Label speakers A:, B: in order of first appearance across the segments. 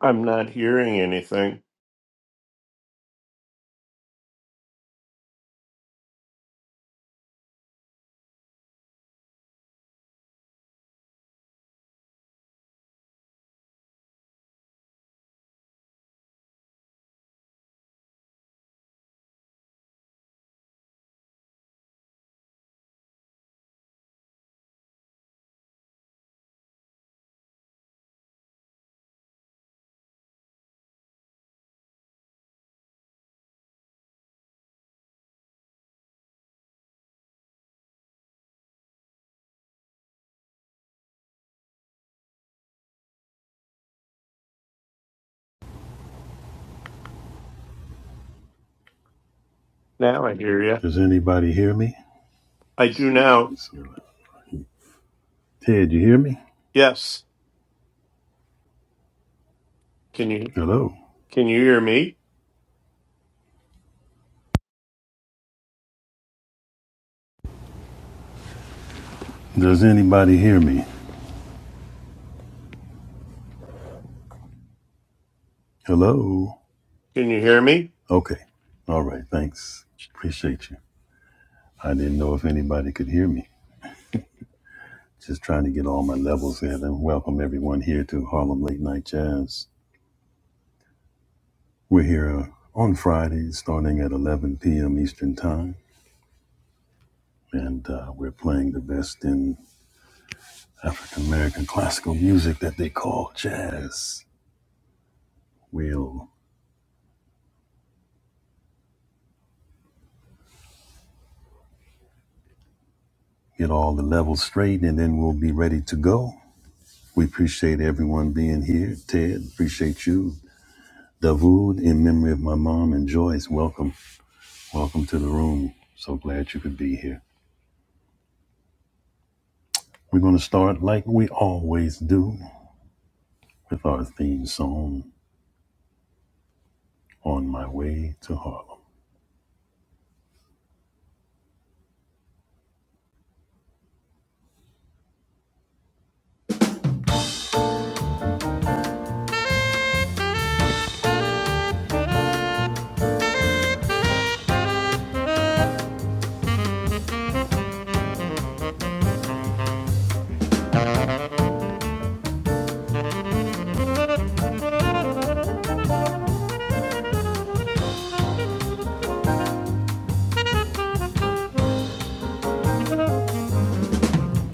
A: I'm not hearing anything. Now I hear you.
B: Does anybody hear me?
A: I do now.
B: Ted, you hear me?
A: Yes. Can you
B: Hello.
A: can you hear me?
B: Does anybody hear me? Hello.
A: Can you hear me?
B: Okay. All right. Thanks. Appreciate you. I didn't know if anybody could hear me. Just trying to get all my levels in and welcome everyone here to Harlem Late Night Jazz. We're here uh, on Fridays starting at 11 p.m. Eastern Time, and uh, we're playing the best in African American classical music that they call jazz. We'll get all the levels straight, and then we'll be ready to go. We appreciate everyone being here. Ted, appreciate you. Davud, in memory of my mom and Joyce, welcome. Welcome to the room. So glad you could be here. We're going to start like we always do with our theme song, On My Way to Harlem.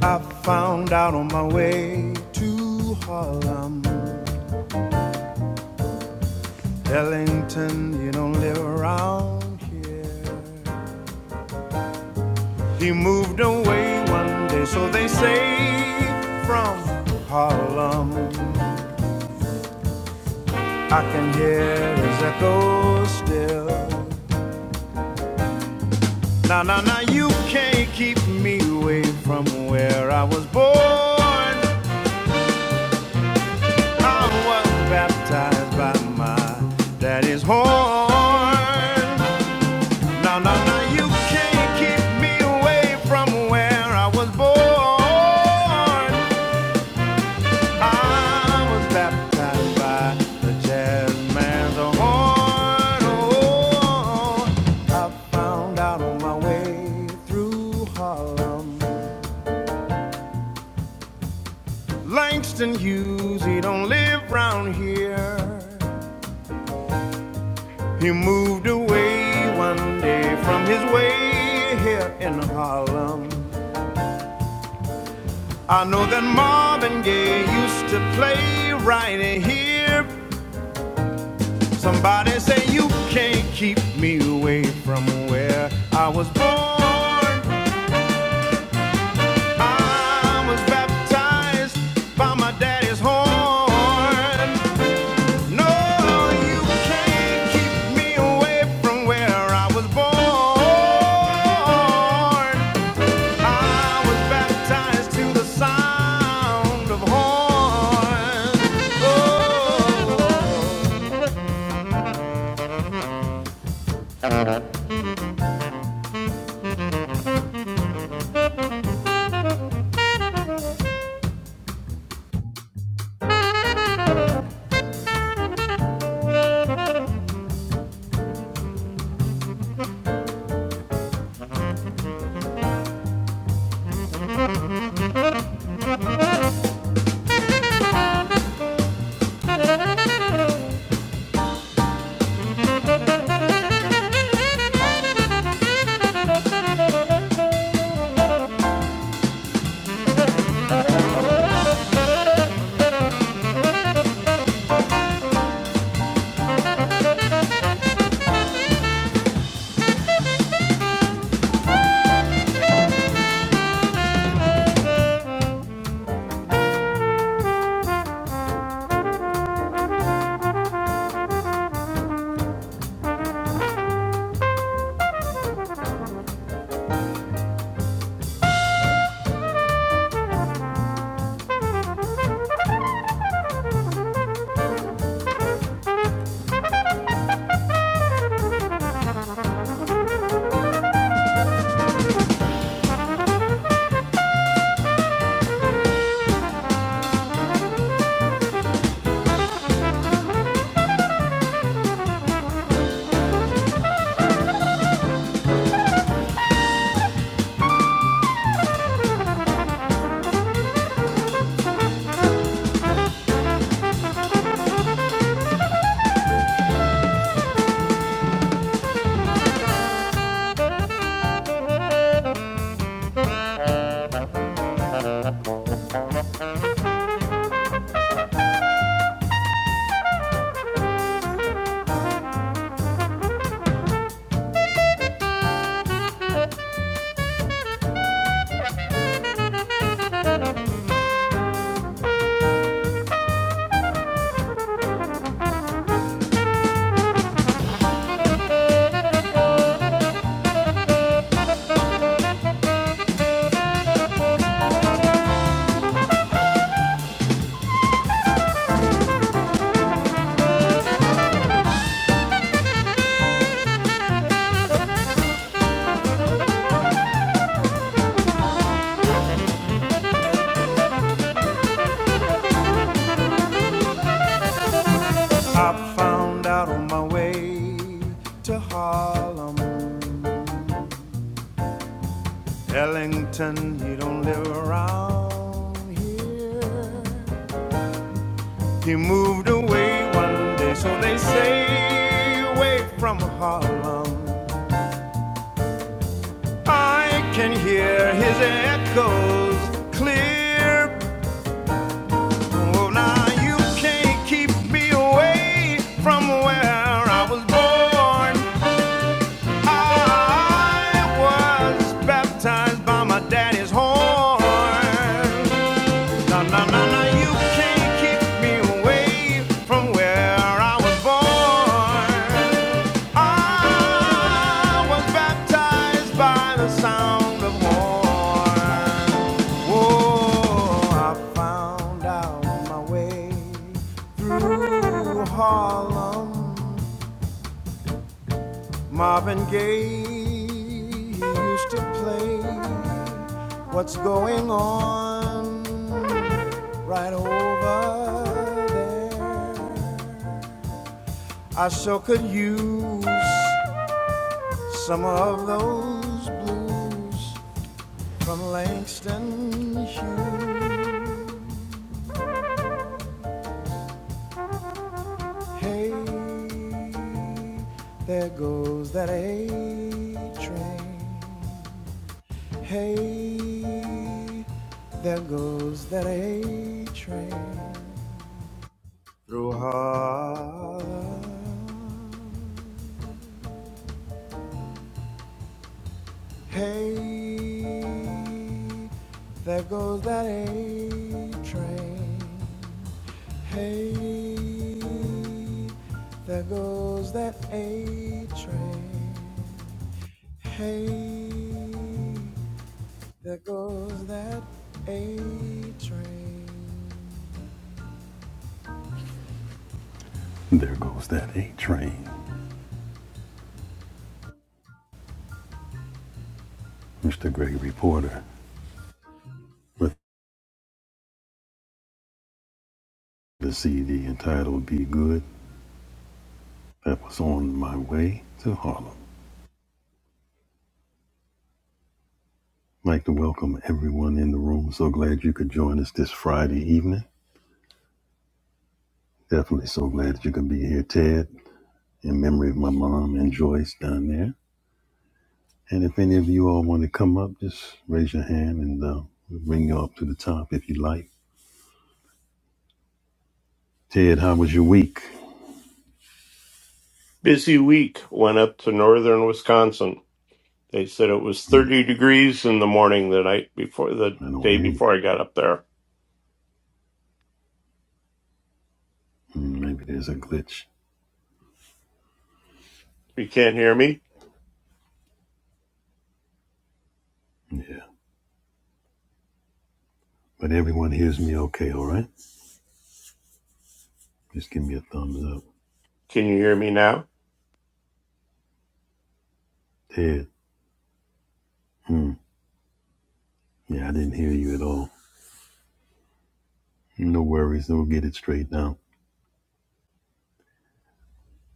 B: I found out on my way to Harlem, Ellington, you don't live around here. He moved away one day, so they say, from Harlem. I can hear his echo still. Now, now, now, you can't keep me away from where I was born. I was baptized by my daddy's horn. Now, now, now, you can't keep me away from where I was born. I was baptized by the jazz man's horn. Oh, I found out on my way through Harlem. Langston Hughes, he don't live here. He moved away one day from his way here in Harlem. I know that Marvin Gaye used to play right here Somebody say you can't keep me away from where I was born. I was baptized by my daddy's horn. No, you can't keep me away from where I was born. I was baptized to the sound of horn. Oh. I found out on my way to Harlem. Ellington, he don't live around here. He moved away one day, so they say, away from Harlem. I can hear his echoes clear. Oh, now you can't keep me away from where I was born. I was baptized by my daddy's horn. No, no, no, no, you can't keep me away from where I was born. I was baptized by the sound of horn. Oh, I found out my way through Harlem. Marvin Gaye he used to play What's Going On right over there. I so could use some of those blues from Langston Hughes. Hey, there goes that A train. Hey, there goes that A train through Harlem. Hey, there goes that A train. Hey, there goes that A train. Hey, there goes that A train. There goes that A train. Mr. Gregory Porter with the CD entitled Be Good that was on my way to Harlem. I'd like to welcome everyone in the room. So glad you could join us this Friday evening. Definitely so glad that you could be here, Ted, in memory of my mom and Joyce down there. And if any of you all want to come up, just raise your hand and uh, we'll bring you up to the top if you like. Ted, how was your week?
A: Busy week. Went up to northern Wisconsin. They said it was 30 degrees in the morning the night before the
B: I don't
A: day
B: hear you.
A: before I got up there.
B: Hmm, Maybe there's a glitch.
A: You can't hear me?
B: Yeah. But everyone hears me okay, all right? Just give me a thumbs up.
A: Can you hear me now?
B: Ted, hmm, yeah, I didn't hear you at all. No worries, we'll get it straight now.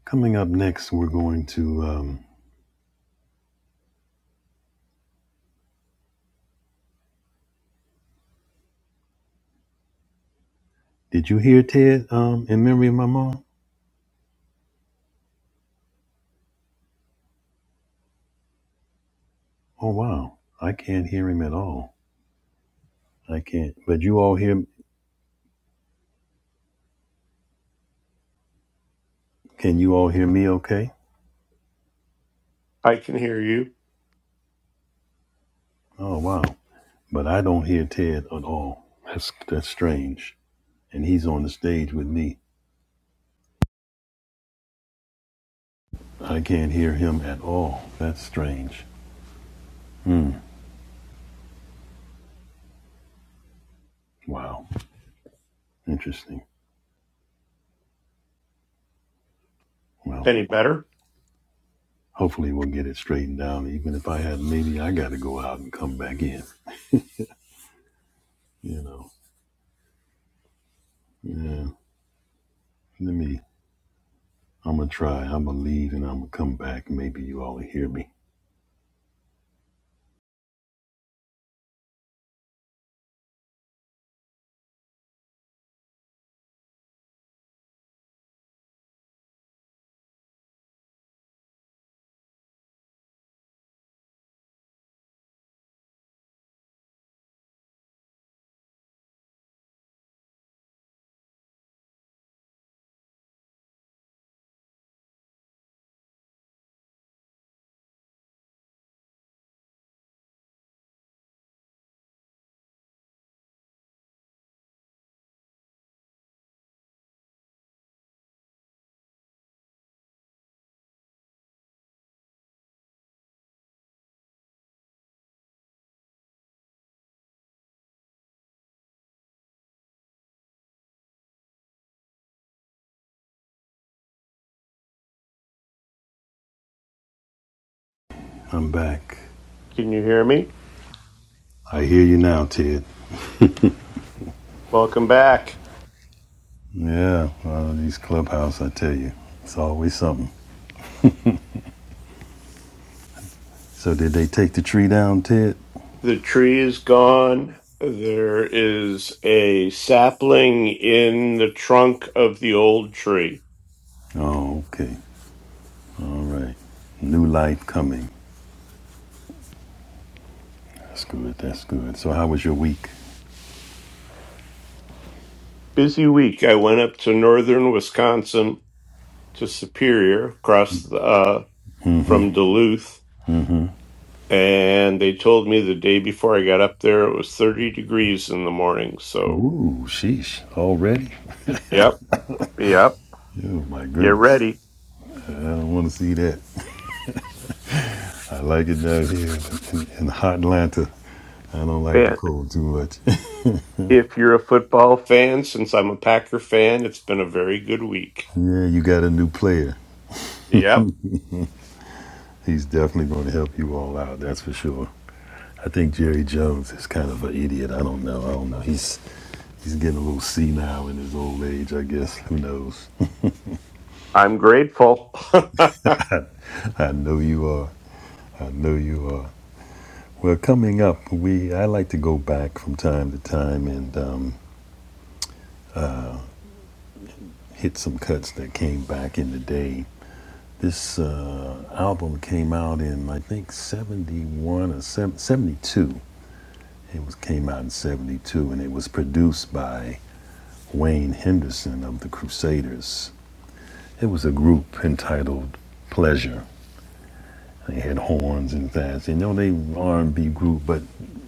B: Coming up next, we're going to. Um, did you hear Ted um, in memory of my mom? Oh, wow. I can't hear him at all. I can't. But you all hear. Can you all hear me okay?
A: I can hear you.
B: Oh, wow. But I don't hear Ted at all. That's, that's strange. And he's on the stage with me. I can't hear him at all. That's strange. Wow. Interesting. Well,
A: Any better?
B: hopefully we'll get it straightened out. Even if I had, maybe I got to go out and come back in. You know, yeah. Let me. I'm gonna try. I'm gonna leave and I'm gonna come back. Maybe you all will hear me. I'm back.
A: Can you hear me?
B: I hear you now, Ted.
A: Welcome back.
B: Yeah, well, these clubhouse, I tell you, it's always something. So did they take the tree down, Ted?
A: The tree is gone. There is a sapling in the trunk of the old tree.
B: Oh, okay. All right. New life coming. That's good. That's good. So how was your week?
A: Busy week. I went up to northern Wisconsin to Superior, across the, uh, from Duluth, and they told me the day before I got up there it was 30 degrees in the morning. So,
B: Ooh, sheesh. Already?
A: yep, yep,
B: Oh my
A: get
B: goodness.
A: ready.
B: I don't want to see that. I like it down here in, in hot Atlanta. I don't like the
A: And
B: cold too much.
A: if you're a football fan, since I'm a Packer fan, it's been a very good week.
B: yeah, you got a new player.
A: Yep,
B: He's definitely going to help you all out. That's for sure. I think Jerry Jones is kind of an idiot. I don't know. I don't know. He's he's getting a little senile in his old age. I guess. Who knows?
A: I'm grateful.
B: I know you are. I know you are. Well, coming up, we I like to go back from time to time and um, hit some cuts that came back in the day This uh, album came out in I think '71 or '72. It was came out in '72, and it was produced by Wayne Henderson of the Crusaders. It was a group entitled Pleasure. They had horns and things. You know, they were R&B group, but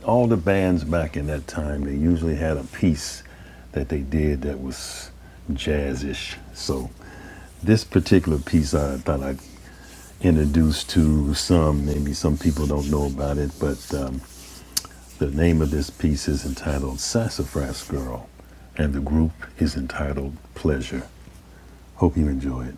B: all the bands back in that time, they usually had a piece that they did that was jazzish. So this particular piece, I thought I'd introduced to some. Maybe some people don't know about it, but um, the name of this piece is entitled Sassafras Girl, and the group is entitled Pleasure. Hope you enjoy it.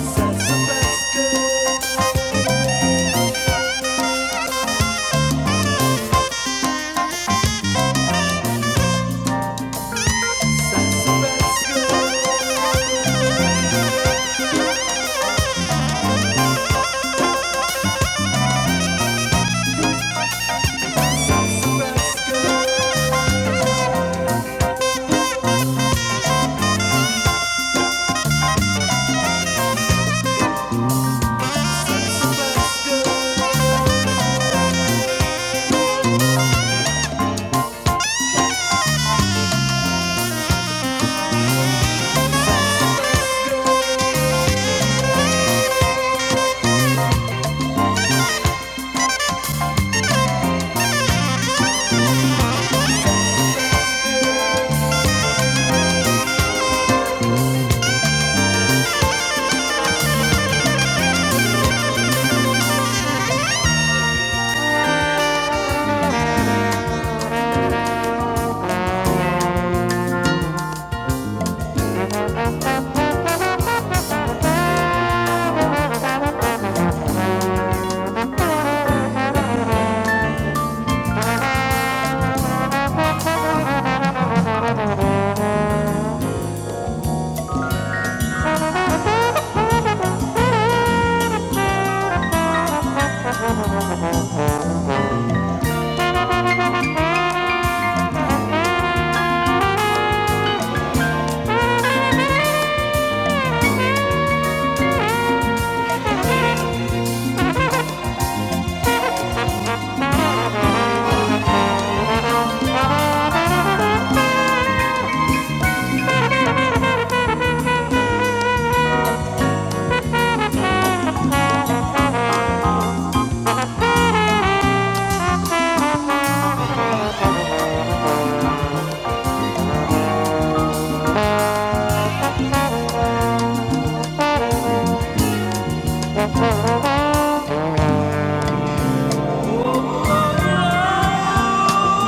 B: Sassafras, girl,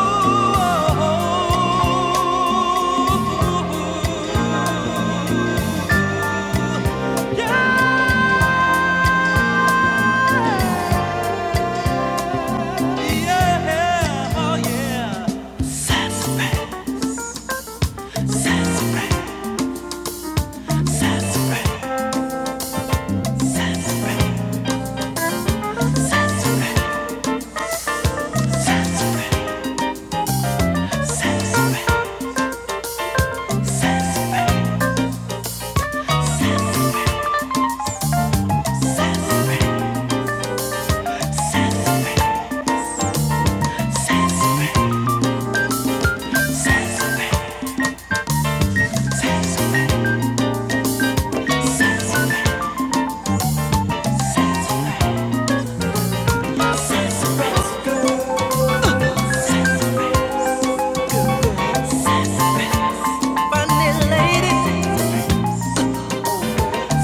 B: sassafras, girl. Yeah, oh yeah. sassafras. sassafras, sassafras. Funny lady,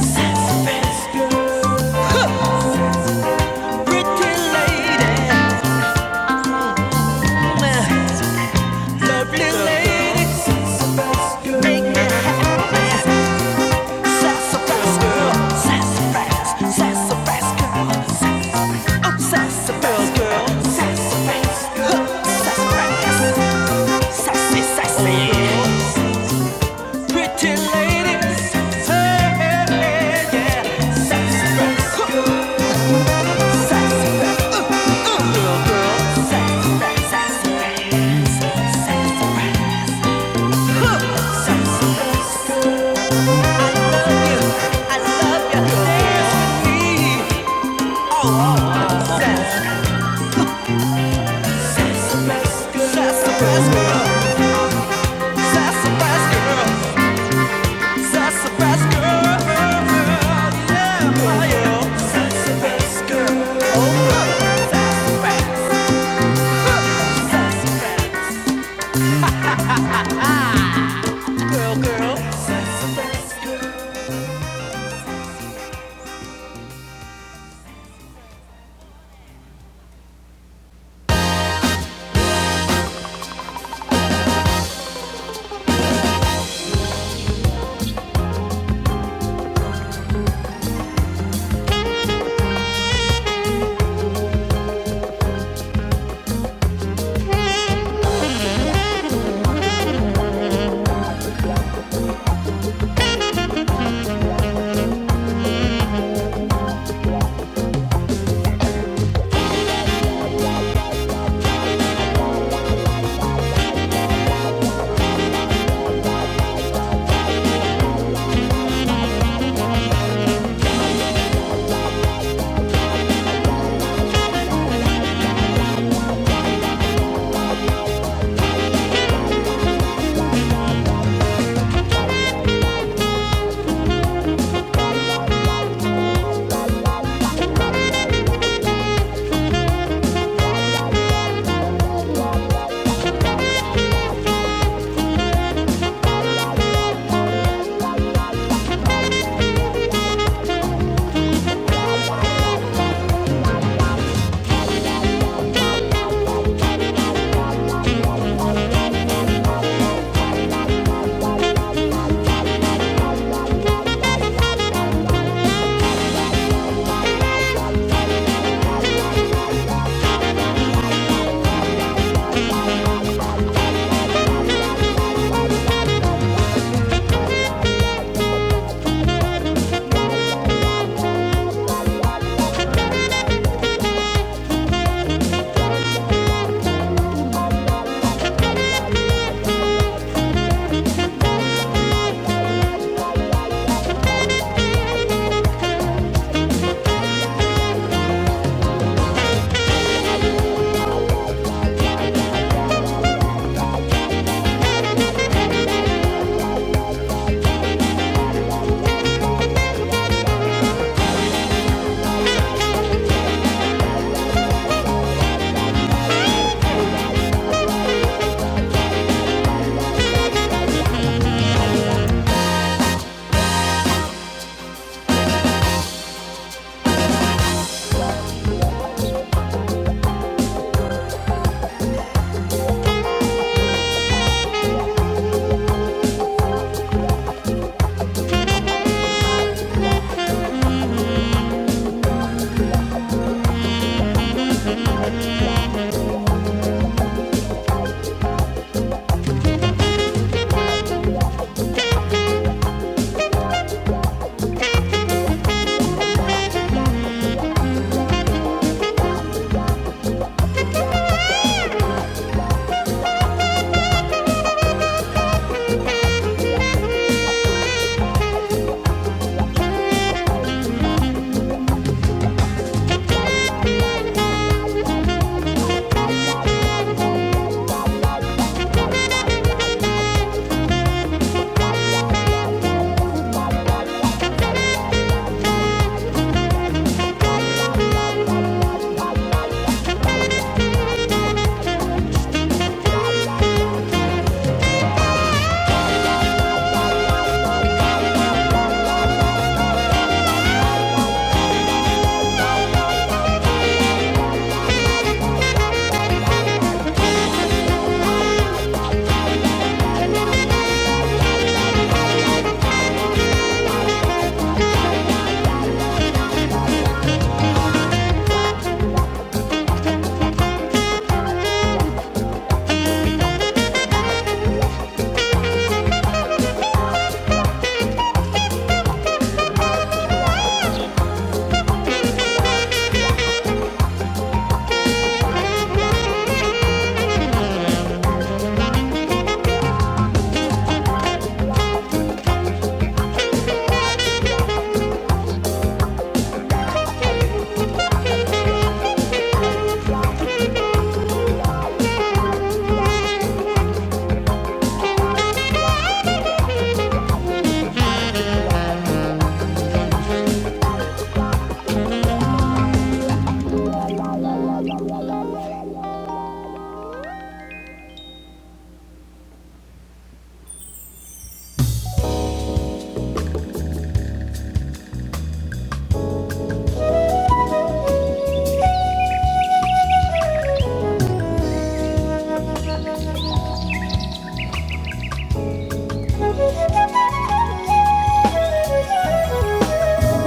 B: sassafras girl. Pretty ladies, lovely lady, make me happy. Sassafras girl, sassafras, sassafras girl, sassafras, oh, sassafras girl, sassafras, oh, sassafras, sassy, sassy. Pretty lady, hey, hey, hey, yeah, sassafras. Sassafras Girl, oh, sassafras. girl, oh, sassafras.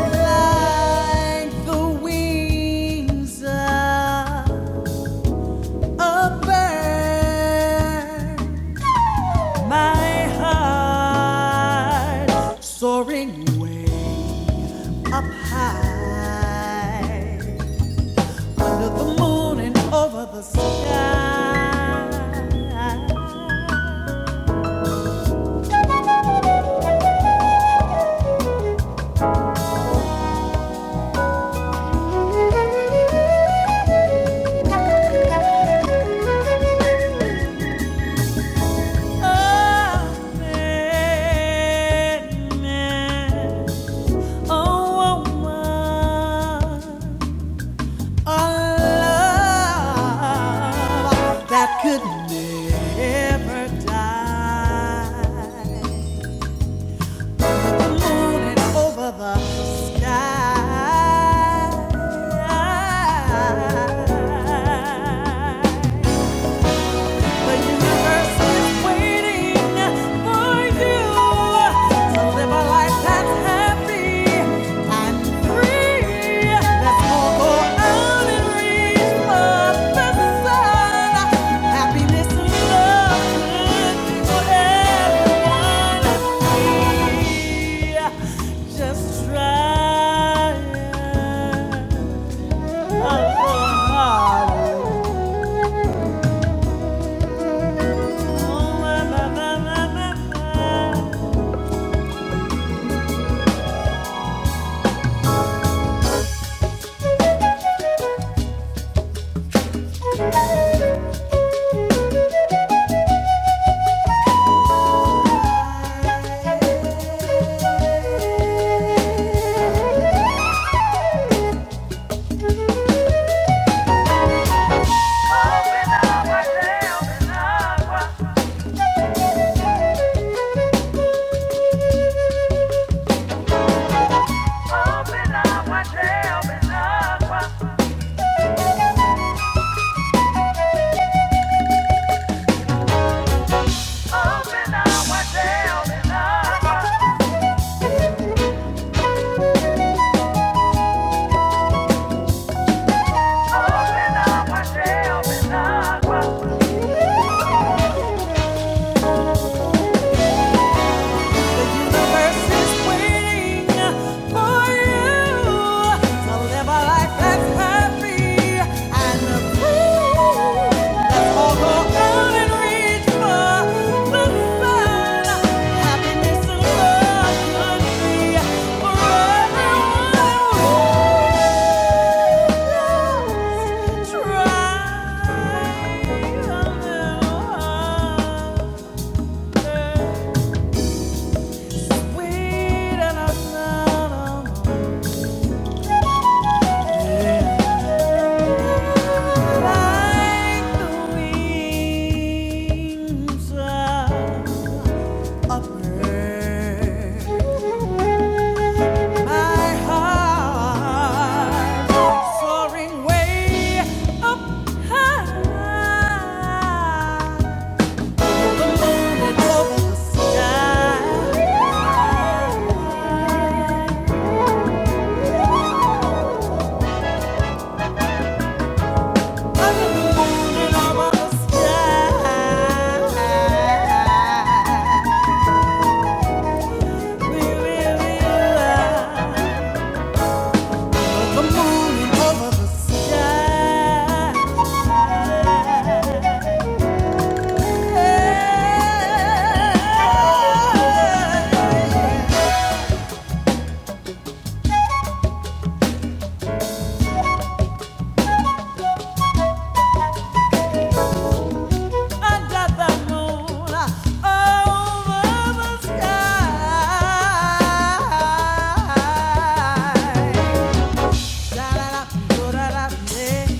B: Like the wings of a bird, my heart soaring way up high under the moon and over the sky. That could never die morning over the sky. The universe is waiting for you to live a life that's happy and free. Let's all go out and reach for the sun. Happiness and love good for everyone. Just try. I'm so hard. Open up my jail, jail, Open Open up my jail, open up my tail, The universe is waiting for you to live a life that's happy Let's all go out and reach for the sun. Happiness and love could be for everyone. Just Try a little harder. Over the sky. Yeah.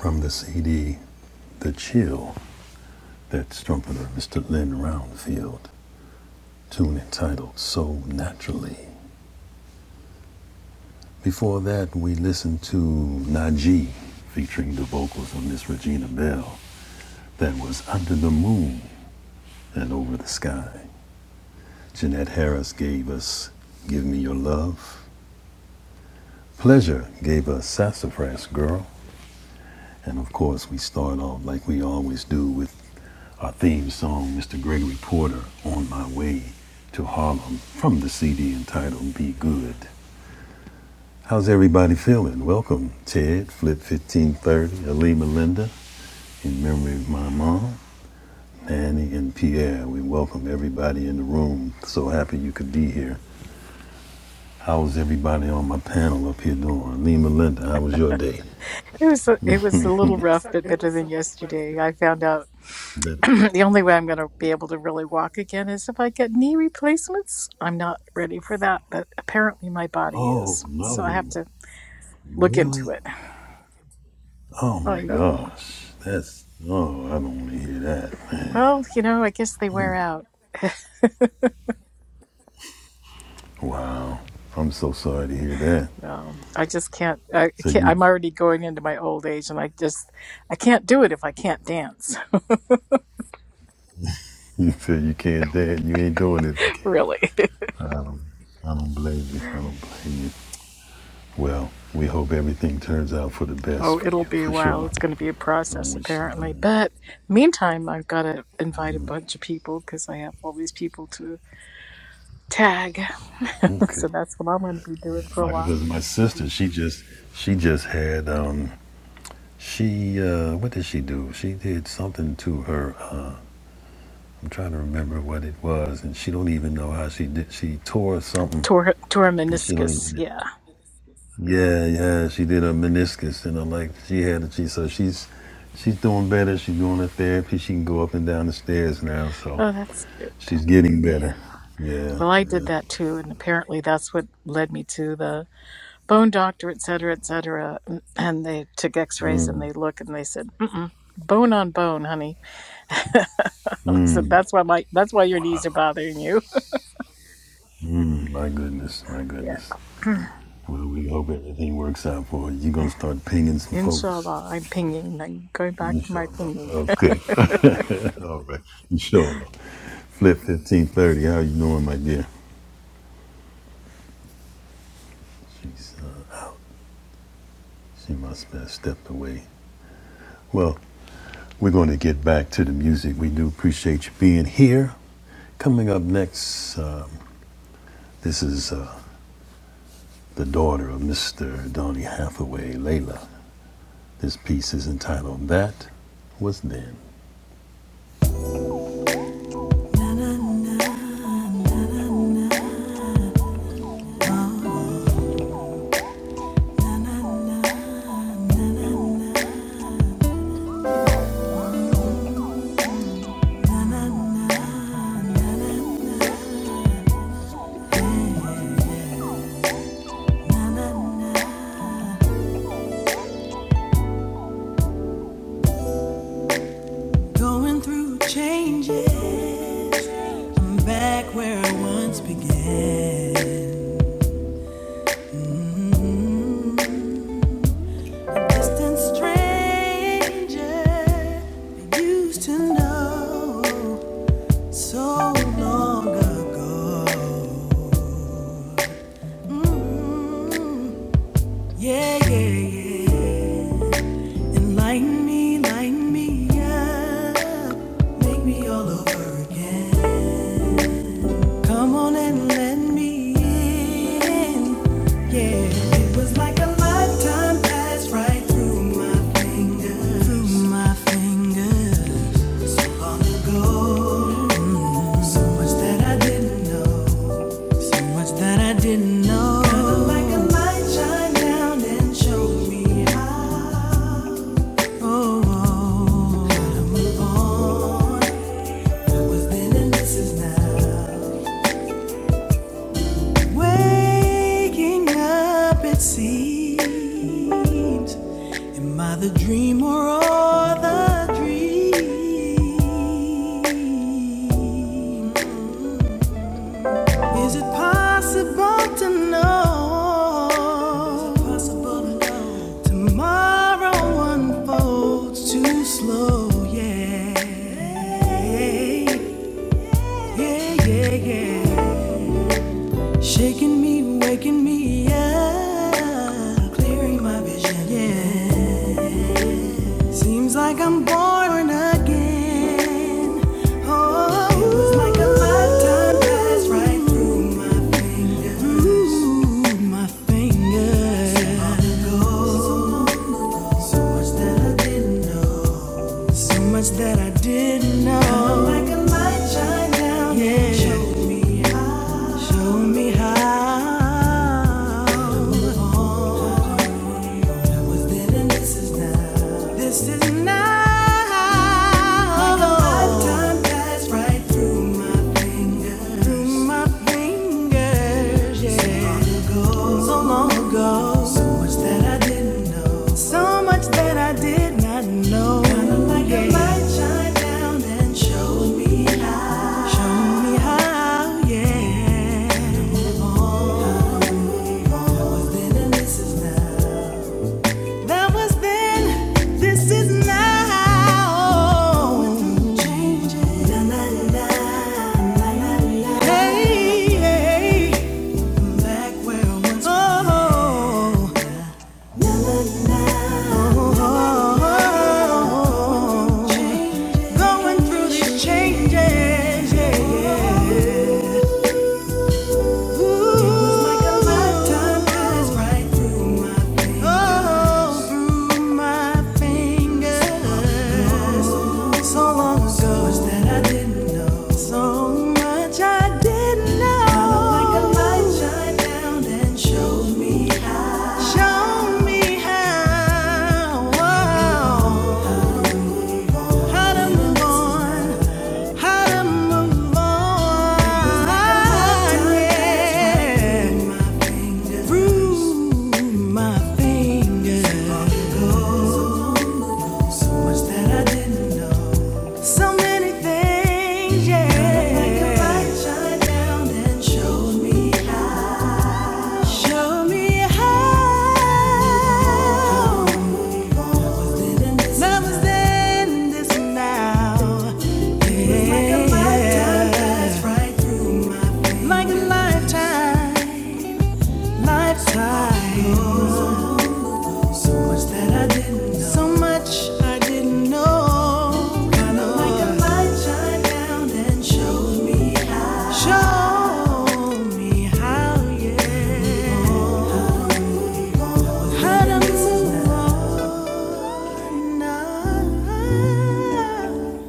B: From the CD, The Chill, that's trumpeter Mr. Lynn Roundfield, tune entitled So Naturally. Before that, we listened to Najee, featuring the vocals on Miss Regina Bell, that was Under the Moon and Over the Sky. Jeanette Harris gave us Give Me Your Love. Pleasure gave us Sassafras Girl. And of course, we start off like we always do with our theme song, Mr. Gregory Porter, On My Way to Harlem, from the CD entitled Be Good. How's everybody feeling? Welcome, Ted, Flip 1530, Ali Melinda, in memory of my mom, Annie, and Pierre. We welcome everybody in the room. So happy you could be here. How's everybody on my panel up here doing? Lee Melinda, how was your day?
C: It was a, it was a little rough, but better than yesterday. I found out
B: Better.
C: the only way I'm going to be able to really walk again is if I get knee replacements. I'm not ready for that, but apparently my body
B: Oh
C: is, so I have
B: no,
C: to look into
B: really?
C: it.
B: Oh
C: I
B: my
C: know.
B: gosh, that's oh I don't want to hear that, man.
C: Well, you know, I guess they wear out.
B: Wow, I'm so sorry to hear that.
C: Well, I just can't. I
B: So
C: can't.
B: you
C: I'm already going into my old age, and I just I can't do it if I can't dance.
B: you said you can't dance, you ain't doing it. if You can't.
C: really.
B: I don't I don't blame you. I don't blame you. Well, we hope everything turns out for the best
C: Oh,
B: for
C: it'll
B: you,
C: be a
B: for
C: while.
B: sure.
C: It's going to be a
B: Don't
C: process,
B: wish.
C: apparently. But meantime, I've got to invite a bunch of people because I have all these people to tag.
B: Okay.
C: so that's what I'm going to be doing for a
B: My, Because
C: while.
B: my sister, she just she just had um She, uh, what did she do? She did something to her. Uh, I'm trying to remember what it was, and she don't even know how she did. She tore something,
C: Tor-
B: and she don't
C: tormeniscus,
B: even.
C: yeah.
B: Yeah, yeah, she did a meniscus, and i like she had it. She so she's she's doing better. She's doing her therapy. She can go up and down the stairs now, so
C: Oh, that's good.
B: she's getting
C: Yeah.
B: better. Yeah,
C: Well, I did
B: yeah.
C: that too, and apparently that's what led me to the bone doctor, et cetera, et cetera. Mm, And they took x rays and they look and they said, Mm-mm, bone on bone, honey. I said, that's why my, that's why your knees are bothering you.
B: My goodness, my
C: Yeah.
B: goodness. Well, we hope everything works out for you. You're gonna start pinging some
C: Inshallah,
B: folks.
C: I'm pinging. I'm going back to my
B: Inshallah.
C: pinging.
B: Okay. All right, you sure. Flip fifteen thirty. How you doing, my dear? She's uh, she must have stepped away. Well, we're going to get back to the music. We do appreciate you being here. Coming up next, um, this is uh, the daughter of Mr. Donny Hathaway, Layla. This piece is entitled "That Was Then." Going through changes. I'm back where I once began. distant stranger used to know so long ago. Mm, yeah, yeah, yeah. And me, lighten me up, make me all over again. Come on and let me in. Yeah, it was like a lifetime passed right through my fingers, through my fingers. Go. So much that I didn't know. So much that I didn't know. Kinda like a light shine down and showed me how. Oh, oh, oh. was then and this is now. Waking up, it seems. Am I the dream or all the dream? Is it possible to know? Is it possible to know? Tomorrow unfolds too slow, yeah. Yeah, yeah, yeah. yeah. Shaking me, waking me up, clearing my vision, yeah. Seems like I'm born again. Oh, it was like a lifetime passed right through my fingers. Ooh, my fingers. So much that I didn't know. So much that I didn't know. Kinda Like a light shine down. Yeah. And Show me how. Show me how. Oh, Was then and this is now. This is now. Like a lifetime passed right through my fingers. Through my fingers, yeah. So long ago. So long ago. So much that I didn't know. So much that I did not know. Kinda like a yeah. light shine down and showed me how. show me how, yeah. That Was then and this is now. That was then, this is now. Changes. La, la, la. Hey, hey. Back where I once Oh, oh, oh, oh. Changes. Going through these changes. yeah. Ooh. Like a lifetime pass right Oh, through my fingers. So long ago. So much that I didn't So much I didn't know. Kinda like a light shine down and showed me how. show me how. Whoa. How to move on. How to move on. Yeah. Through my fingers. Was that I didn't. So many things, yeah. Kinda like a light shine down and showed me how. Show me how love is this now. Like a lifetime, right. like lifetime, Oh, so much that I didn't know. So much I didn't know. Kind like me how. Show me how, yeah. How to move on now.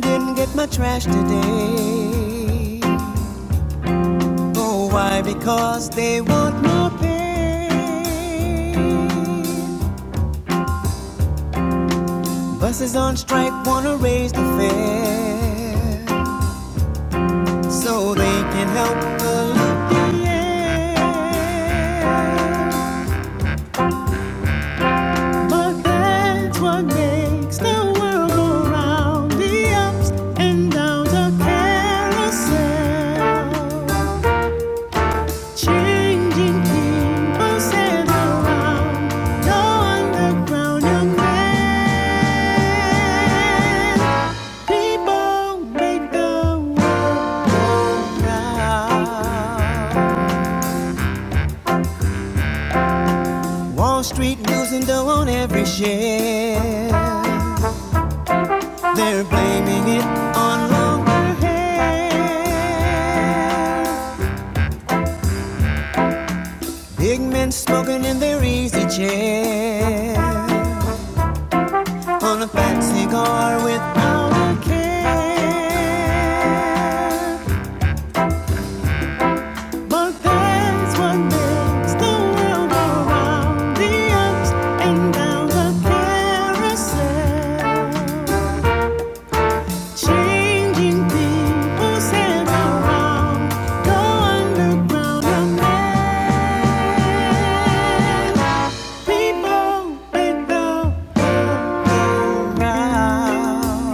B: didn't get my trash today. Oh, why? Because they want more pay. Buses on strike wanna raise the fare so they can help the local. But that's what makes the world go round. The ups and downs are carousel. Changing people set around. No underground young man. People make the world go round. We do every share. They're blaming it on longer hair. Big men smoking in their easy chair. On a fat cigar without a care. It's what rock's and does a carousel. Changing people's heads around. Go underground. Young people, they go round.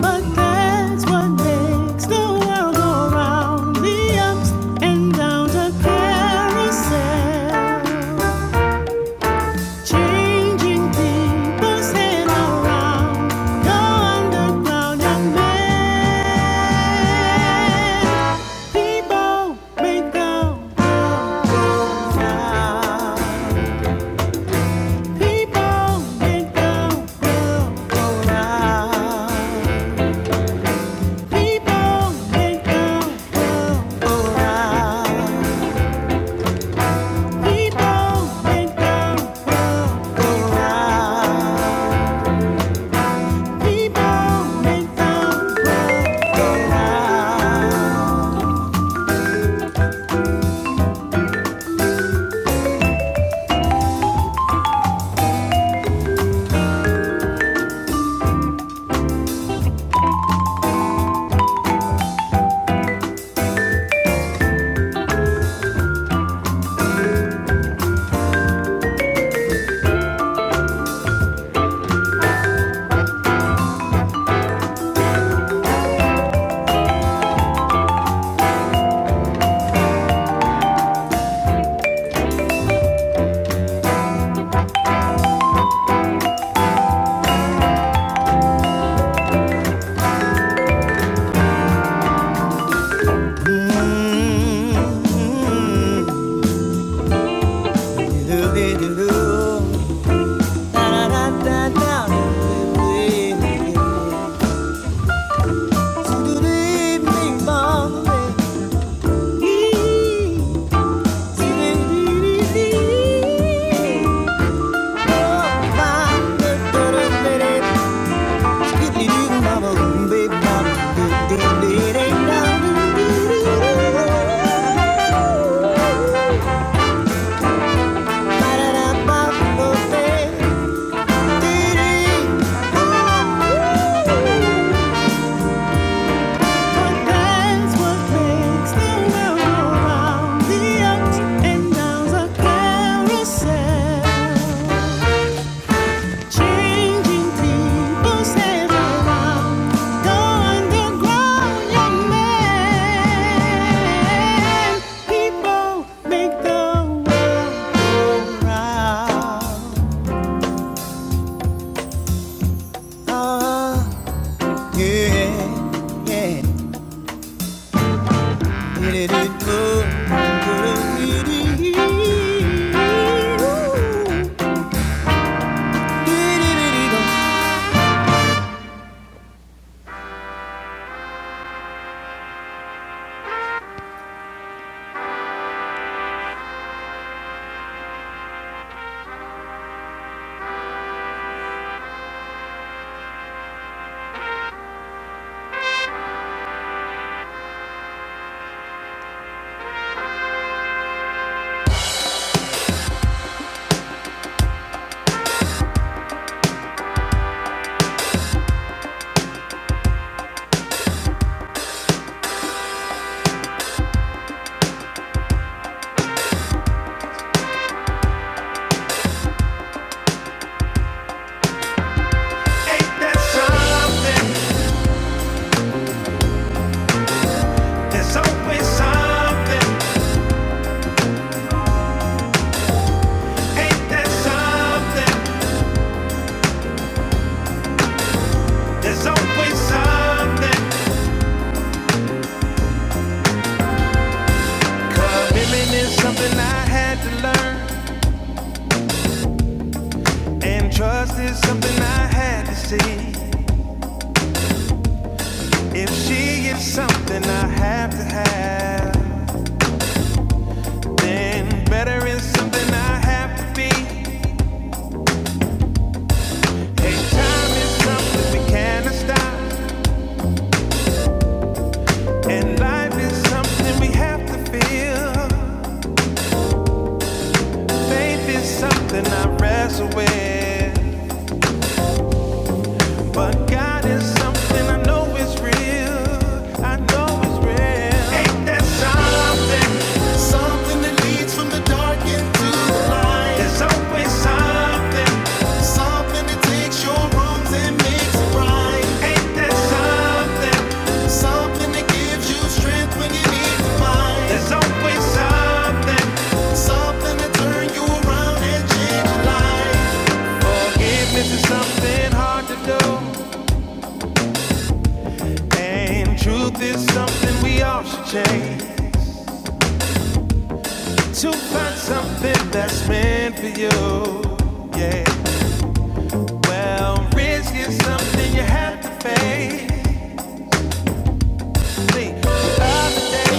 B: But that's what makes the world go round. The ups and downs of carousel. Changing people's head around. The underground young man. People may go, go, go round. People may go, go, go round. Bye. Carousel. Changing people's head around. Go underground, young man. People make the world go round. Ah, yeah, yeah. Did it do, do, do, do, do. Did it do. Ain't that something? There's always something. Ain't that something? There's always something. Commitment is something I had to learn, and trust is something I had to see. If she is something I have to have, then better is something I have to be. Hey, time is something we cannot stop, and life is something we have to feel. Faith is something I wrestle with. But God is something I know is real. I know is real. Ain't there something? Something that leads from the dark into the light. There's always something. Something that takes your wrongs and makes it right. Ain't there something? Something that gives you strength when you need to find. There's always something. Something that turns you around and change life. Forgiveness is something hard to do. And truth is something we all should change to find something that's meant for you. Yeah. Well, risk is something you have to face. see. The other day,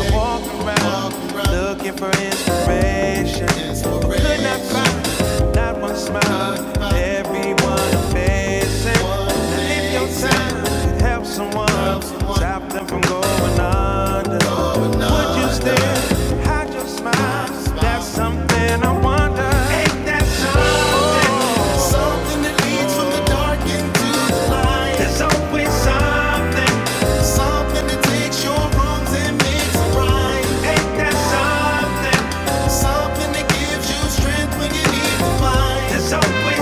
B: I walk around looking for inspiration, but could not find it. not one smile. Everyone facing. Now, if your time could help someone, stop them from going under. Would you still hide your smile? That's something I wonder. Ain't that something? There's always something. Something that takes your wrongs and makes them right. Ain't that something? Something that gives you strength when you need to find. There's always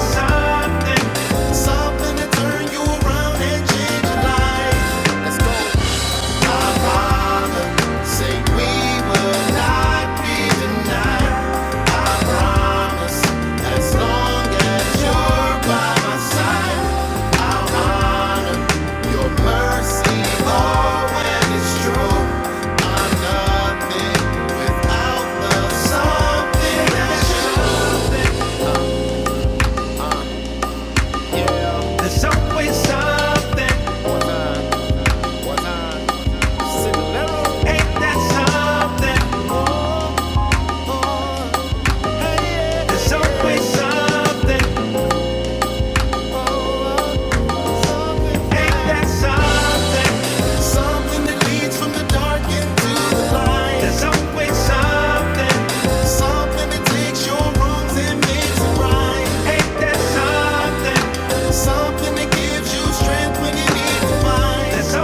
B: something that turn you around and change your life. Let's go. Our Father, say we will not be denied. I promise, as long as you're by my side. Your mercy, Lord, when it's true, I'm not There's always something, ain't that something? There's always something, ain't that something? Something that leads from the dark into the light. There's always something, Something that takes your wrongs and makes it right. ain't that something? Something that gives you strength when you need to find.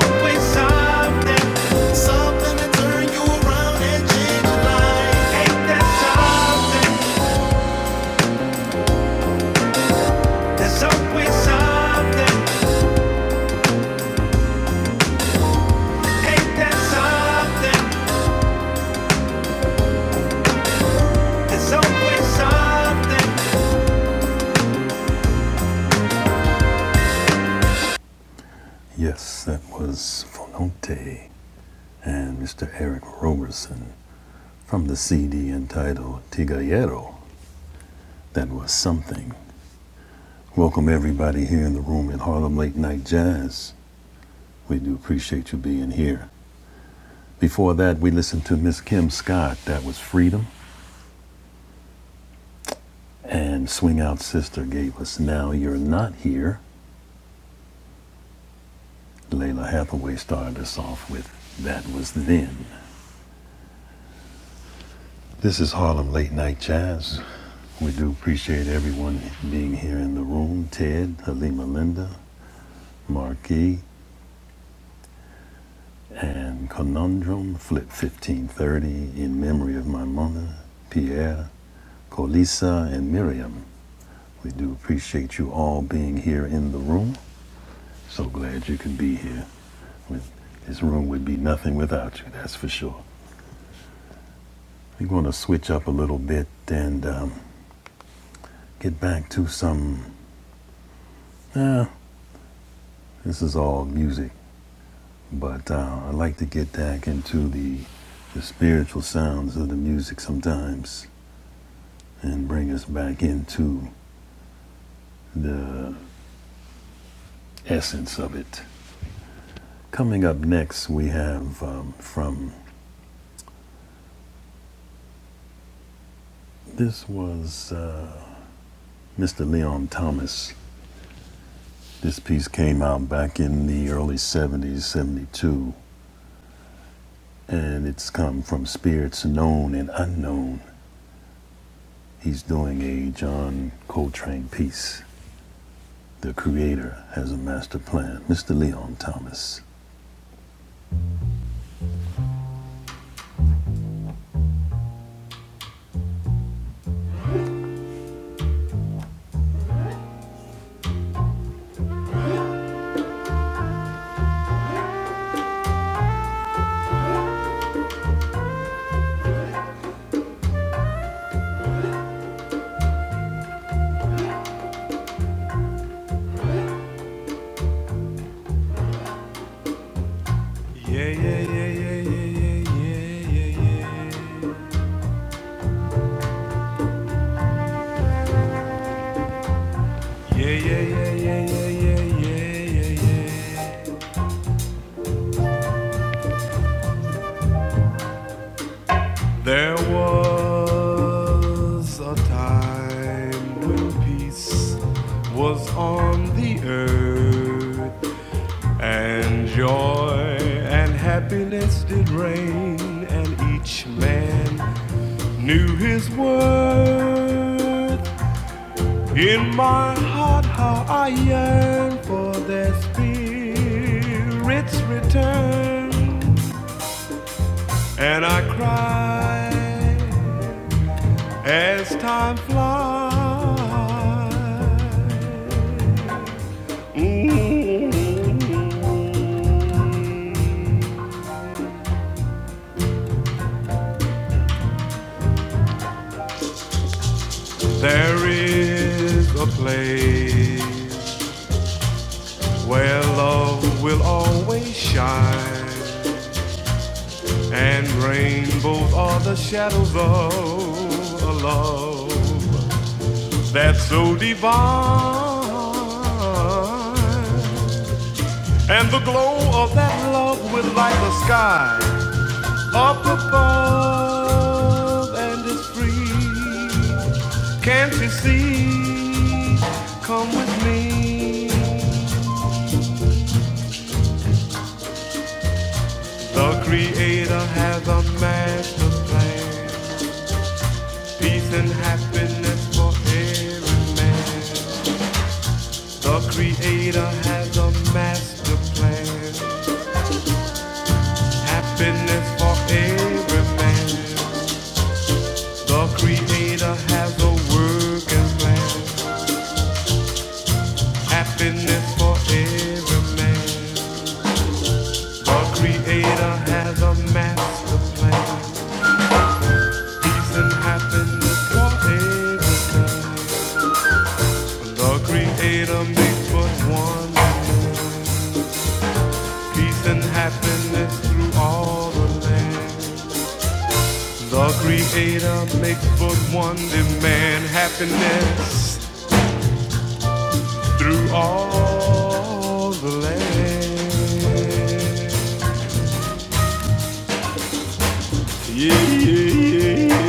B: Yes, that was Fononte and Mr. Eric Roberson from the CD entitled Tigallero. That was something. Welcome everybody here in the room at Harlem Late Night Jazz. We do appreciate you being here. Before that, we listened to Miss Kim Scott. That was Freedom. And Swing Out Sister gave us Now You're Not Here. Layla Hathaway started us off with That Was Then. This is Harlem Late Night Jazz. We do appreciate everyone being here in the room. Ted, Halima Linda, Marquis, and Conundrum, Flip 1530, in memory of my mother, Pierre, Colisa, and Miriam. We do appreciate you all being here in the room. So glad you could be here. This room would be nothing without you, that's for sure. We're going to switch up a little bit and um, get back to some. Uh, this is all music, but uh, I like to get back into the the spiritual sounds of the music sometimes and bring us back into the essence of it. Coming up next, we have um, from this was uh, Mr. Leon Thomas. This piece came out back in the early 70s, 72. and it's come from spirits known and unknown. He's doing a John Coltrane piece. The creator has a master plan. Mr. Leon Thomas. Yeah, yeah, yeah, yeah, yeah, yeah, yeah, yeah, yeah. Yeah, yeah, yeah, yeah, yeah, yeah, yeah, yeah, yeah. There was a time when peace was on the earth. And joy and happiness did reign, and each man knew his worth. In my heart, how I yearn for their spirits return. And I cry as time flies. There is a place where love will always shine and rainbows are the shadows of a love that's so divine and the glow of that love will light the sky up above and it's free can't you see come with me the creator has a master plan Peace and happiness for every man. The Creator has a master plan. Happiness for every man. The Creator has a working plan. Happiness for every man. The Creator has a master plan. Peace and happiness for every man. The Creator makes but one. peace and happiness through all the land. The Creator makes but one demand: happiness through all the land. Yeah, yeah, yeah, yeah, yeah.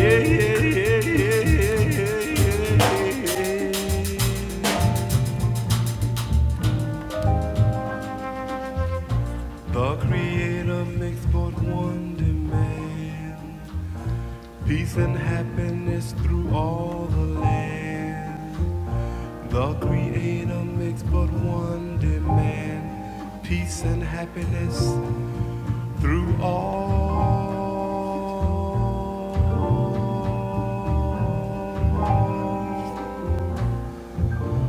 B: Yeah, yeah, yeah, yeah, yeah, yeah. The Creator makes but one demand. Peace and happiness through all the land. The Creator makes but one demand. Peace and happiness through all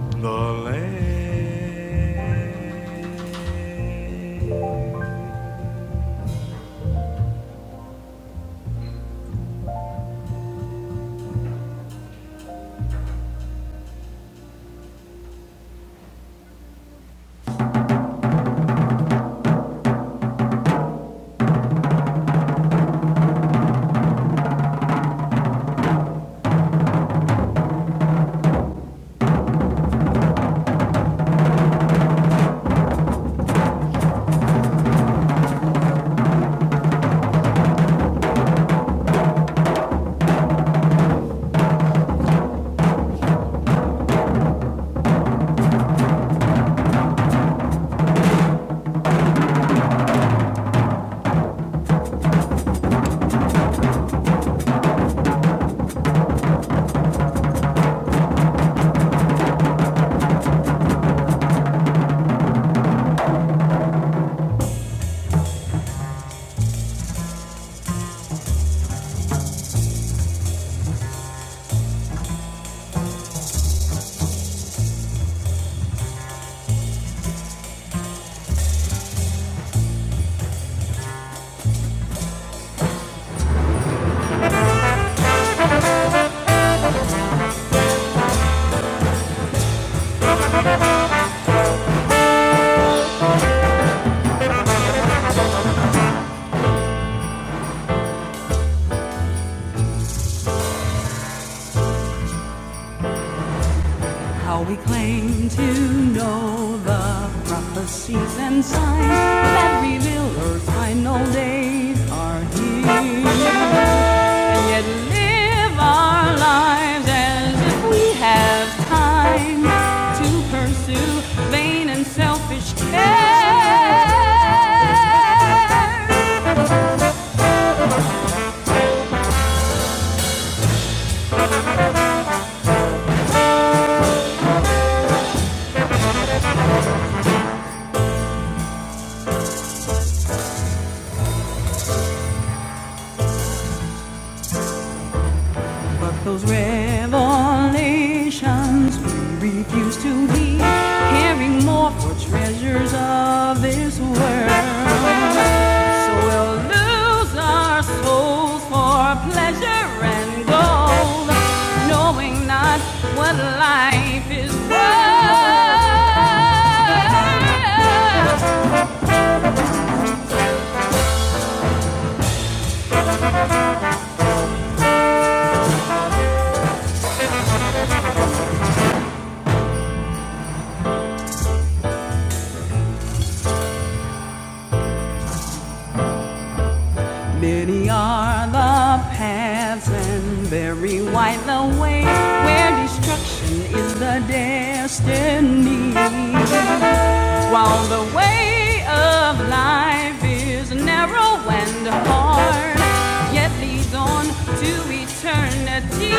B: the land. How we claim to know the prophecies and signs that reveal Earth's final days are here. And yet live our lives as if we have time to pursue vain and selfish cares. But those revelations we refuse to heed. caring more for treasures of this world. So we'll lose our souls for pleasure and gold, knowing not what life is worth. Many are the paths and very wide the way where destruction is the destiny. While the way of life is narrow and hard, yet leads on to eternity.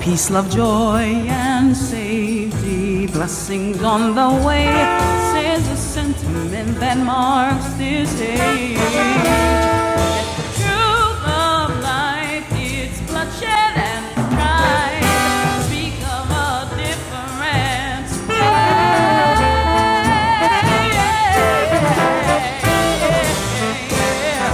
B: Peace, love, joy, and safety, blessings on the way, says the sentiment that marks this day. Truth of life, it's bloodshed and pride, speak of a difference. Yeah, yeah, yeah. yeah.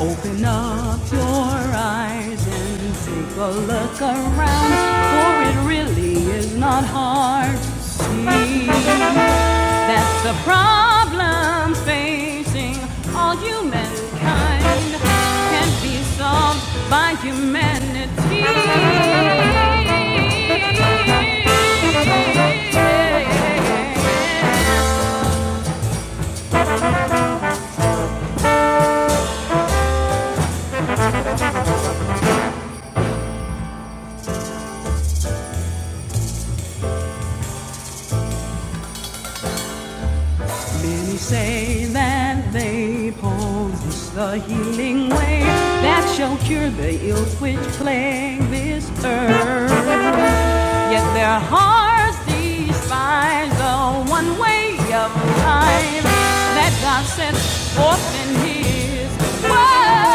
B: Open up your eyes and take a look around, for it really is not hard to see that the problems facing all humankind can be solved by humanity. Many say that they possess the healing way that shall cure the ills which plague this earth. Yet their hearts despise the one way of life that God sets forth in His Word.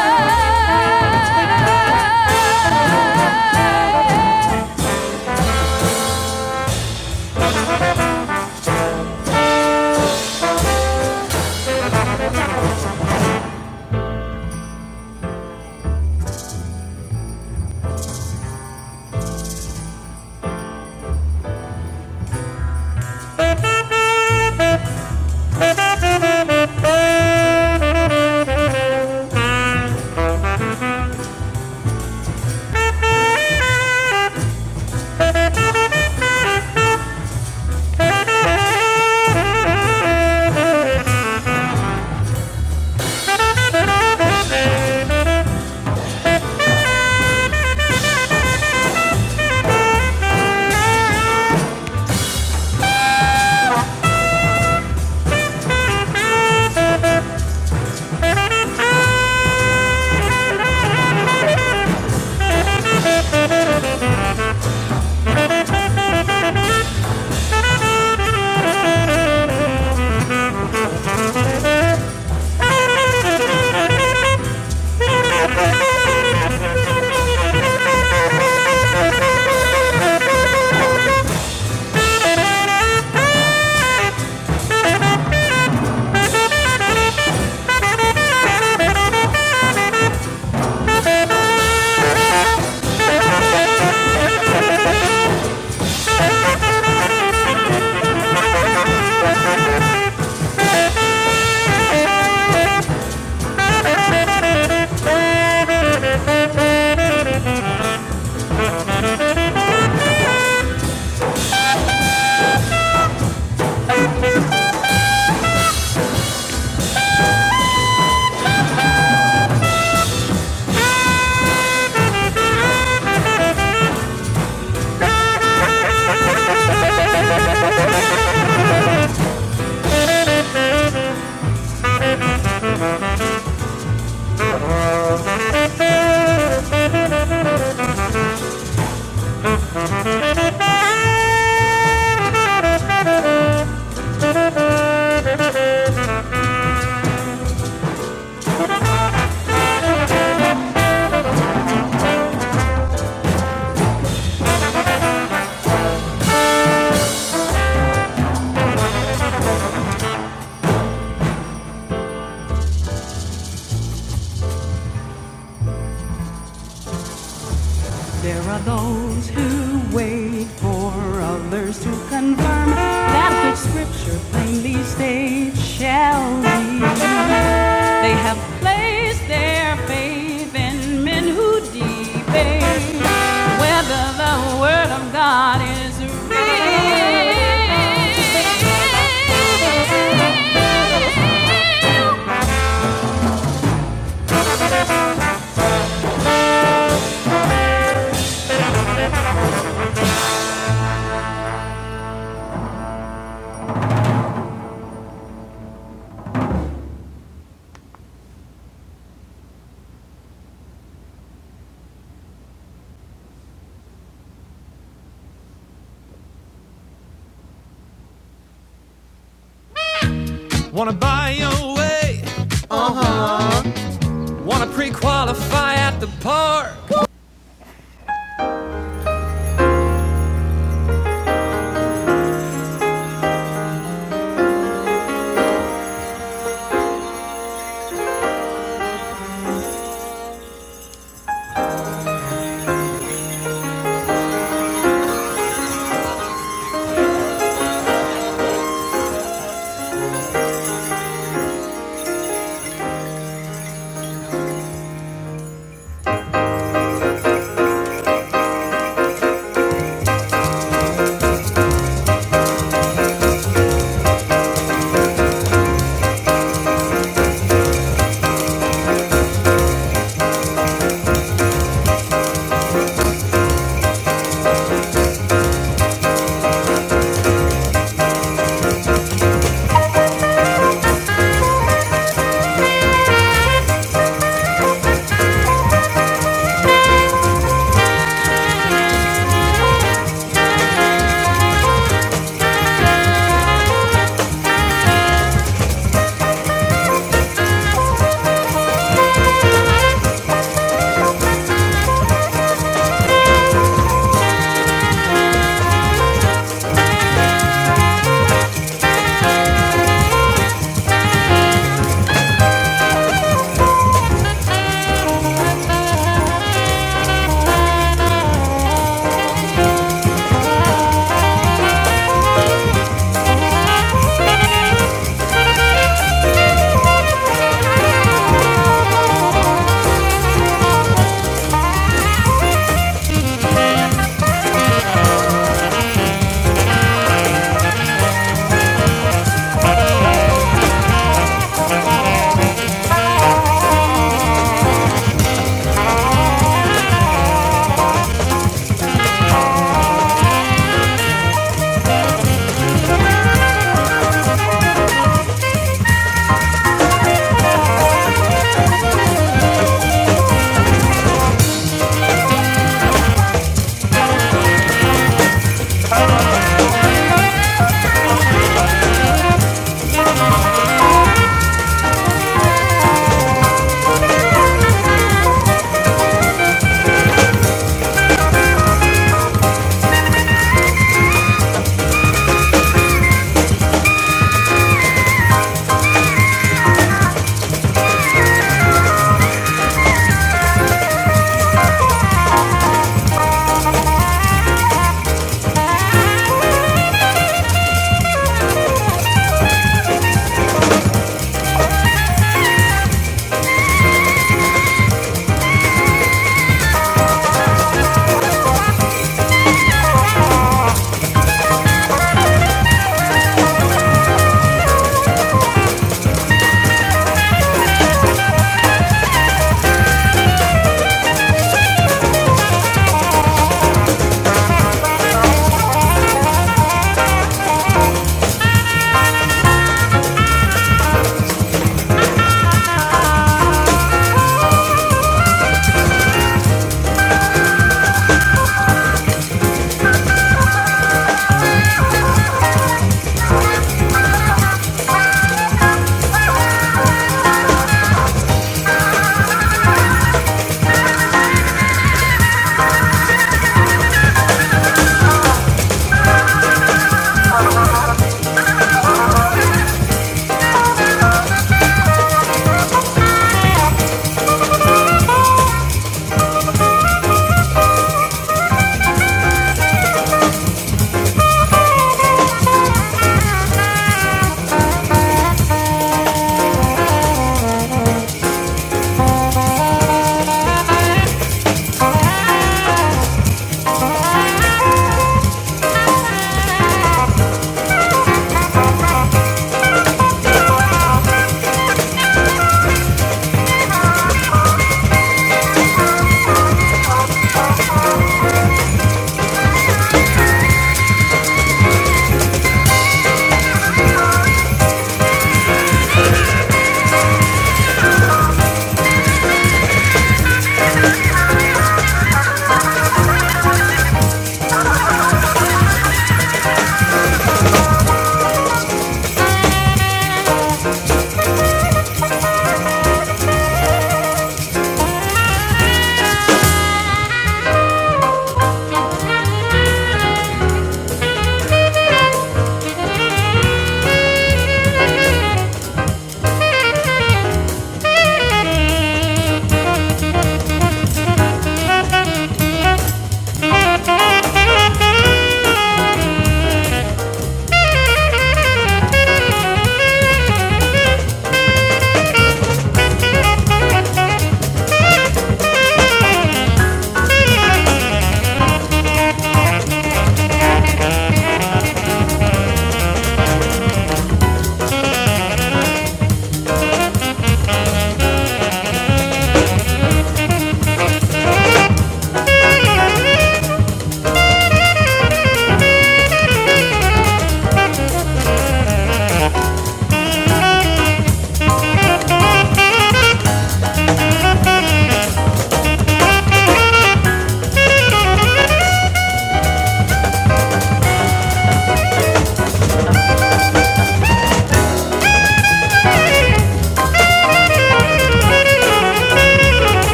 B: There are those who wait for others to confirm that which Scripture plainly states shall be. They have placed their faith in men who debate whether the Word of God is real. They always want to pre-qualify at the bar.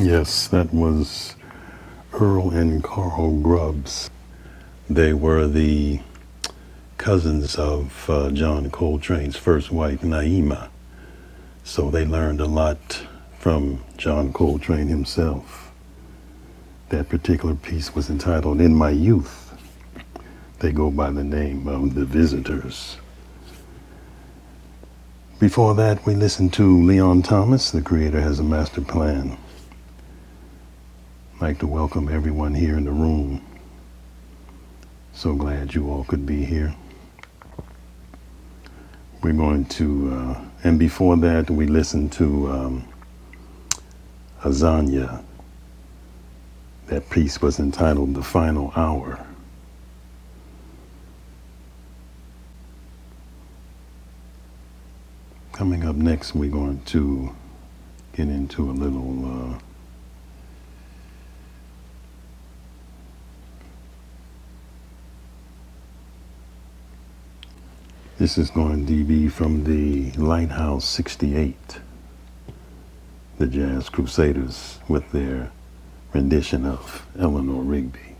B: Yes, that was Earl and Carl Grubbs. They were the cousins of uh, John Coltrane's first wife, Naima. So they learned a lot from John Coltrane himself. That particular piece was entitled In My Youth. They go by the name of The Visitors. Before that, we listened to Leon Thomas, The Creator Has a Master Plan. I'd like to welcome everyone here in the room. So glad you all could be here. We're going to, uh, and before that, we listened to um, Azania. That piece was entitled The Final Hour. Coming up next, we're going to get into a little. Uh, this is going to be from the Lighthouse 68, the Jazz Crusaders, with their rendition of Eleanor Rigby.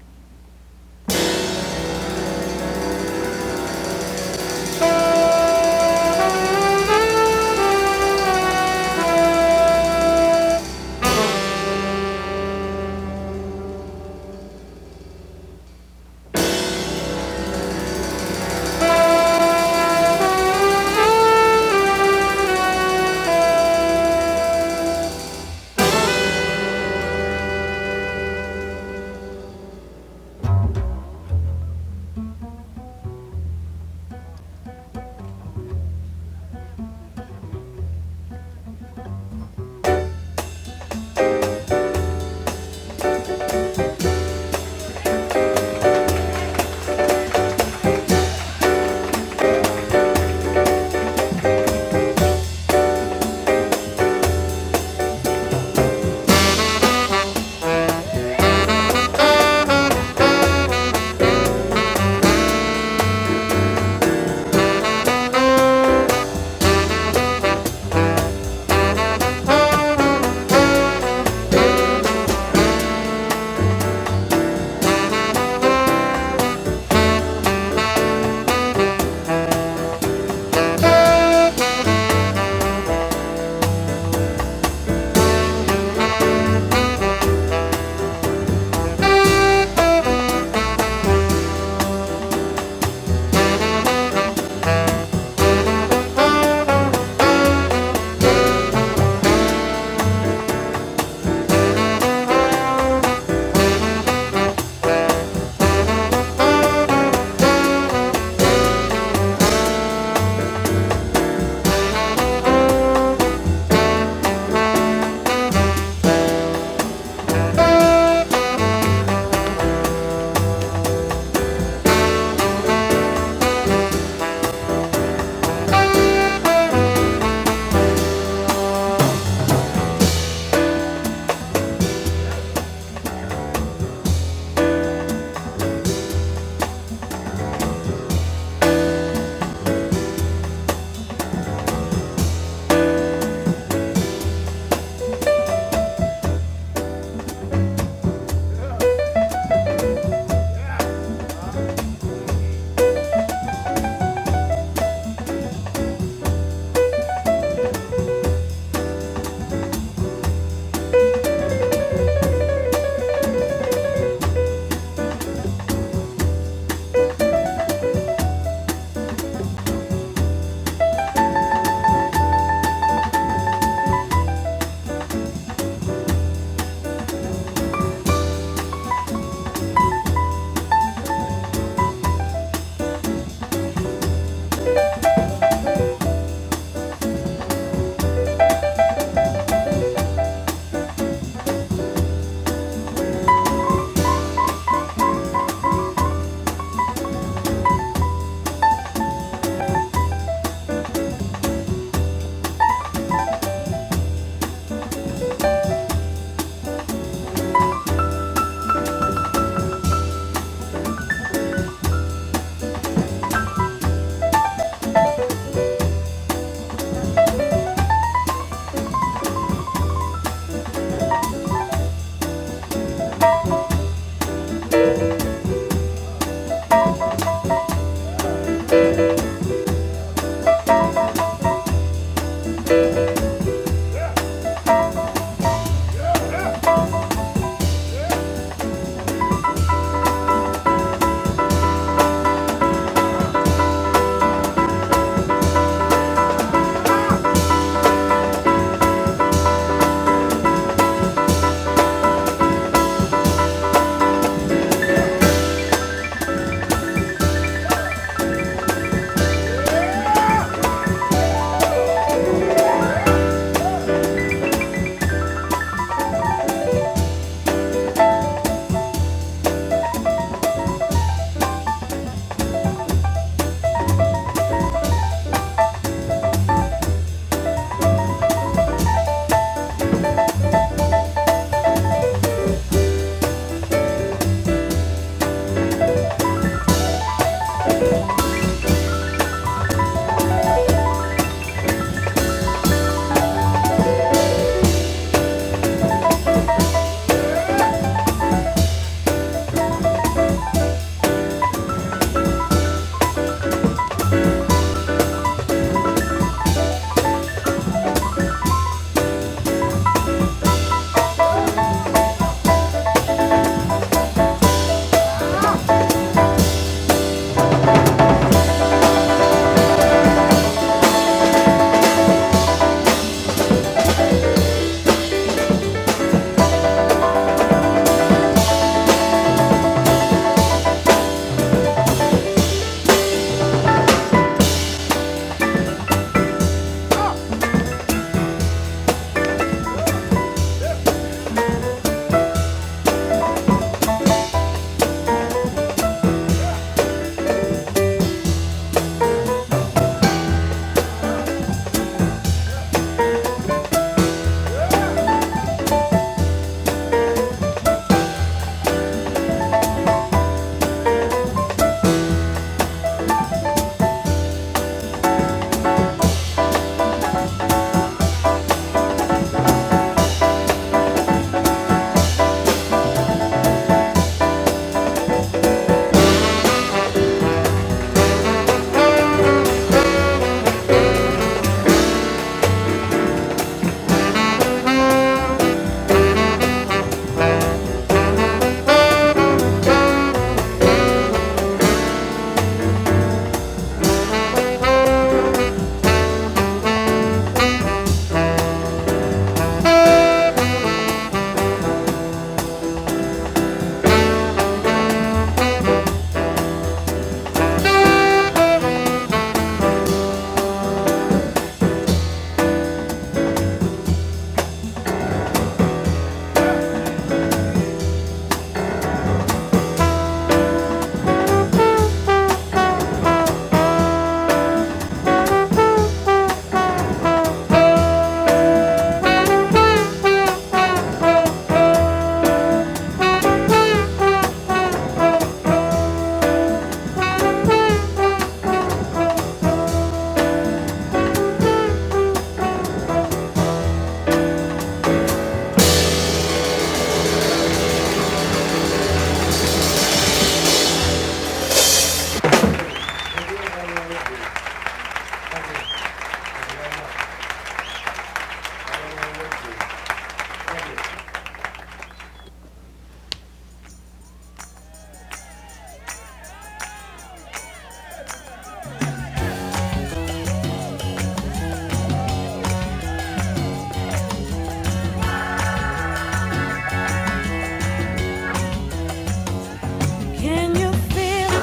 B: Can you feel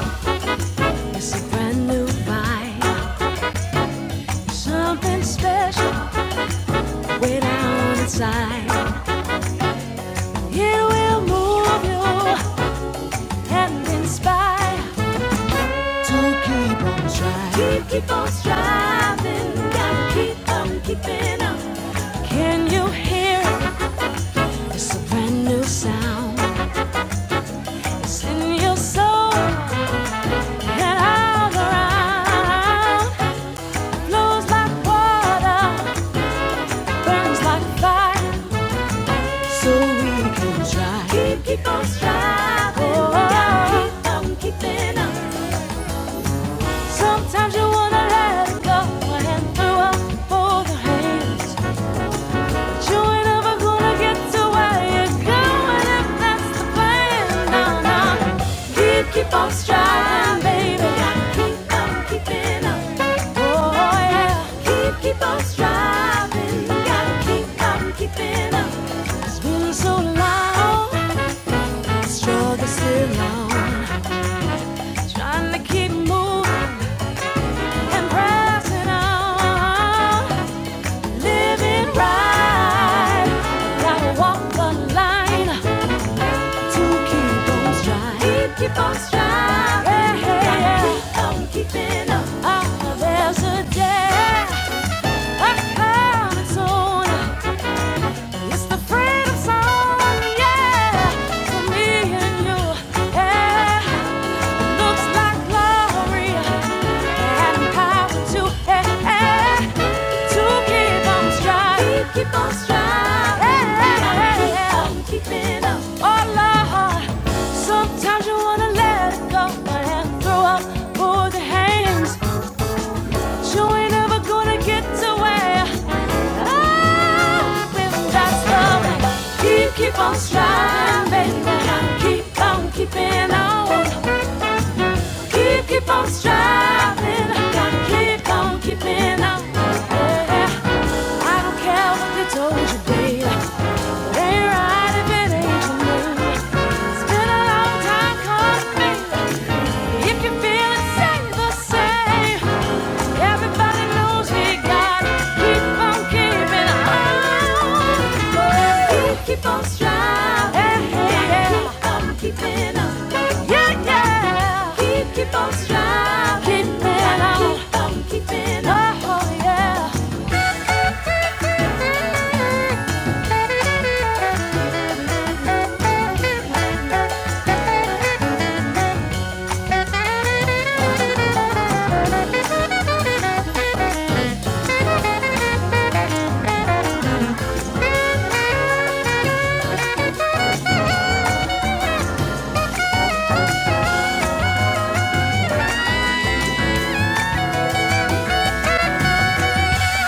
B: It's a brand new vibe. Something special way down inside. It will move you and inspire. Keep, keep on striving. Gotta keep on keeping on. Can you hear it? It's a brand new sound. It's in your soul and all around. Flows like water, burns like fire. Keep, keep on striving. Gotta keep on keeping on. Sometimes you wanna let it go and throw up both your hands. You're never gonna get to where you going if that's the plan. No, no. Keep, keep on striving, baby. Gotta keep on keeping up. Oh yeah. Keep, keep on striving. Gotta keep on keeping up. It's been so long, struggle still on. Trying to keep moving and pressing on, living right. Gotta walk the line. To keep on striving. keep on striving. Yeah, yeah, Gotta yeah. keep on keeping up. Ah, there's a day I coming soon. It's the freedom song, yeah, for me and you. Yeah looks like glory and power to eh, eh, keep on striving. Keep on striving. Keep on keeping up. Oh Lord, sometimes you wanna let it go and throw up both your hands. You ain't ever gonna get away. Ah, with that stuff. Keep, keep on striving, baby. Keep on keeping on. Keep, keep on striving. Keep on keeping on. Yeah. I don't care what they told you, baby. It ain't right if it ain't for me. It's been a long time coming. baby. If you feel it, say the same. Everybody knows we got to keep on keeping on. Oh, keep on striving. Keep on keeping on. Yeah, yeah. Keep, keep on striving. Keep on keeping on. Oh, yeah.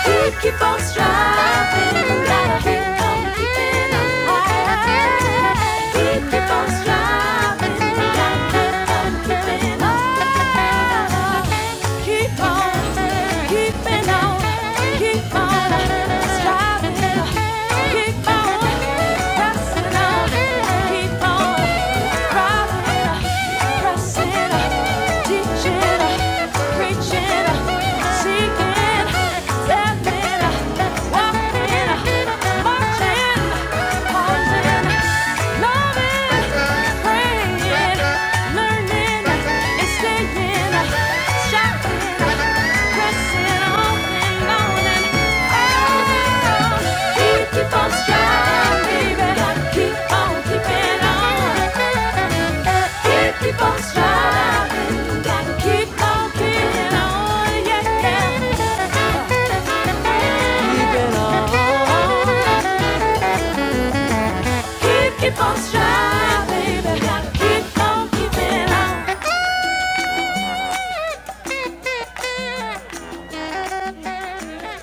B: We keep on striving, we gotta keep on keeping on high. We keep on striving, we gotta keep on keeping on high. Keep on keeping on, keep on striving, keep on pressing on, keep Learning, and staying, Keep, keep on striving, baby. Keep on keeping on. Keep, keep on striving. Gotta keep on keeping on, yeah. Keeping on. Keep, keep on striving, baby. Gotta keep on keeping on.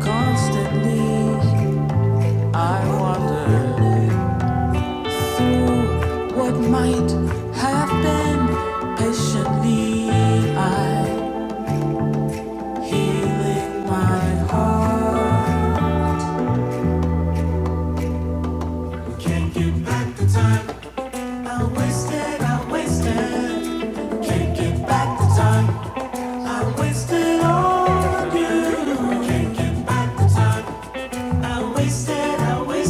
B: Constantly, I wander through what might. Can't get back the time wasted. I wasted. Can't get back the time wasted. Oh, wasted. I wasted.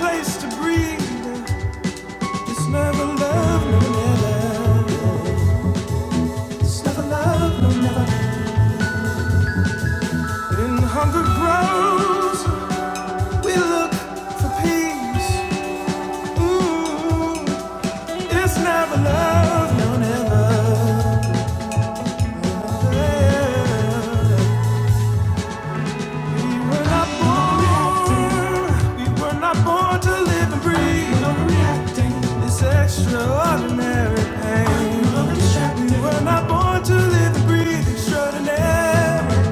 B: Place to breathe, it's never love, no never. It's never love, no never. In hunger grows, we look for peace. Ooh, we were not born to live and breathe. It's extraordinary. I believe in breathing straight.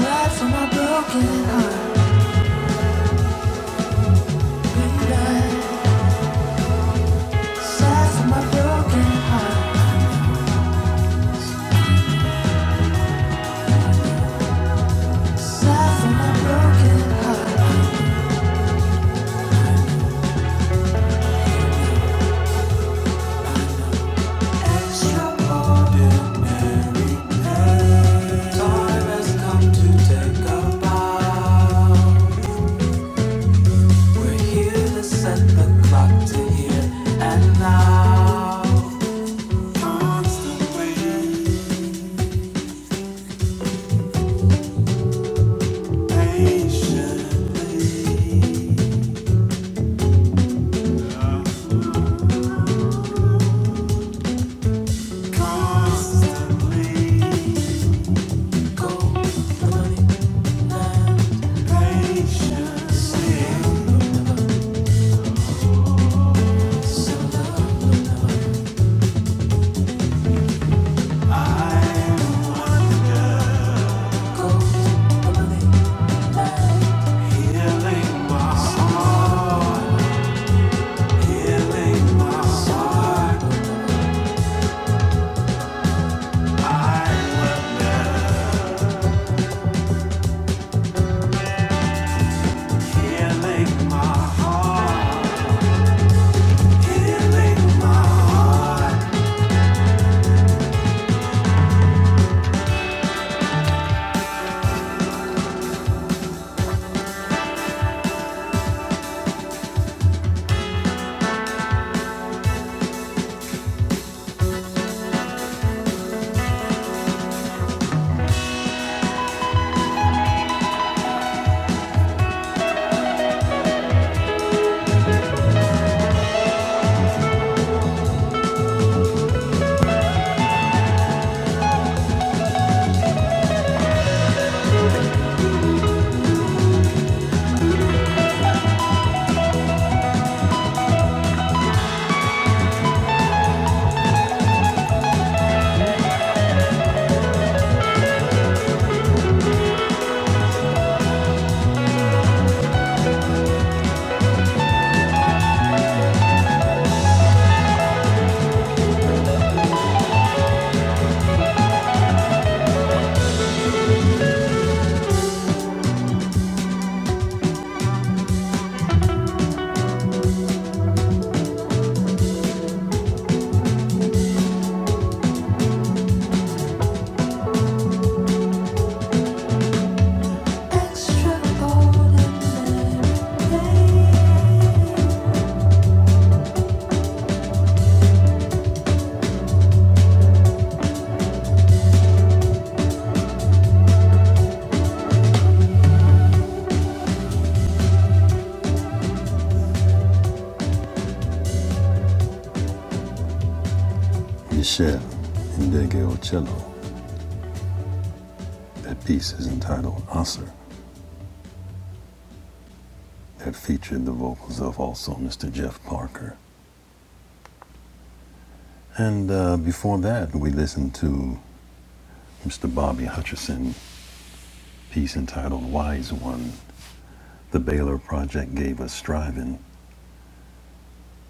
B: Glad for my broken heart, baby. Sad for my broken heart. Sad for my broken heart. Michelle Indego Cello. That piece is entitled Osser. That featured the vocals of also Mr. Jeff Parker. And uh, before that, we listened to Mr. Bobby Hutcherson piece entitled Wise One. the Baylor Project gave us Striving,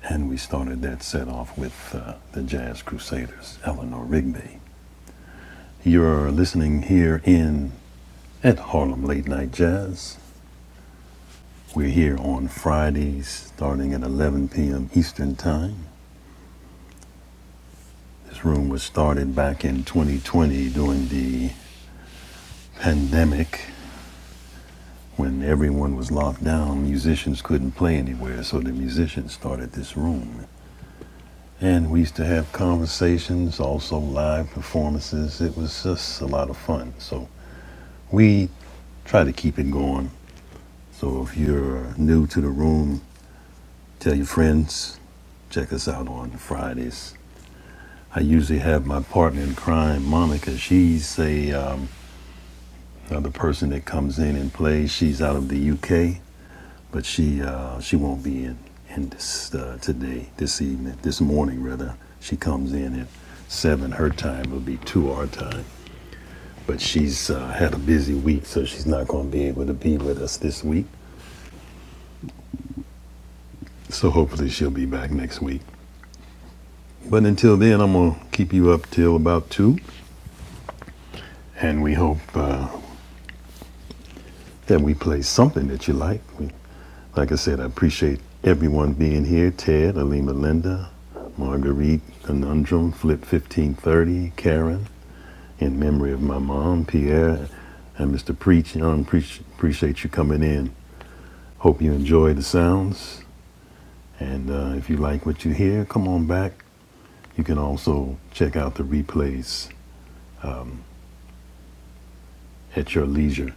B: and we started that set off with uh, the Jazz Crusaders, Eleanor Rigby. You're listening here in at Harlem Late Night Jazz. We're here on Fridays starting at 11 p.m. Eastern Time. This room was started back in 2020 during the pandemic when everyone was locked down. Musicians couldn't play anywhere, so the musicians started this room. And we used to have conversations, also live performances. It was just a lot of fun. So we try to keep it going. So if you're new to the room, tell your friends. Check us out on Fridays. I usually have my partner in crime, Monica. She's a um, another person that comes in and plays. She's out of the UK but she uh, she won't be in in this uh, today, this evening, this morning rather. She comes in at seven. Her time will be two our time, but she's uh, had a busy week, so she's not going to be able to be with us this week. So hopefully she'll be back next week. But until then, I'm gonna keep you up till about two, and we hope uh, that we play something that you like. We Like I said, I appreciate everyone being here. Ted, Alima Linda, Marguerite, Conundrum, Flip 1530, Karen, in memory of my mom, Pierre, and Mr. Preach. Young, preach appreciate you coming in. Hope you enjoy the sounds. And uh, if you like what you hear, come on back. You can also check out the replays at your leisure.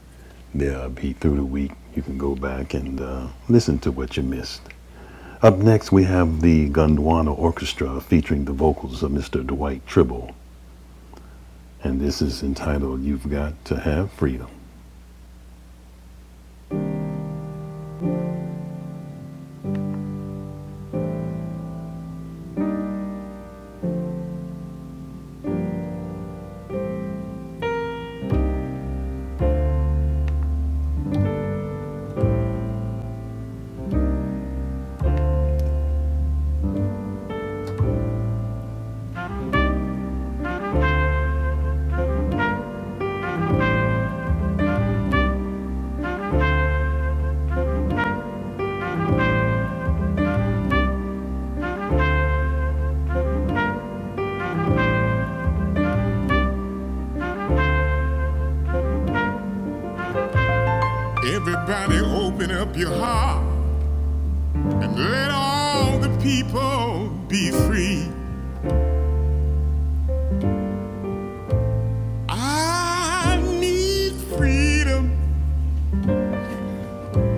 B: They'll be through the week. You can go back and uh, listen to what you missed. Up next, we have the Gondwana Orchestra featuring the vocals of Mr. Dwight Tribble, and this is entitled You've Got to Have Freedom. Everybody, open up your heart and let all the people be free. I need freedom.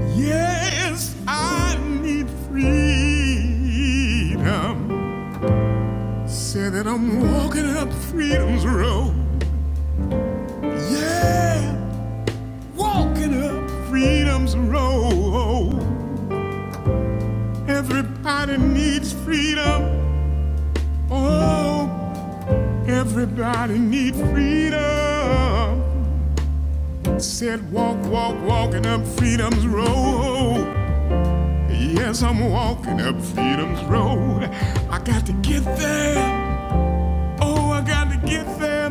B: Yes, I need freedom. Say that I'm walking up freedom's road. Yeah. Walking up freedom's road. Everybody needs freedom. Oh, everybody needs freedom. Said walk, walk, walking up freedom's road. Yes, I'm walking up freedom's road. I got to get there. Oh, I got to get there.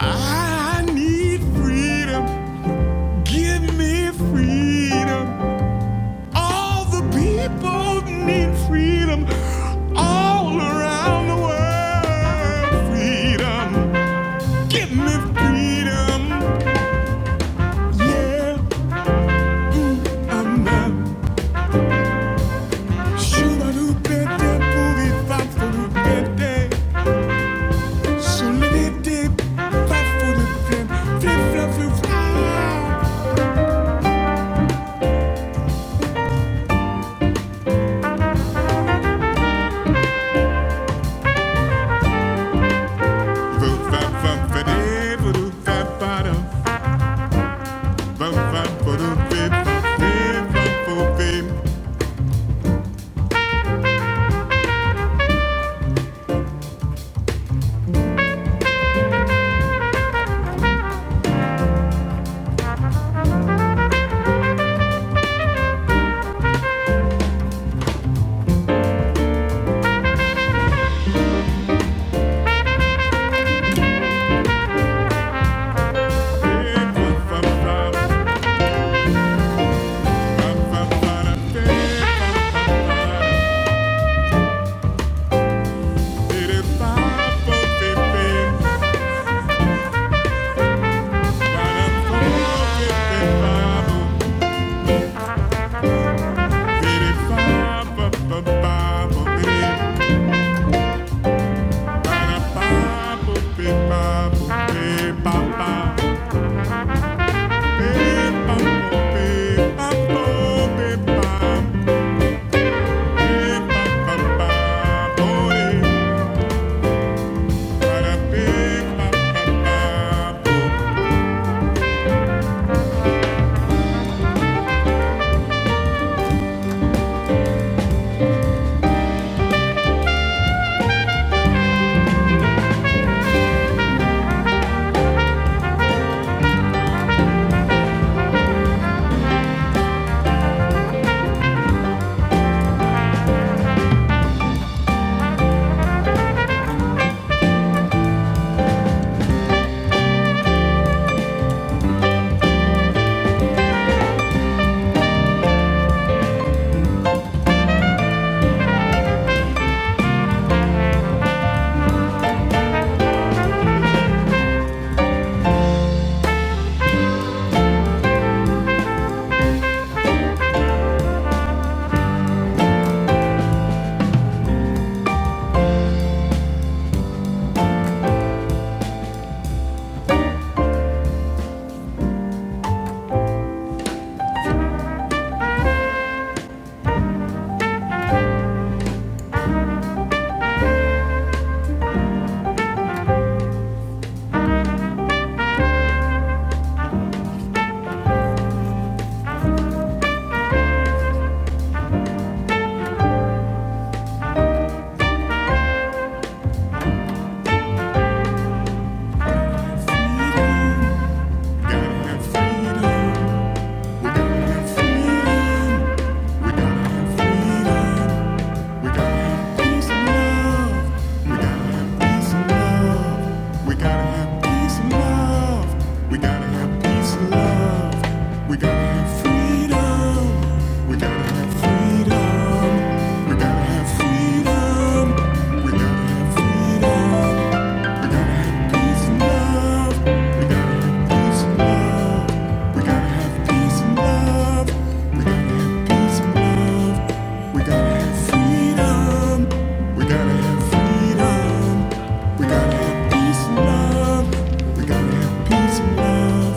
B: I need freedom. Give me freedom. All the people need freedom all around the world. Freedom, give me freedom. Yeah, I'm out. Shubadupete, booby, fafudupete, solidity, fafudupete, flip, flop, flip, flop. Voop, vap, vap, vade, voodoo, vap, bada, voop, vap, voodoo, vip, vip, vop, voop, vip, vip, vop, vop, vop. Gotta have freedom. Freedom. We gotta have freedom. We gotta have freedom. We gotta have peace and love.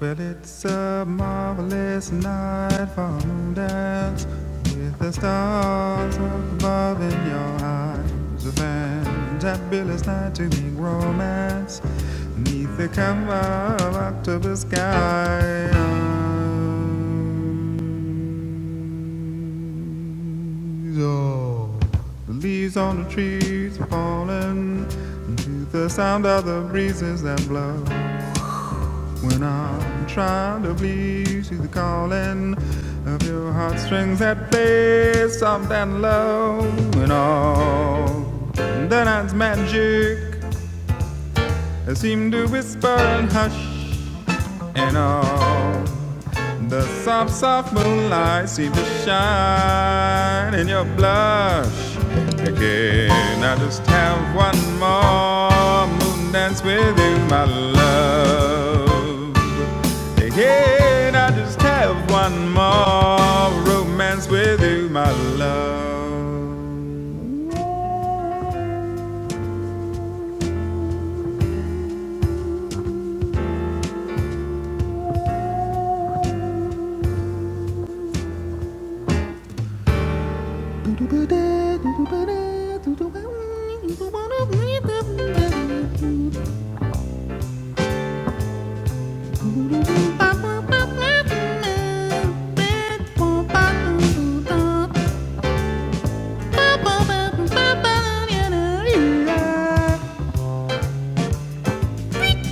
B: Well, it's a marvelous night for a moon dance with the stars above in your eyes. A fantabulous night to make romance neath the cover of October skies. Oh, the leaves on the trees are falling to the sound of the breezes that blow. When I'm trying to please you, the calling of your heartstrings that play soft and low. When all the night's magic seemed to whisper and hush, and all the soft, soft moonlight seems to shine in your blush again. I just have one more moon dance with you, my love. Again, I just have one more romance with you, my love. Thank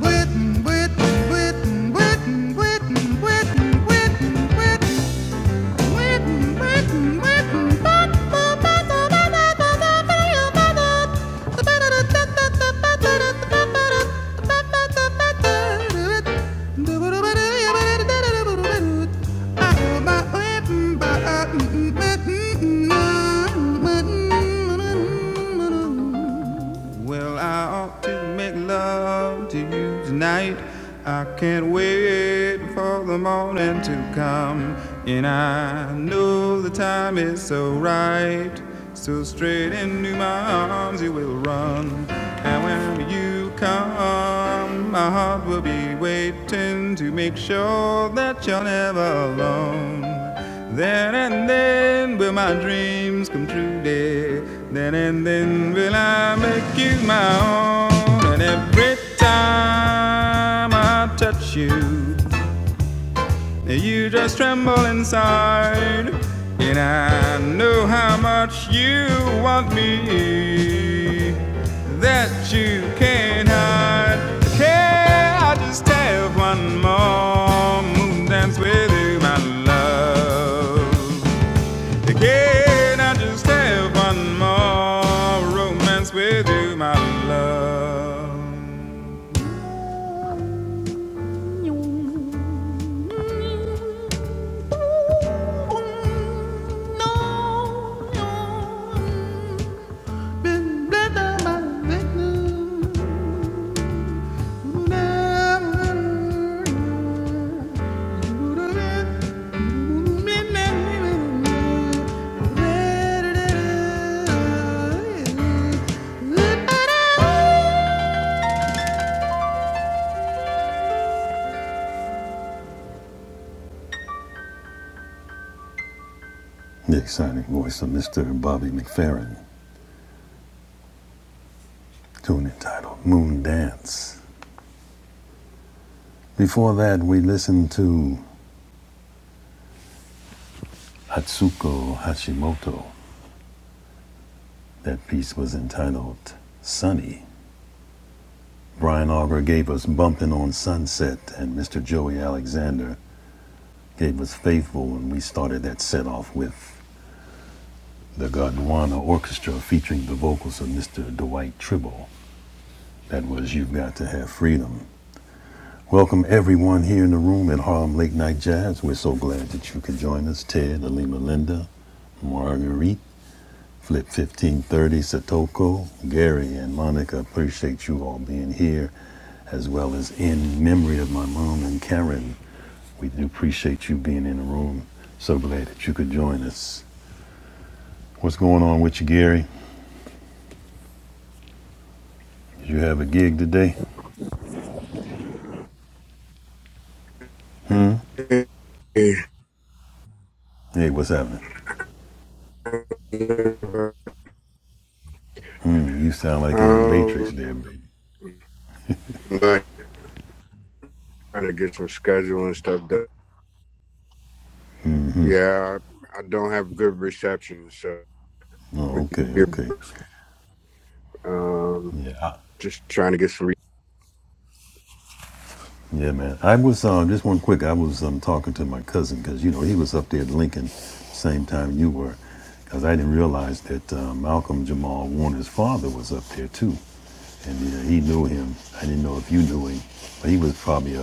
B: Witten, witten, witten, witten, witten, witten, witten, witten. Mm-hmm. Well, I ought to make love to you tonight. I can't wait for the morning to come. And I know the time is so right. So straight into my arms you will run. And when you come, come. My heart will be waiting to make sure that you're never alone. Then and then will my dreams come true, dear. Then and then will I make you my own. And every time I touch you, you just tremble inside, and I know how much you want me that you can't hide. Can I just have one more moon dance with you, my love? The exciting voice of Mr. Bobby McFerrin. tune entitled Moon Dance. Before that, we listened to Hatsuko Hashimoto. That piece was entitled Sunny. Brian Auger gave us Bumpin' on Sunset, and Mr. Joey Alexander gave us Faithful, and we started that set off with the Gondwana Orchestra featuring the vocals of Mr. Dwight Tribble. That was You've Got to Have Freedom. Welcome everyone here in the room at Harlem Late Night Jazz. We're so glad that you could join us. Ted, Alima Linda, Marguerite, Flip 1530, Satoko, Gary, and Monica. Appreciate you all being here, as well as in memory of my mom and Karen. We do appreciate you being in the room. So glad that you could join us. What's going on with you, Gary? Did you have a gig today? Hey, what's happening? Mm, You sound like in the
D: Um,
B: Matrix there, baby.
D: like trying to get some schedule and stuff done. Yeah, I, I don't have good reception, so
B: Oh, okay, okay.
D: um,
B: Yeah, I-
D: just trying to get some. Re-
B: Yeah, man. I was um, just one quick. I was um, talking to my cousin because you know he was up there at Lincoln, same time you were, because I didn't realize that um, Malcolm Jamal Warner's father was up there too, and you he knew him. I didn't know if you knew him, but he was probably a,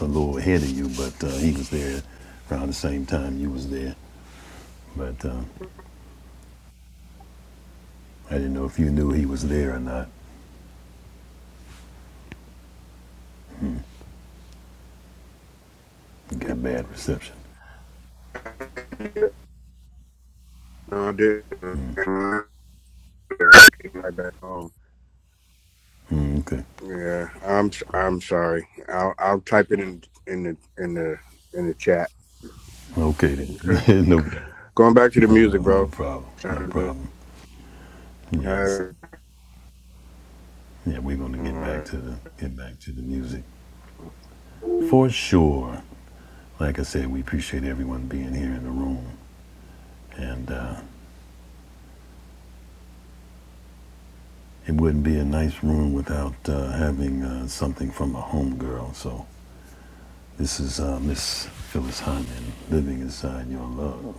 B: a little ahead of you. But uh, he was there around the same time you was there. But um, I didn't know if you knew he was there or not. He got bad reception.
D: no, I did. Came Right back home.
B: Mm, okay.
D: Yeah, I'm. s- I'm sorry. I'll. I'll type it in in the in the in the chat.
B: Okay
D: Okay.
B: then. no,
D: Going back to the
B: no,
D: music,
B: no
D: bro.
B: problem. No
D: Sound good.
B: problem. Yes.
D: Hey,
B: Yeah, we're gonna
D: all
B: get back
D: right.
B: to the get back to the music for sure. Like I said, we appreciate everyone being here in the room, and uh, it wouldn't be a nice room without uh, having uh, something from a homegirl. So this is uh, Miss Phyllis Hyman, "Living Inside Your Love."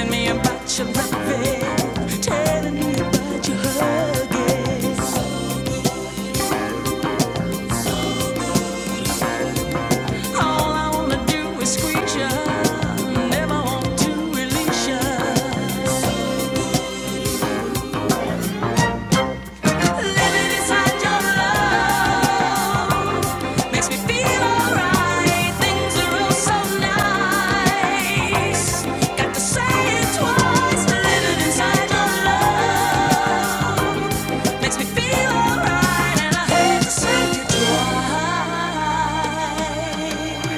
B: Telling me about your loving, telling me about your hugging. All I wanna do is squeeze ya, never want to release ya. Living inside your love makes me feel alright. Things are so nice. Got to say it twice. Living inside your love makes me feel alright, and I hate to say it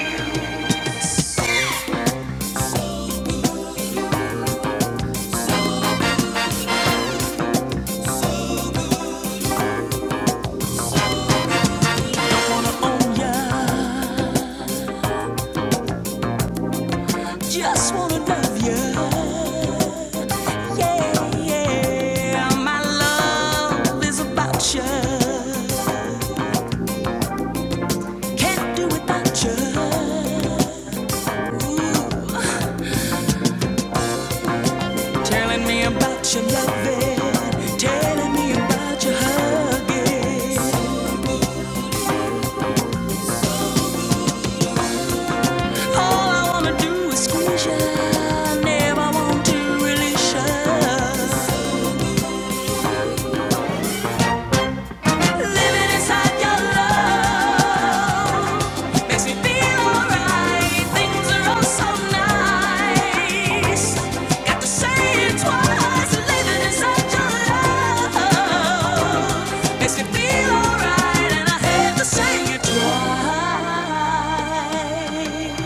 B: twice. Just wanna love you, yeah, yeah. My love is about you. Can't do without you. Telling me about your loving, telling me about your hugging. I-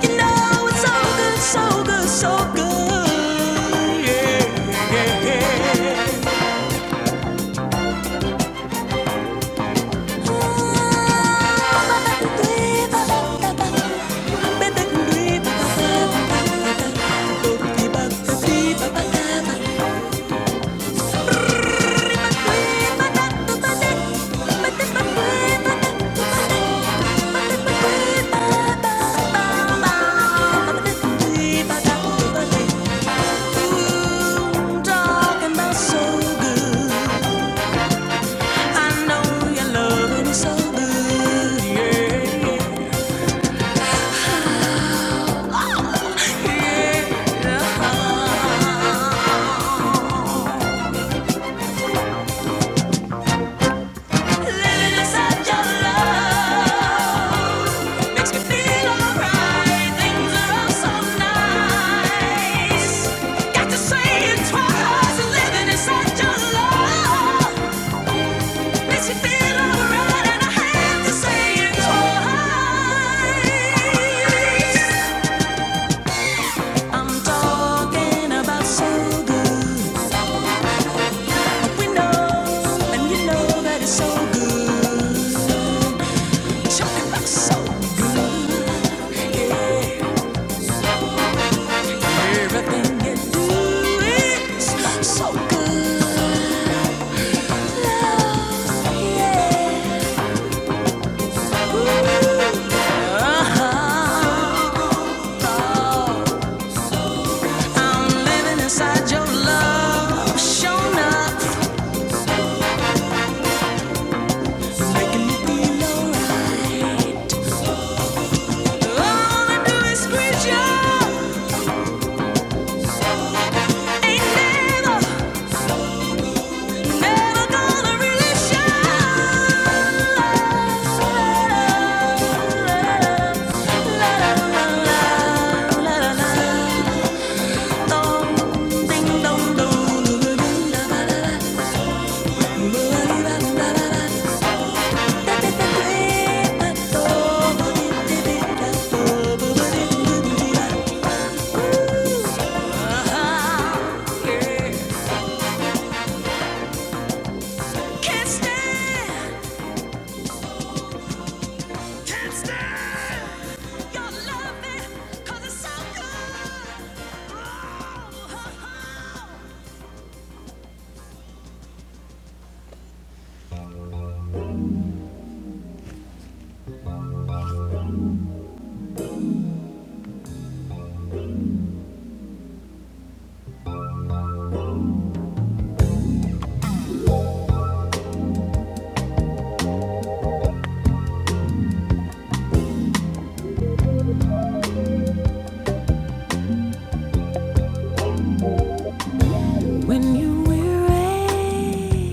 B: You know it's so good, so good, so good. Yeah, yeah, yeah. Talking so good. I know your loving is so good. Yeah, yeah, yeah. Living inside your love makes me feel alright. Things are so nice. Got to say it twice. Living inside your love makes me feel alright, and I have to say it twice. I'm talking about so good. We and you know that it's so good. So good, yeah. Everything you do is so good. Love, yeah. Ooh, uh-huh. Oh, I'm living inside your love, showing up, making me feel alright. All I do is screech your, ain't never, never gonna release your Can't stand, can't stand your loving, 'cause it's so good. Oh, oh, oh. When you are weary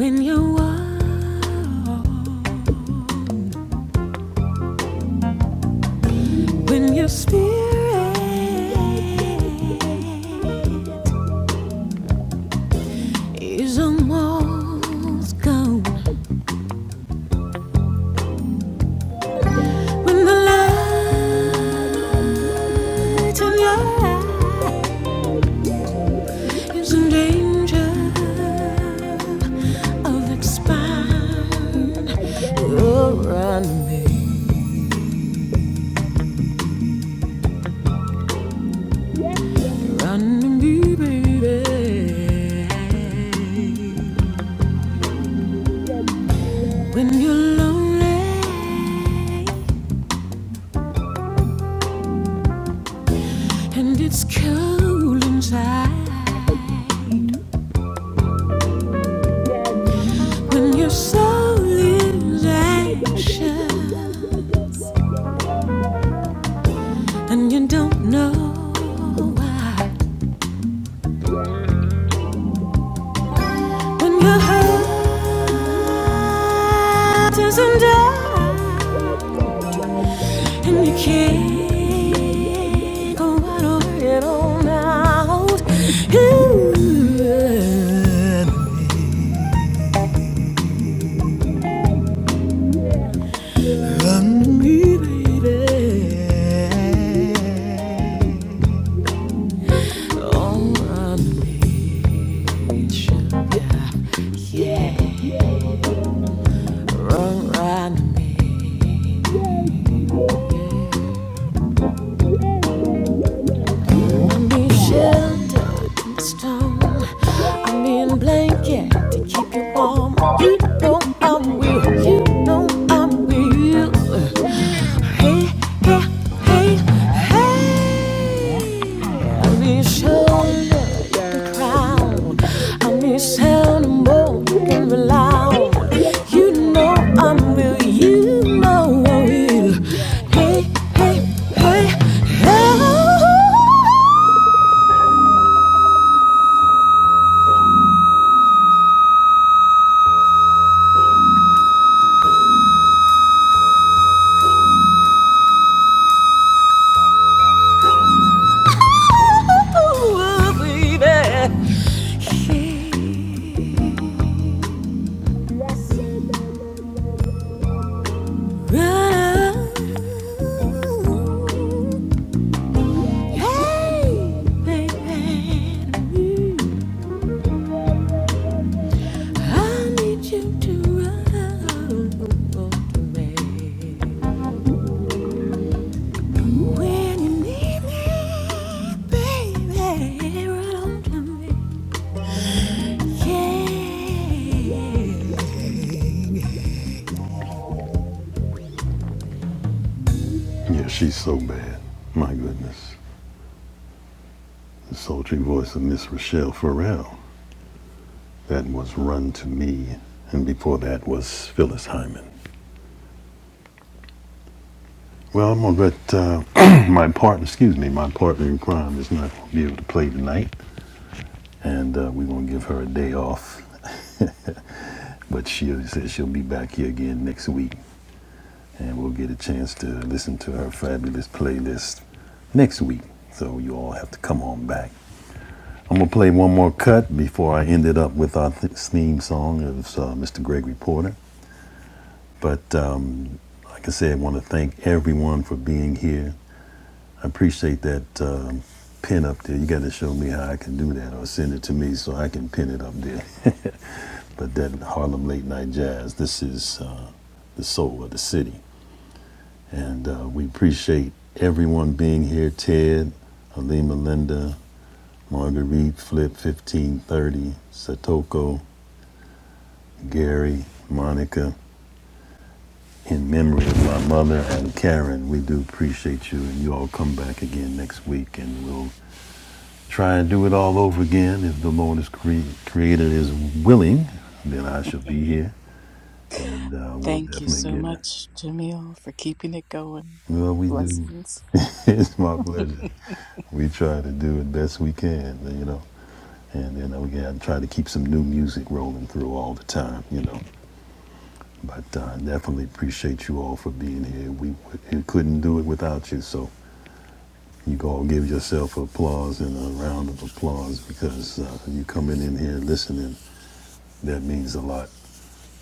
B: When you walk, when your spirit is almost gone, when the light in your eye is in danger of expiring, run to me, baby. When you're lonely. And it's cold inside when your soul is anxious and you don't know why. When your heart is under and you can't go out on it all out. You and me, baby. Oh, my Yeah, run around me. I shelter in the storm. I mean blanket to keep you warm. You know I'm with you. know I'm with Hey, hey, hey, hey. Michelle, the crown. I'm Michelle, the more you can rely on. You know I'm you know I'm Hey, hey, hey, hey, oh, baby. Hey, baby. I need you to run away. When you need me, baby, run to me. Yeah. Yeah, she's so bad. My goodness. The sultry voice of Miss Rochelle Farrell. That was Run to Me. And before that was Phyllis Hyman. Well, I'm gonna let uh, my partner, excuse me, my partner in crime is not gonna be able to play tonight. and uh, we're gonna give her a day off. but she said she'll be back here again next week, and we'll get a chance to listen to her fabulous playlist next week. So you all have to come on back. I'm gonna play one more cut before I end it up with our th- theme song of uh, Mr. Gregory Porter. But um, like I said, I want to thank everyone for being here. I appreciate that um, pin up there. You got to show me how I can do that, or send it to me so I can pin it up there. the Dead Harlem Late Night Jazz. This is uh, the soul of the city. And uh, we appreciate everyone being here Ted, Alima Linda, Marguerite, Flip 1530, Satoko, Gary, Monica. In memory of my mother and Karen, we do appreciate you. And you all come back again next week and we'll try and do it all over again. If the Lord is cre- created is willing, then I shall be here and uh, we'll
C: Thank you
B: definitely
C: so
B: get it.
C: much, Jamil, for keeping it going.
B: Well, we do.
C: Blessings.
B: it's my pleasure. We try to do it best we can, you know, and then we gotta try to keep some new music rolling through all the time, you know. But uh, definitely appreciate you all for being here. We, we couldn't do it without you, so you can all give yourself applause and a round of applause because uh, you coming in here listening. That means a lot.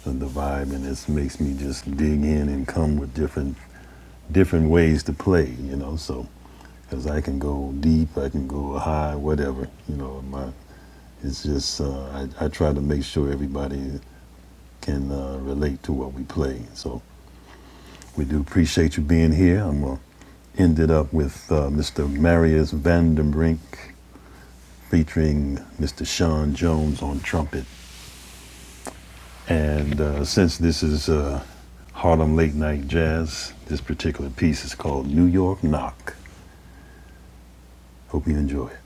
B: And the vibe, and it makes me just dig in and come with different different ways to play, you know, so because I can go deep, I can go high, whatever, you know. My, it's just uh, I, I try to make sure everybody can uh, relate to what we play. So we do appreciate you being here. I'm gonna end it up with uh, Mr. Marius Vandenbrink featuring Mr. Sean Jones on trumpet. And uh, since this is uh, Harlem Late Night Jazz, this particular piece is called New York Knock. Hope you enjoy it.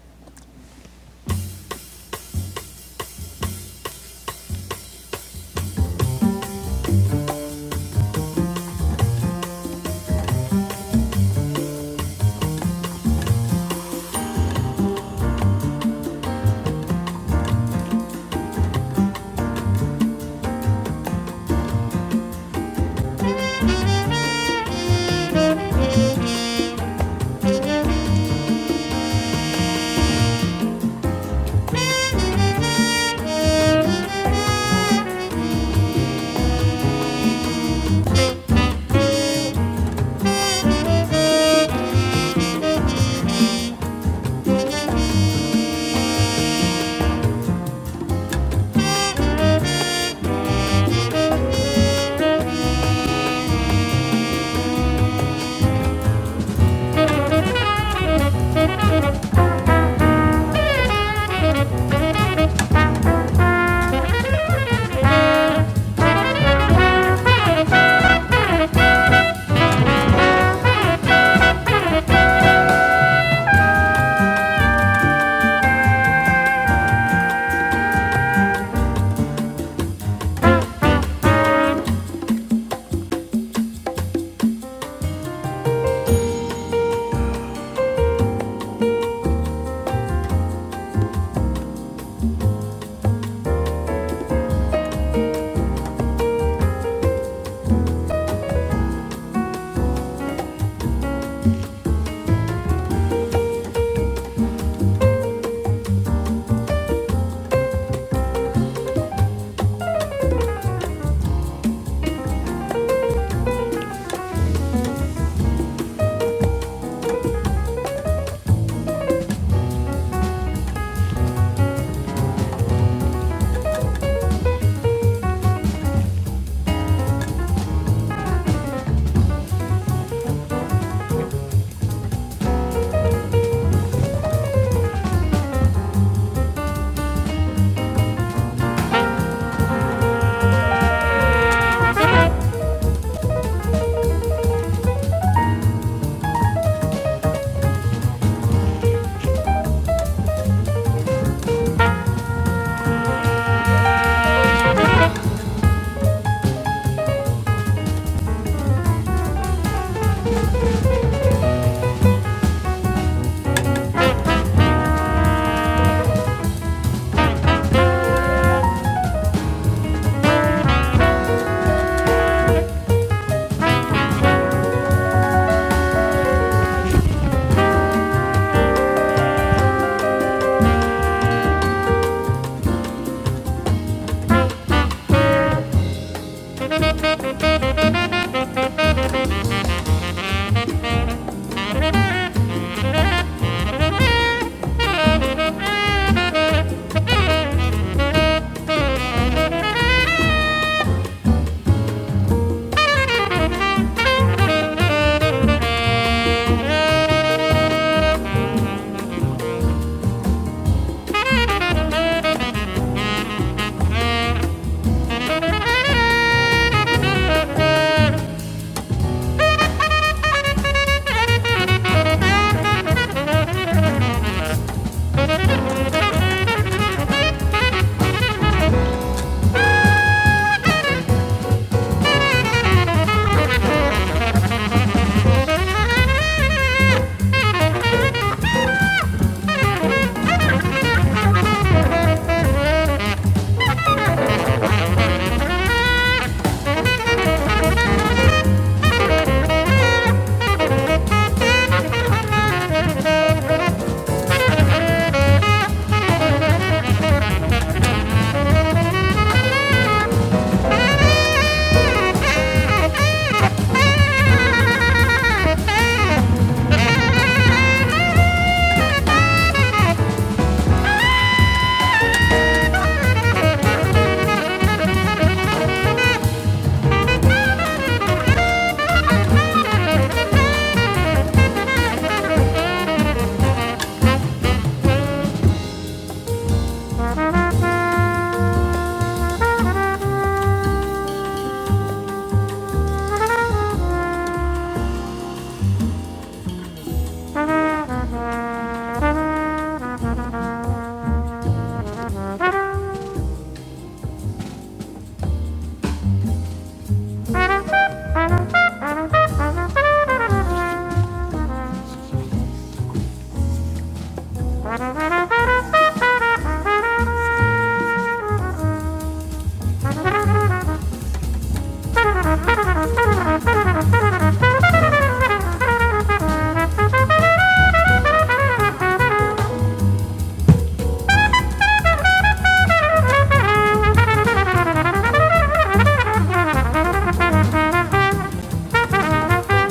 B: Thank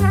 B: you.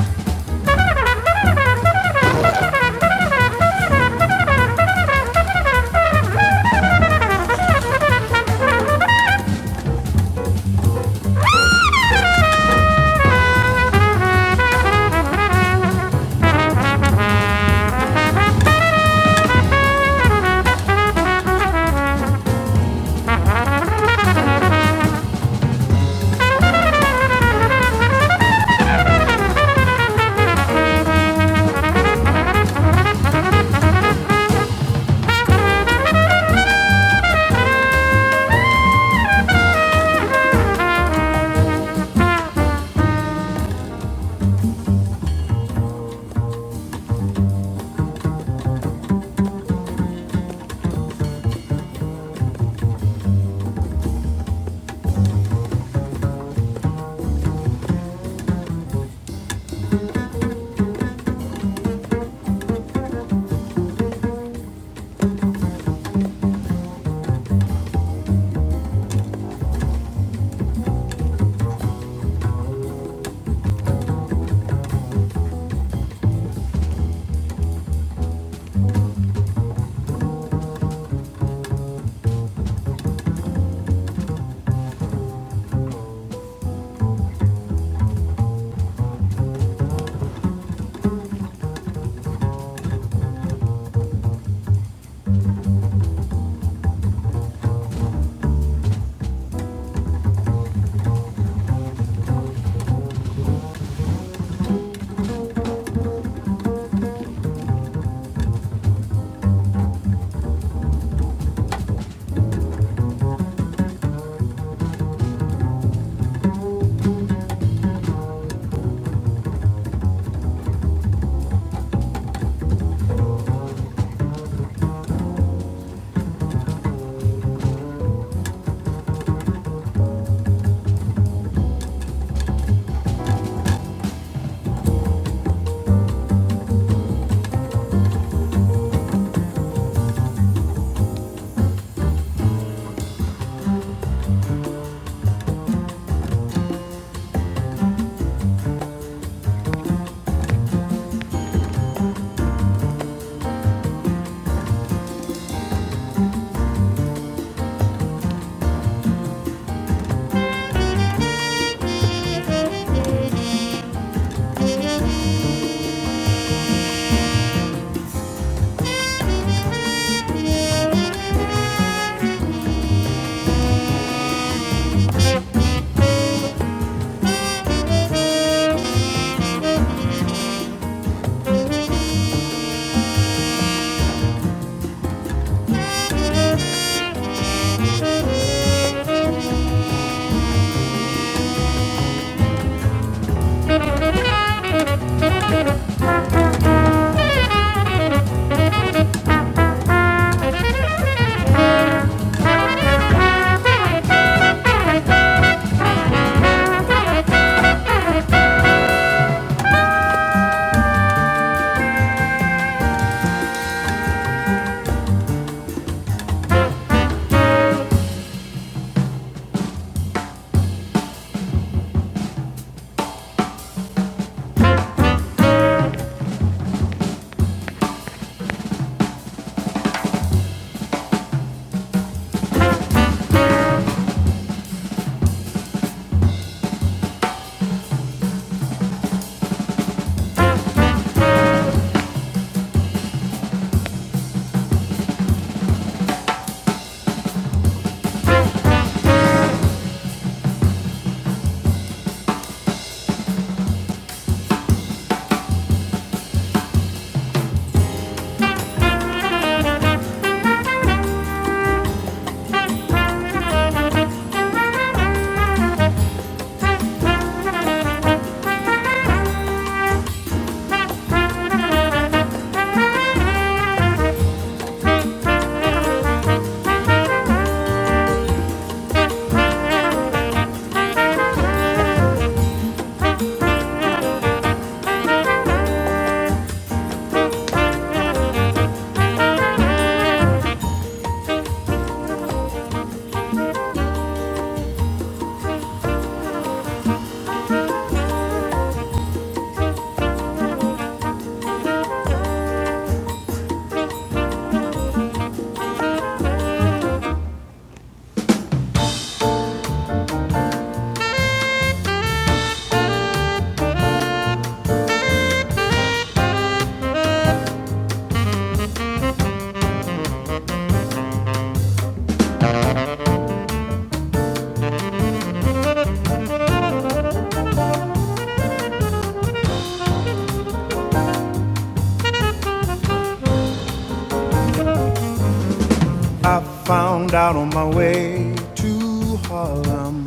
B: I found out on my way to Harlem.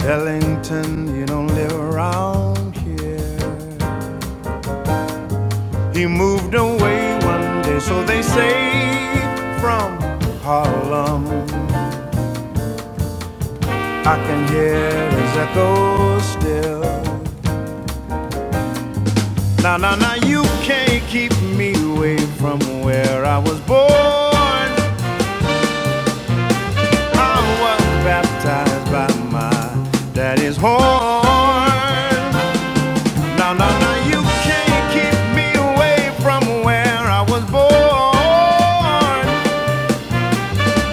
B: Ellington, you don't live around here. He moved away one day, so they say, from Harlem. I can hear his echo still. Now, now, now, you can't keep me away from where I was born. I was baptized by my daddy's horn. Now, now, now, you can't keep me away from where I was born.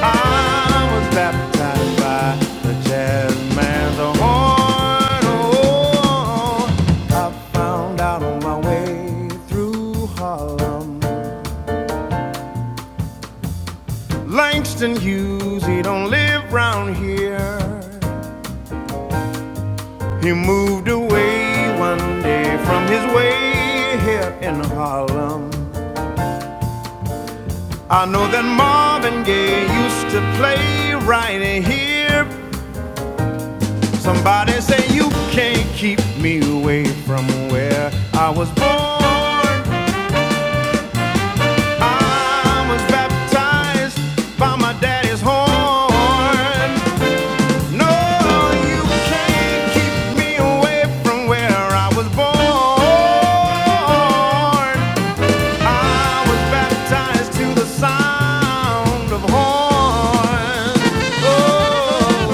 B: I was baptized by the jazz man's horn. Oh, I found out on my way through Harlem. Langston Hughes, he don't live here. He moved away one day from his way here in Harlem. I know that Marvin Gaye used to play right here Somebody say you can't keep me away from where I was born. I was baptized by my daddy's horn. No, you can't keep me away from where I was born. I was baptized to the sound of horns. Oh.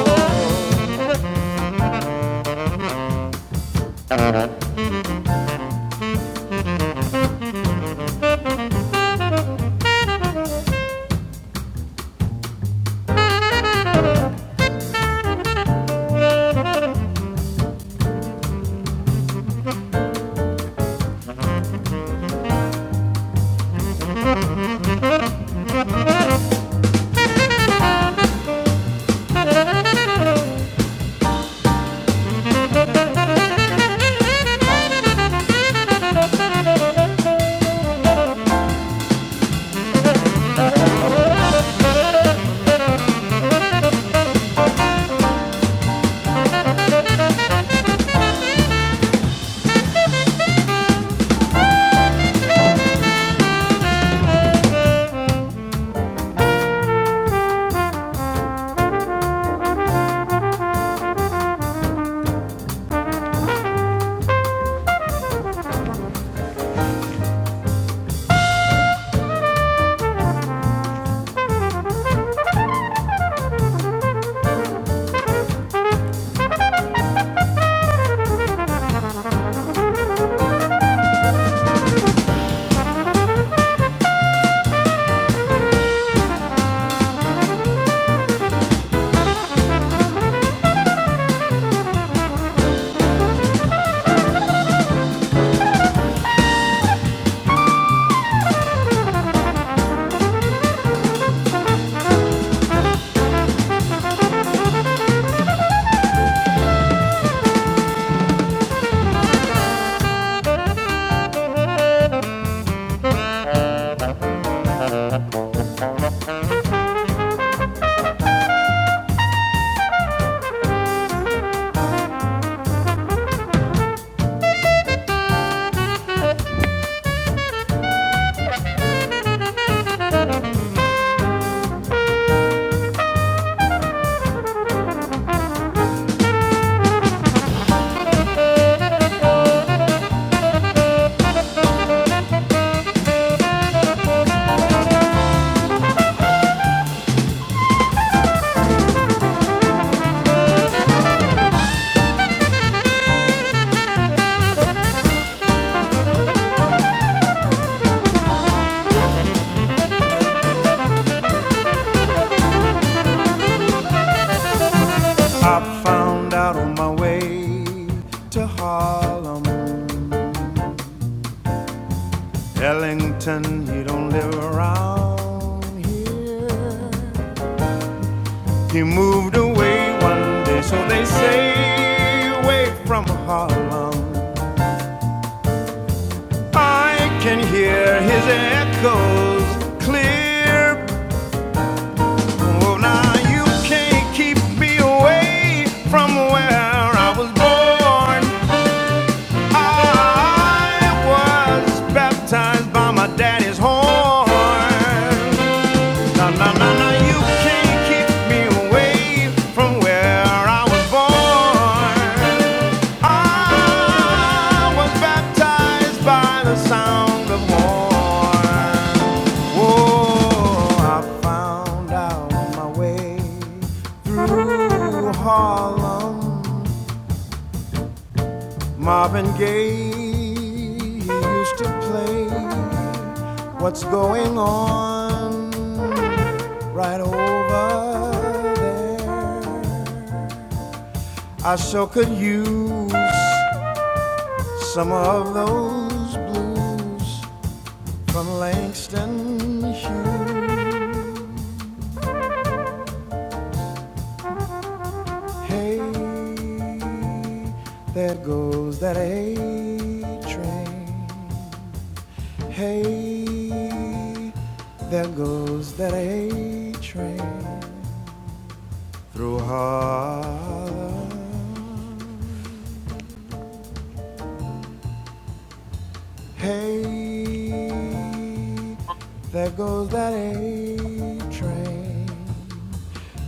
B: I found out on my way to Harlem. Ellington, he don't live around here. He moved away one day, so they say, away from Harlem. I can hear his echoes clear. Oh, now you can't keep me away from where I was born. I was baptized by my daddy's horn. No, no, no, no, you can't keep me away from where I was born. I was baptized by the sound of horn. Oh, I found out my way through Harlem. Marvin Gaye he used to play What's Going On right over there. I sure could use some of those blues from Langston Hughes. Hey, there goes that A train. Hey, there goes that A train through Harlem. Hey, there goes that A train.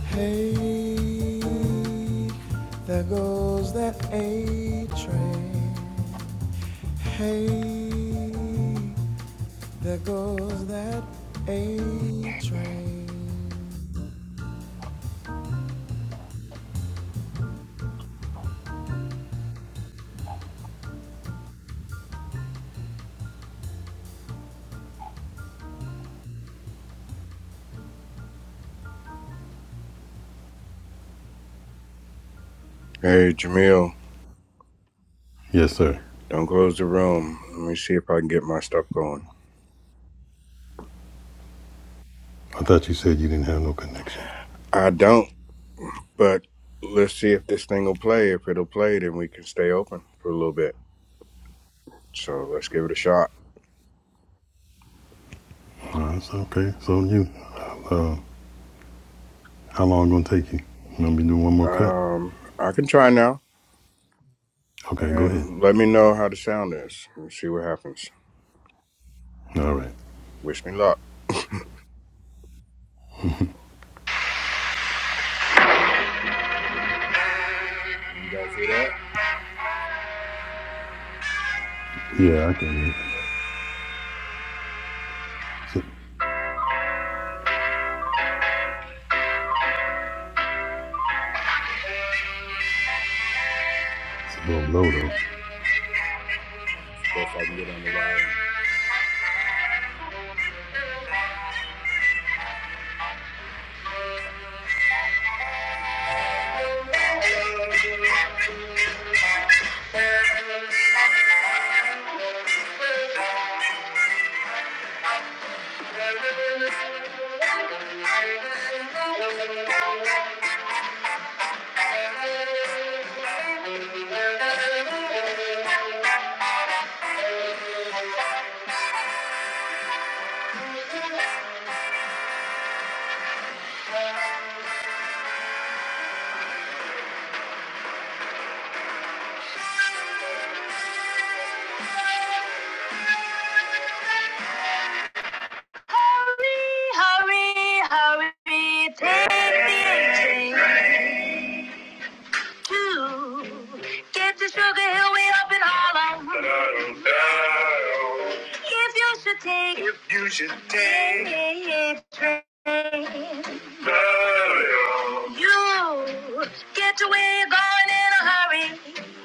B: Hey, there goes that A train. Hey, there goes that A train.
D: Hey, Jamil.
B: Yes, sir.
D: Don't close the room. Let me see if I can get my stuff going.
B: I thought you said you didn't have no connection.
D: I don't, but let's see if this thing will play. If it'll play, then we can stay open for a little bit. So let's give it a shot.
B: All right, so okay. So you, uh, how long gonna take you? You want me to do one more cut?
D: Um, I can try now,
B: Okay, go ahead.
D: and let me know how the sound is. and see what happens.
B: All right.
D: Wish me luck. You guys hear that?
B: Yeah, I can. It's a, it's a little low though.
D: Okay. Let's see if I can get on the line. Hurry, hurry, hurry, take the train. do. Get to sugar hill way up in Harlem. If you should take day. You get away, you're going in a hurry.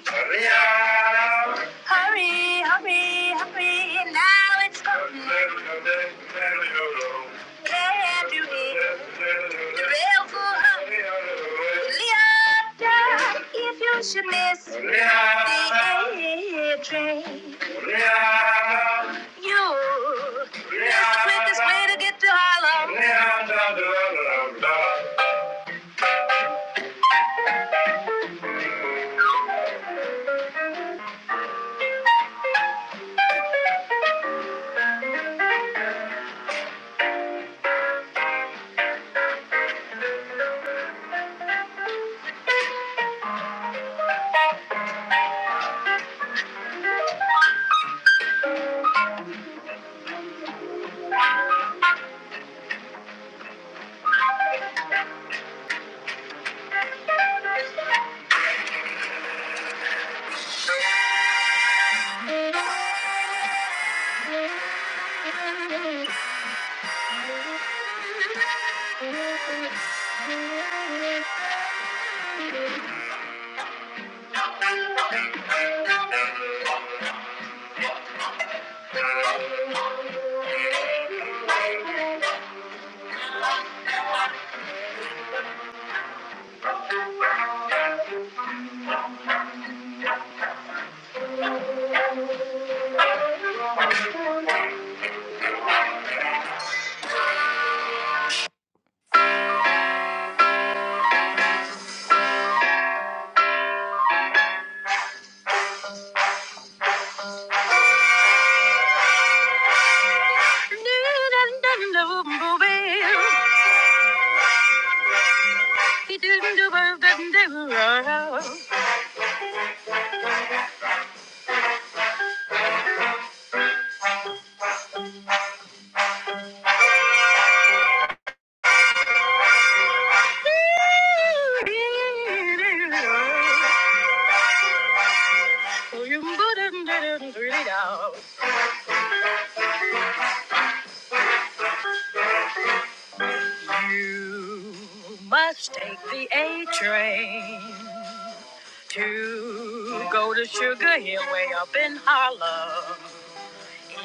D: Hurry up. Hurry, hurry, hurry. Now it's coming. Can't you hear the railful hum? Leota, if you should miss the A train. You that's the quickest way to get to Harlem. You must take the A train. to go to Sugar Hill way up in Harlem.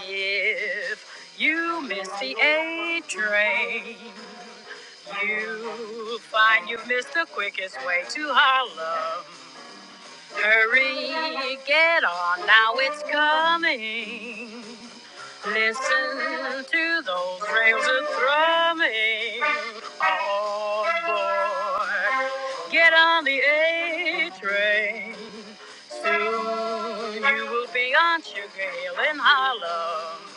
D: If you miss the A train, you'll find you missed the quickest way to Harlem. Hurry, get on now, it's coming. Listen to those rails a thrumming. All aboard, get on the A train. Soon you will be Aunt Gail in Harlem.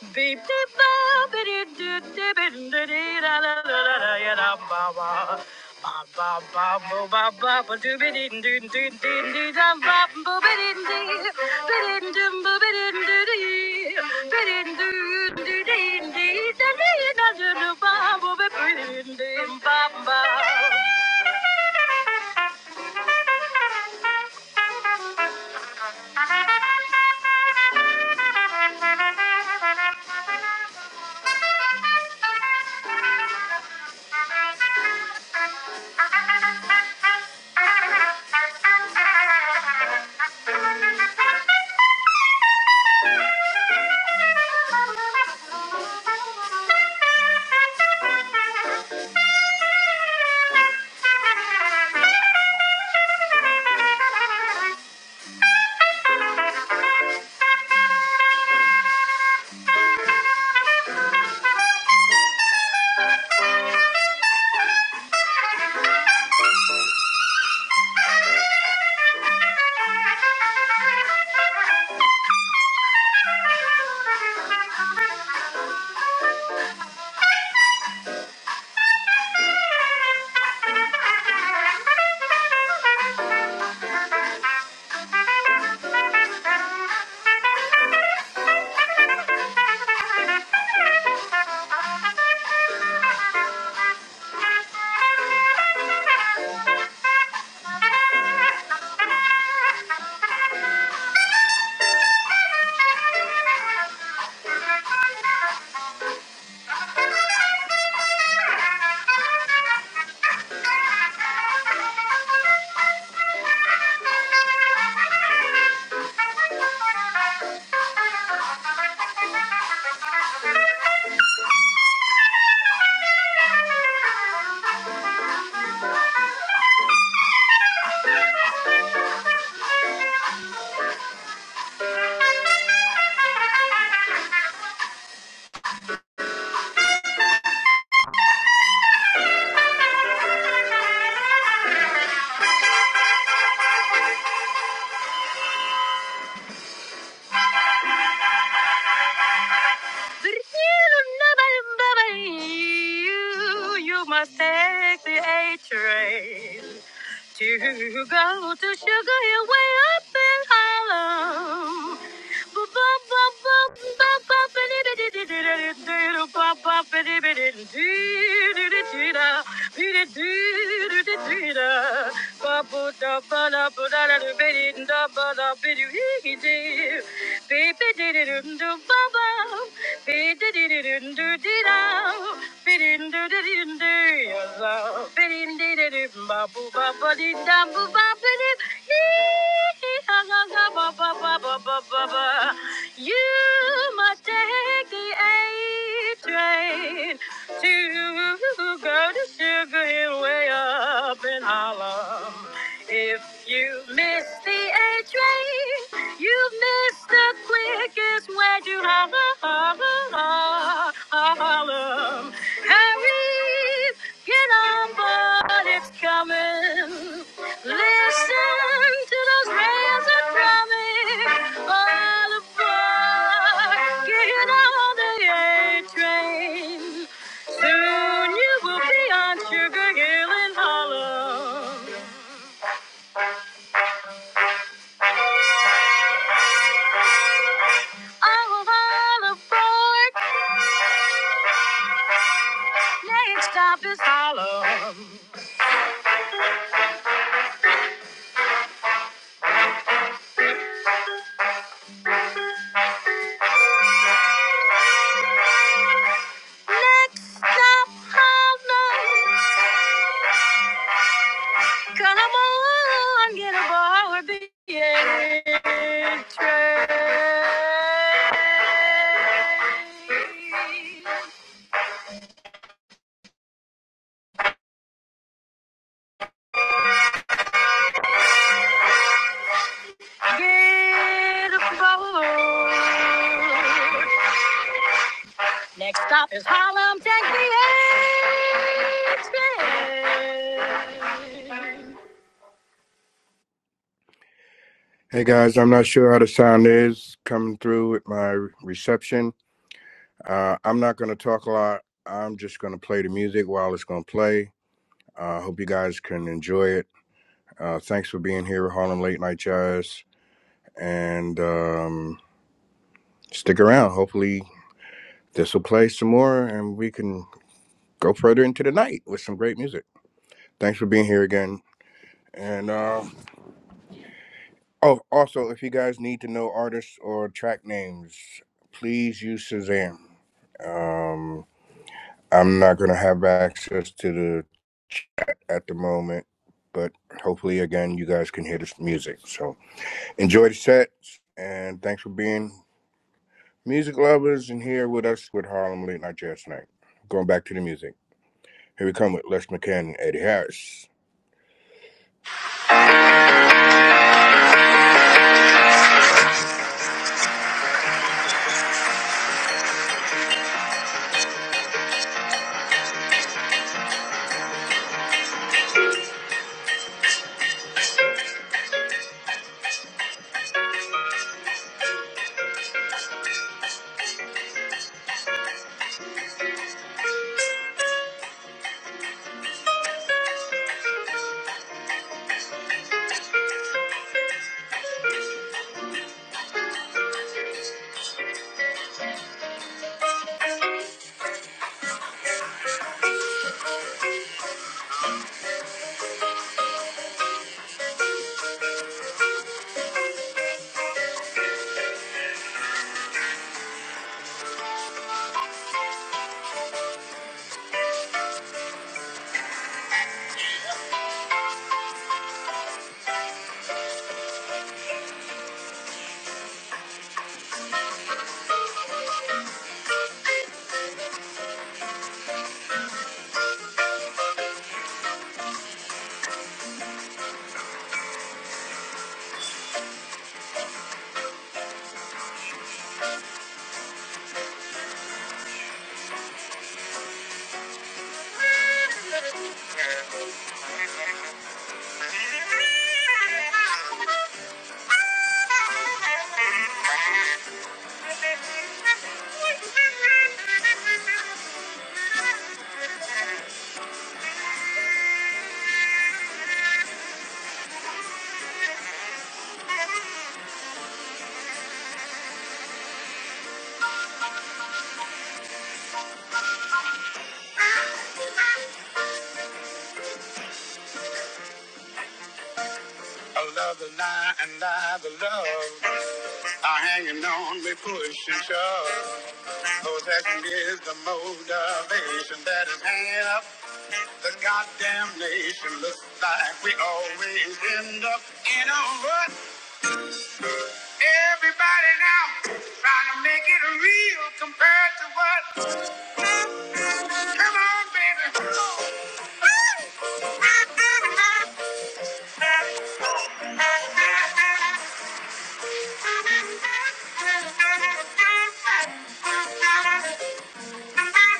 D: Beep, beep, boop, bidi, doo, doo, bidi, didi, da, da, da, da, da, ya, da, ba, ba. Ba, ba, ba, bo, ba, ba, ba, doo, bidi, doo, doo, doo, doo, da, ba, bo, bidi, doo, bidi, doo, bo, bidi, doo, dee. Bidi, doo, doo, dee, dee, da, dee, da, doo, doo, ba, bo, bidi, dee, dee ba, ba. Thank you. Thank you. Thank you. Thank you. you, you must take the A train to go to Sugar Hill way up in Harlem. You must take the A train to go to Sugar Hill way up in Harlem. If you miss the A train, you've missed the quickest way to Harlem. Harlem. Hurry, get on board, it's coming. Listen to those rails are drumming all aboard. Get on the A train. Soon you will be on Sugar Hill in Harlem. The fourth stop is Harlem. In a bar or be a train. Get a boat. Next stop is Harlem. Take the A train. Hey guys, I'm not sure how the sound is coming through with my re- reception. Uh, I'm not going to talk a lot. I'm just going to play the music while it's going to play. I uh, hope you guys can enjoy it. Uh, thanks for being here, Harlem Late Night Jazz, and um, stick around. Hopefully, this will play some more, and we can go further into the night with some great music. Thanks for being here again, and uh, Oh, also, if you guys need to know artists or track names, please use Shazam. Um, I'm not going to have access to the chat at the moment, but hopefully, again, you guys can hear this music. So enjoy the sets, and thanks for being music lovers and here with us with Harlem Late Night Jazz Night. Going back to the music. Here we come with Les McCann and Eddie Harris. I love the lie and lie the love. Are hanging on, we push and shove. Possession is the motivation that is hanging up. The goddamn nation looks like we always end up in a rut. Everybody now trying to make it real compared to what? Come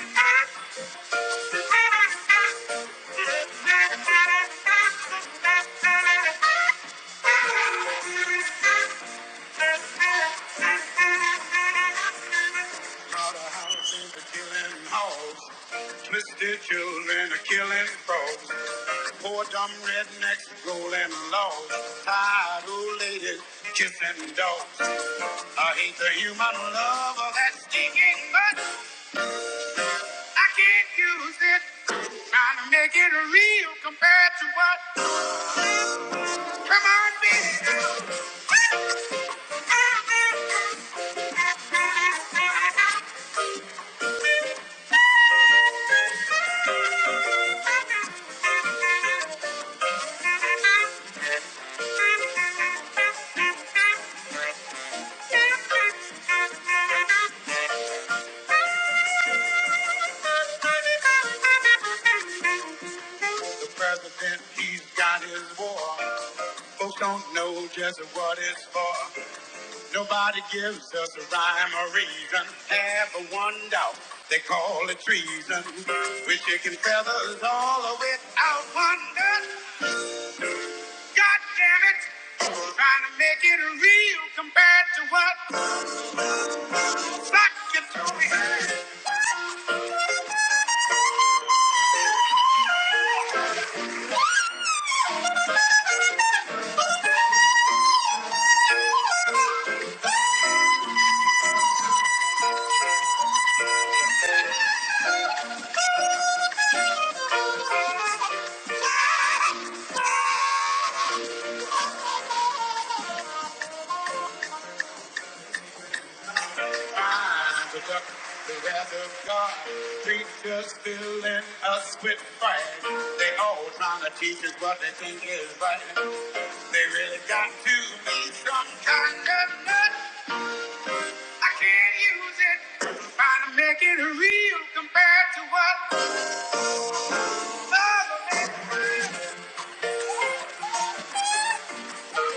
D: on, baby. Mr. Children are killing frogs. Poor dumb rednecks rolling logs. Tired old ladies kissing dogs. I hate the human love of that stinking mud. I can't use it. Trying to make it real compared to what? Come on, baby. The president, he's got his war. Folks don't know just what it's for. Nobody gives us a rhyme or reason. Half a one doubt, they call it treason. We're chicken feathers all the way out wonder. God damn it! trying to make it real compared to what Rock you through Rise with up the wrath of God. Preachers filling us with fire. They all trying to teach us what they think is right. They really got to be some kind of nut. I can't use it. Trying to make it real compared to what others. Thank you.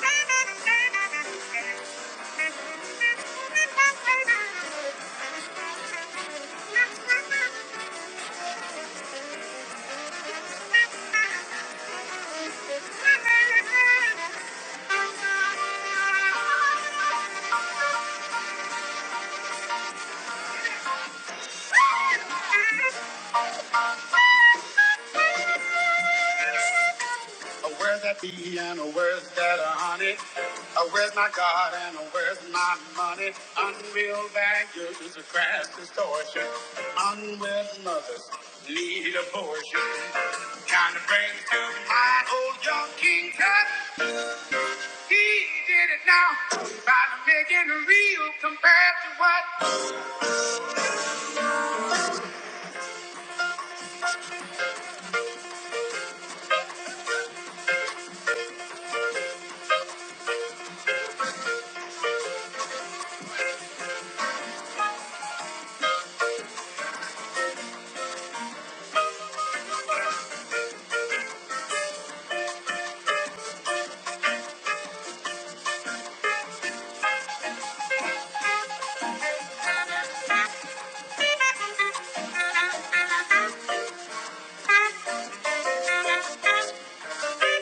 D: Thank Oh, where's that bee and oh, where's that uh, honey? Oh, where's my God and oh, where's my money? Unreal values are crass distortion. Unwed mothers need abortion. Kind of brings to mind old young King Tut. He did it now. Try to make it real compared to what? Thank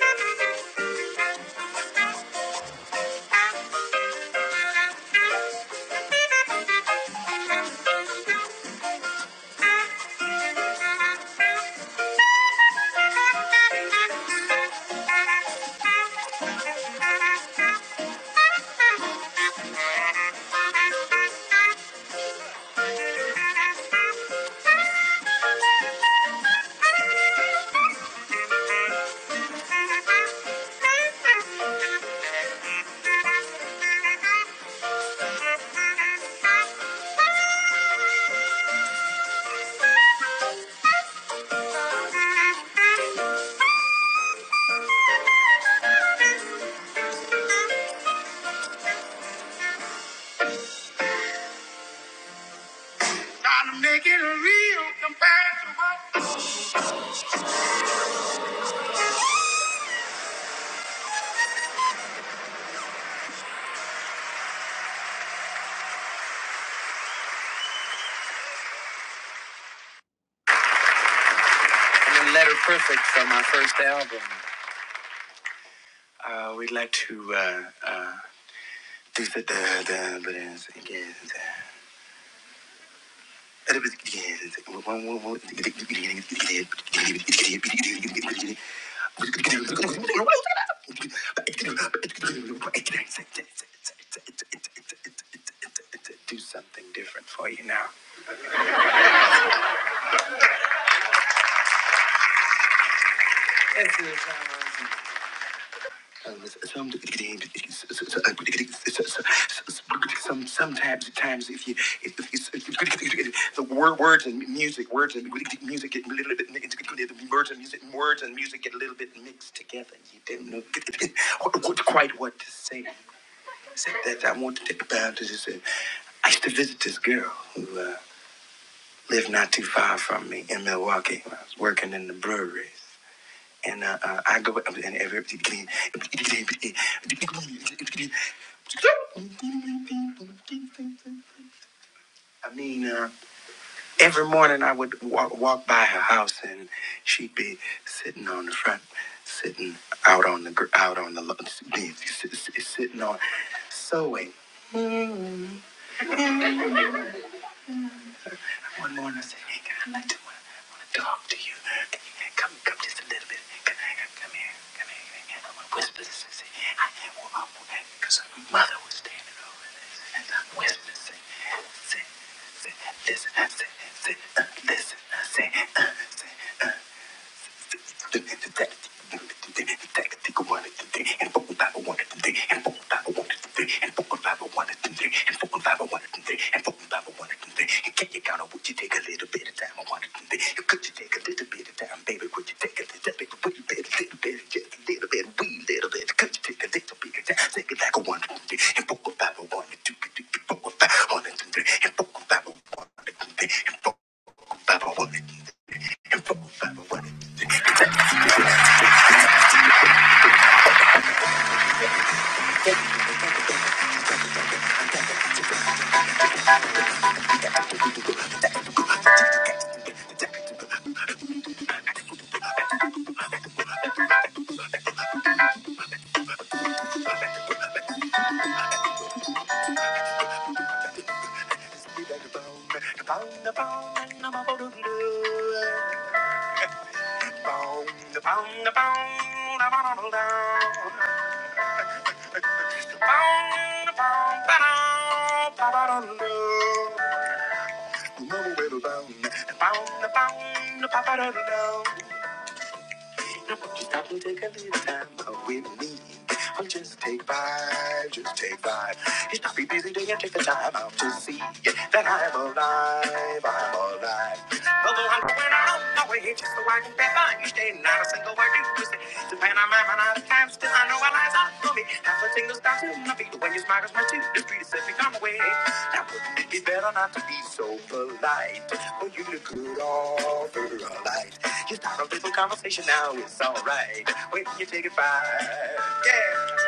D: you. Gotta make it real compared to what. letter perfect from our first album. We'd like to. uh, Do something different for you now. Some, sometimes, times if you, if, if, if the word, words and music, words and music get a little bit, words and music, words and music get a little bit mixed together. You don't know what, what, quite what to say. Said that I want to take about this. Is, just, uh, I used to visit this girl who uh, lived not too far from me in Milwaukee. I was working in the breweries and uh, uh, I go and every I mean, uh, every morning I would walk, walk by her house, and she'd be sitting on the front, sitting out on the gr- out on the lo- s- s- s- sitting on sewing. one morning I said, hey, I'd like to want to talk to you. Can you Come, come just a little bit. Come, come here, come here. Come here. I want to whisper this. I say, I, because her mother was standing over there. And I whispered, say, say, say, listen, I say, say, uh, listen, I say, uh, say, uh. Thank you. Bound, bound, Just stop and take a little time out with me. Oh, just take five, just take five. You stop your busy day and take the time out to see that I'm alive, I'm alive. Although I'm going out on my way just so I can get by. You stay not a single word you say. Depend on my mind out of time, still I know I lies are for me. Half a single stop to my feet. The way you smile is my too. The street is set me on the way. Now wouldn't it be better not to be so polite? Well, you look good all for a light. You start a little conversation now, it's alright. When you take a five, yeah.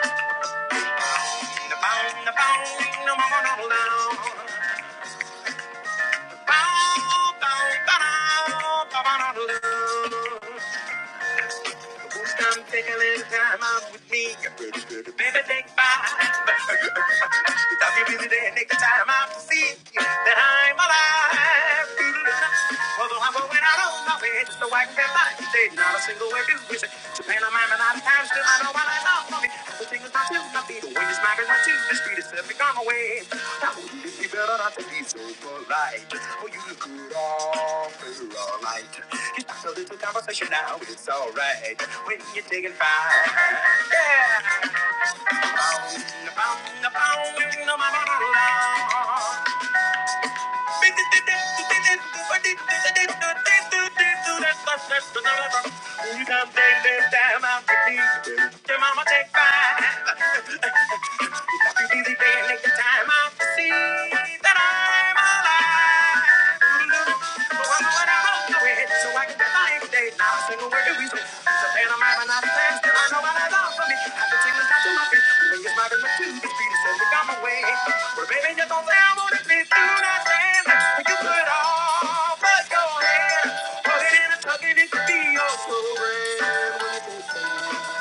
D: The bone, the bone, no more, no more, no. Bow, bow, bow, bow, bow, no, no, no. Who's Come take a little time out with me. Baby, take five. It's I'll be busy day and take time out to see that I'm alive. Although I'm going out on my way, so I can't lie. There's not a single way to miss it. Japan, I'm out of time, still I know what I know. Everything is not too I be the wind is my teeth. The street is stepping on my way. Now, would it be better not to be so polite? Or you just could all through all night? It's Just a little conversation now, it's alright. When you're taking fire. You can take this time out with me. Your mama take fire. busy day and make the time out see that I'm alive. Mm-hmm. But I'm going so I can get my day. Not a single word we say. It's a panorama, not a plan. I know what I love for me. I can take this to my feet. When you're smiling, my two feet says we come away. But baby, just don't say I want do not you put all but your hand. Put it in a tuck and it could be your story.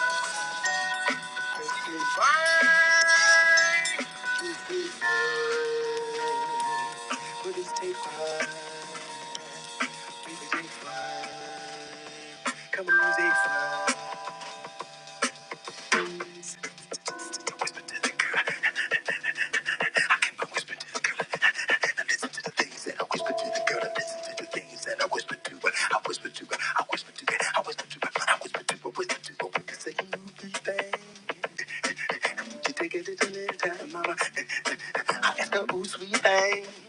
D: Fine. Put this tape fine. Keep the tape fine. Come on, music fine whisper to the girl. I whisper to the girl. I listen to the things that I whisper to the girl. I listen to the things that I whisper to her. I whisper to her. I whisper to her. I whisper to her. I whisper to her. Whisper to her. We can say anything. You take it to the time, mama. I ask her, ooh, sweet thing.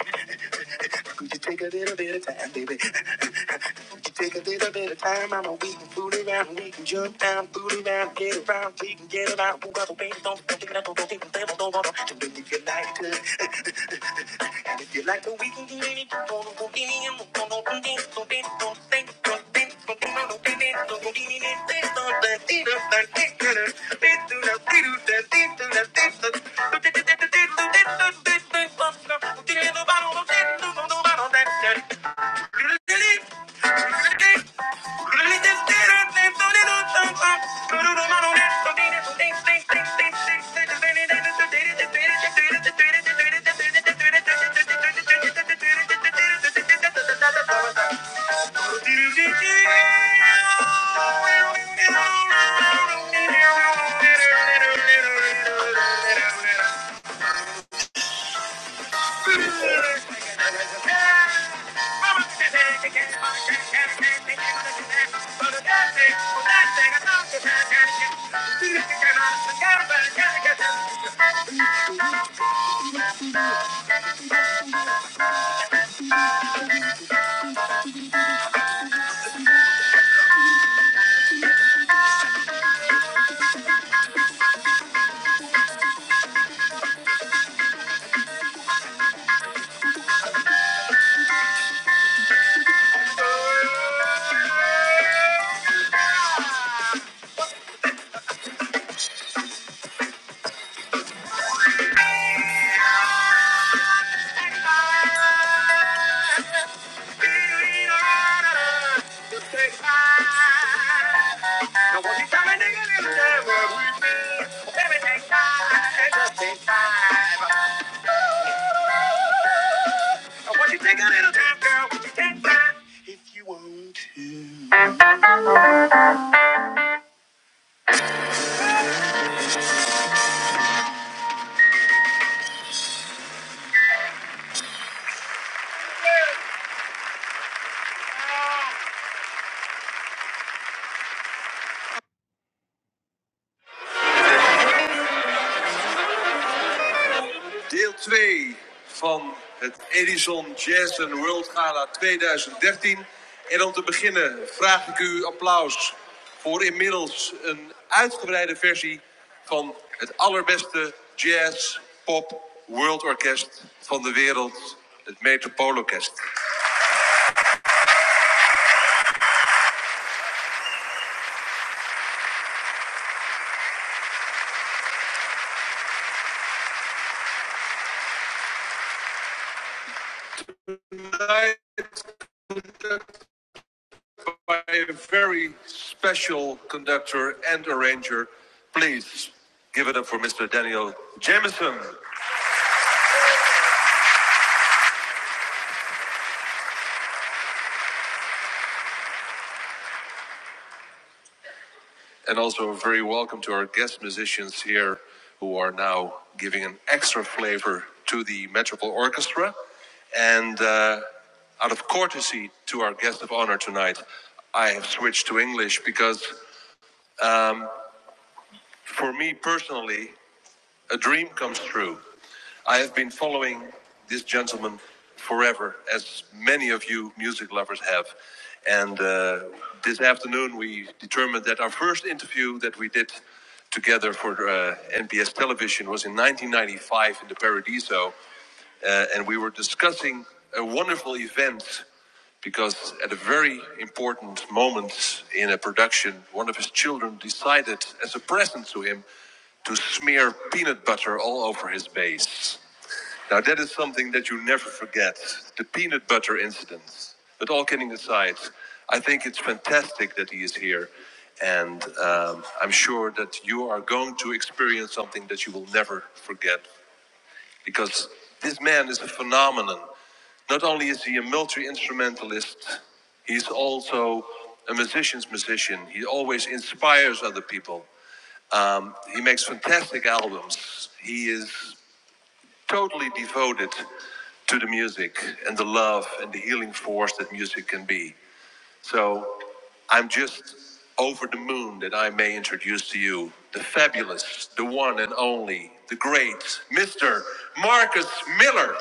D: Thank you. Thank you. Deel twee van het Edison Jazz and World Gala 2013. En om te beginnen vraag ik u applaus voor inmiddels een uitgebreide versie van het allerbeste jazz pop world orkest van de wereld, het Metropoolorkest. by a very special conductor and arranger. Please give it up for Mr. Daniel Jamieson, And also, very welcome to our guest musicians here who are now giving an extra flavor to the Metropole Orchestra. And uh, out of courtesy to our guest of honor tonight, I have switched to English because for me personally, a dream comes true. I have been following this gentleman forever, as many of you music lovers have. And uh, this afternoon, we determined that our first interview that we did together for uh, NPS television was in 1995 in the Paradiso. Uh, and we were discussing a wonderful event because at a very important moment in a production, one of his children decided, as a present to him, to smear peanut butter all over his bass. Now, that is something that you never forget the peanut butter incident. But all kidding aside, I think it's fantastic that he is here. And um, I'm sure that you are going to experience something that you will never forget because this man is a phenomenon. Not only is he a multi instrumentalist, he's also a musician's musician. He always inspires other people. Um, he makes fantastic albums. He is totally devoted to the music and the love and the healing force that music can be. So I'm just over the moon that I may introduce to you the fabulous, the one and only, the great Mr. Marcus Miller.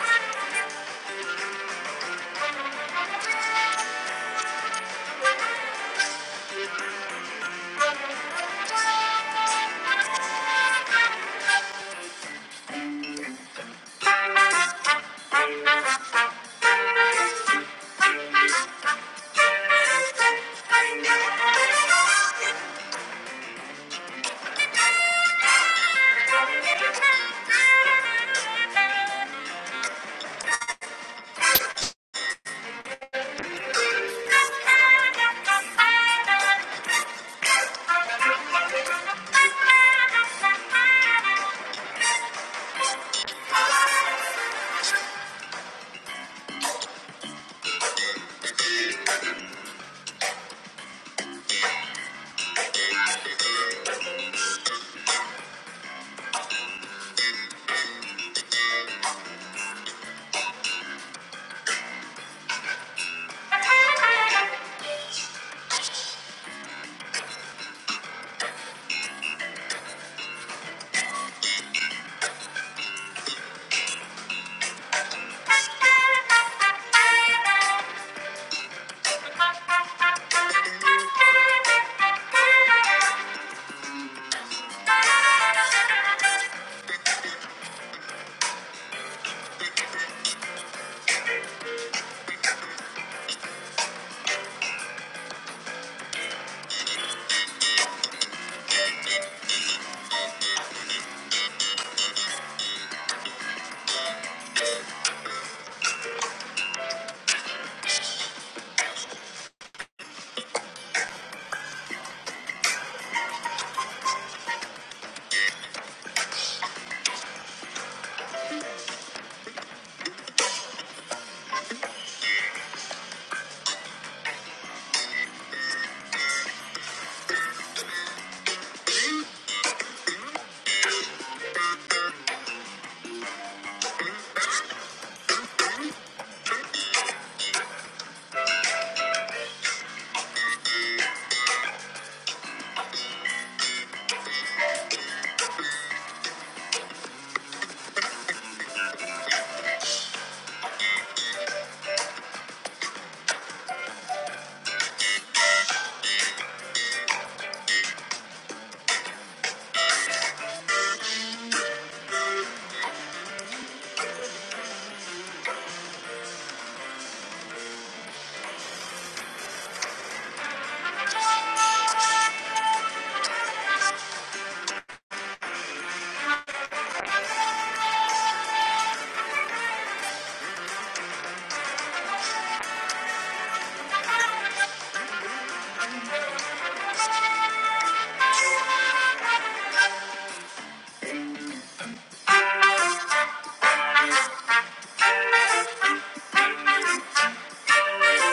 D: Thank you.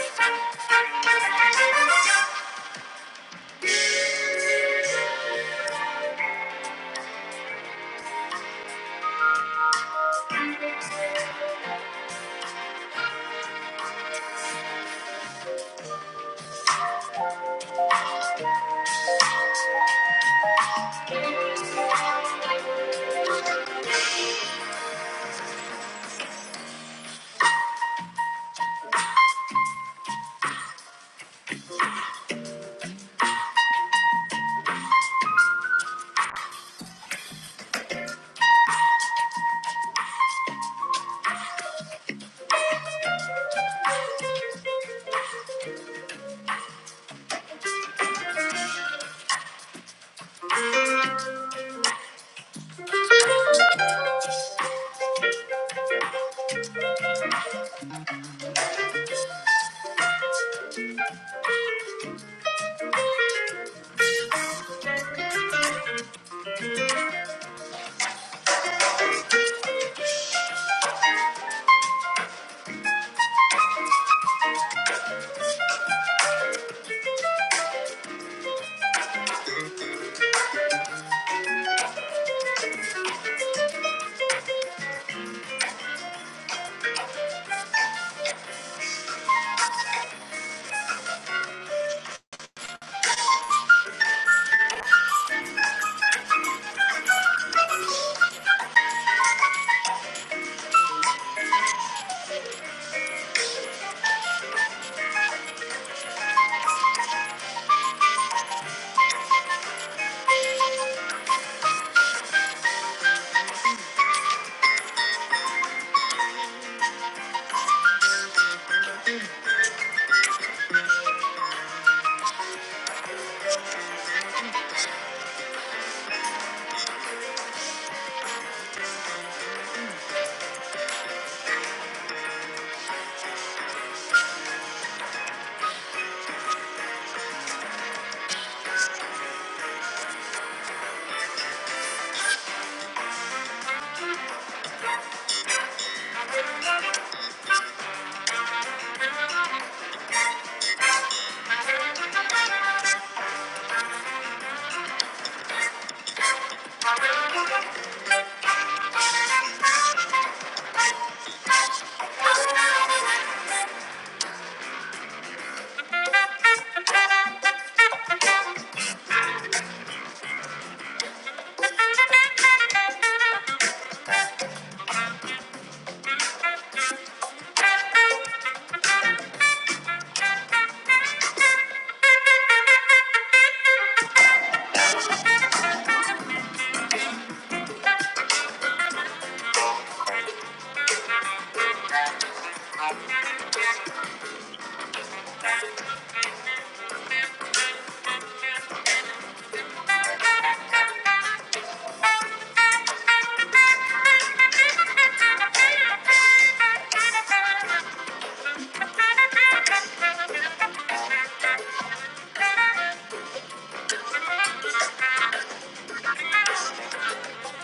D: Thank you.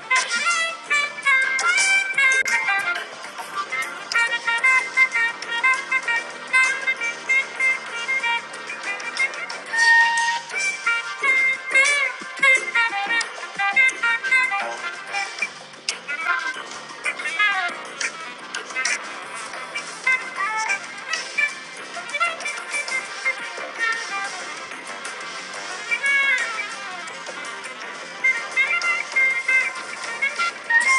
D: Thank you.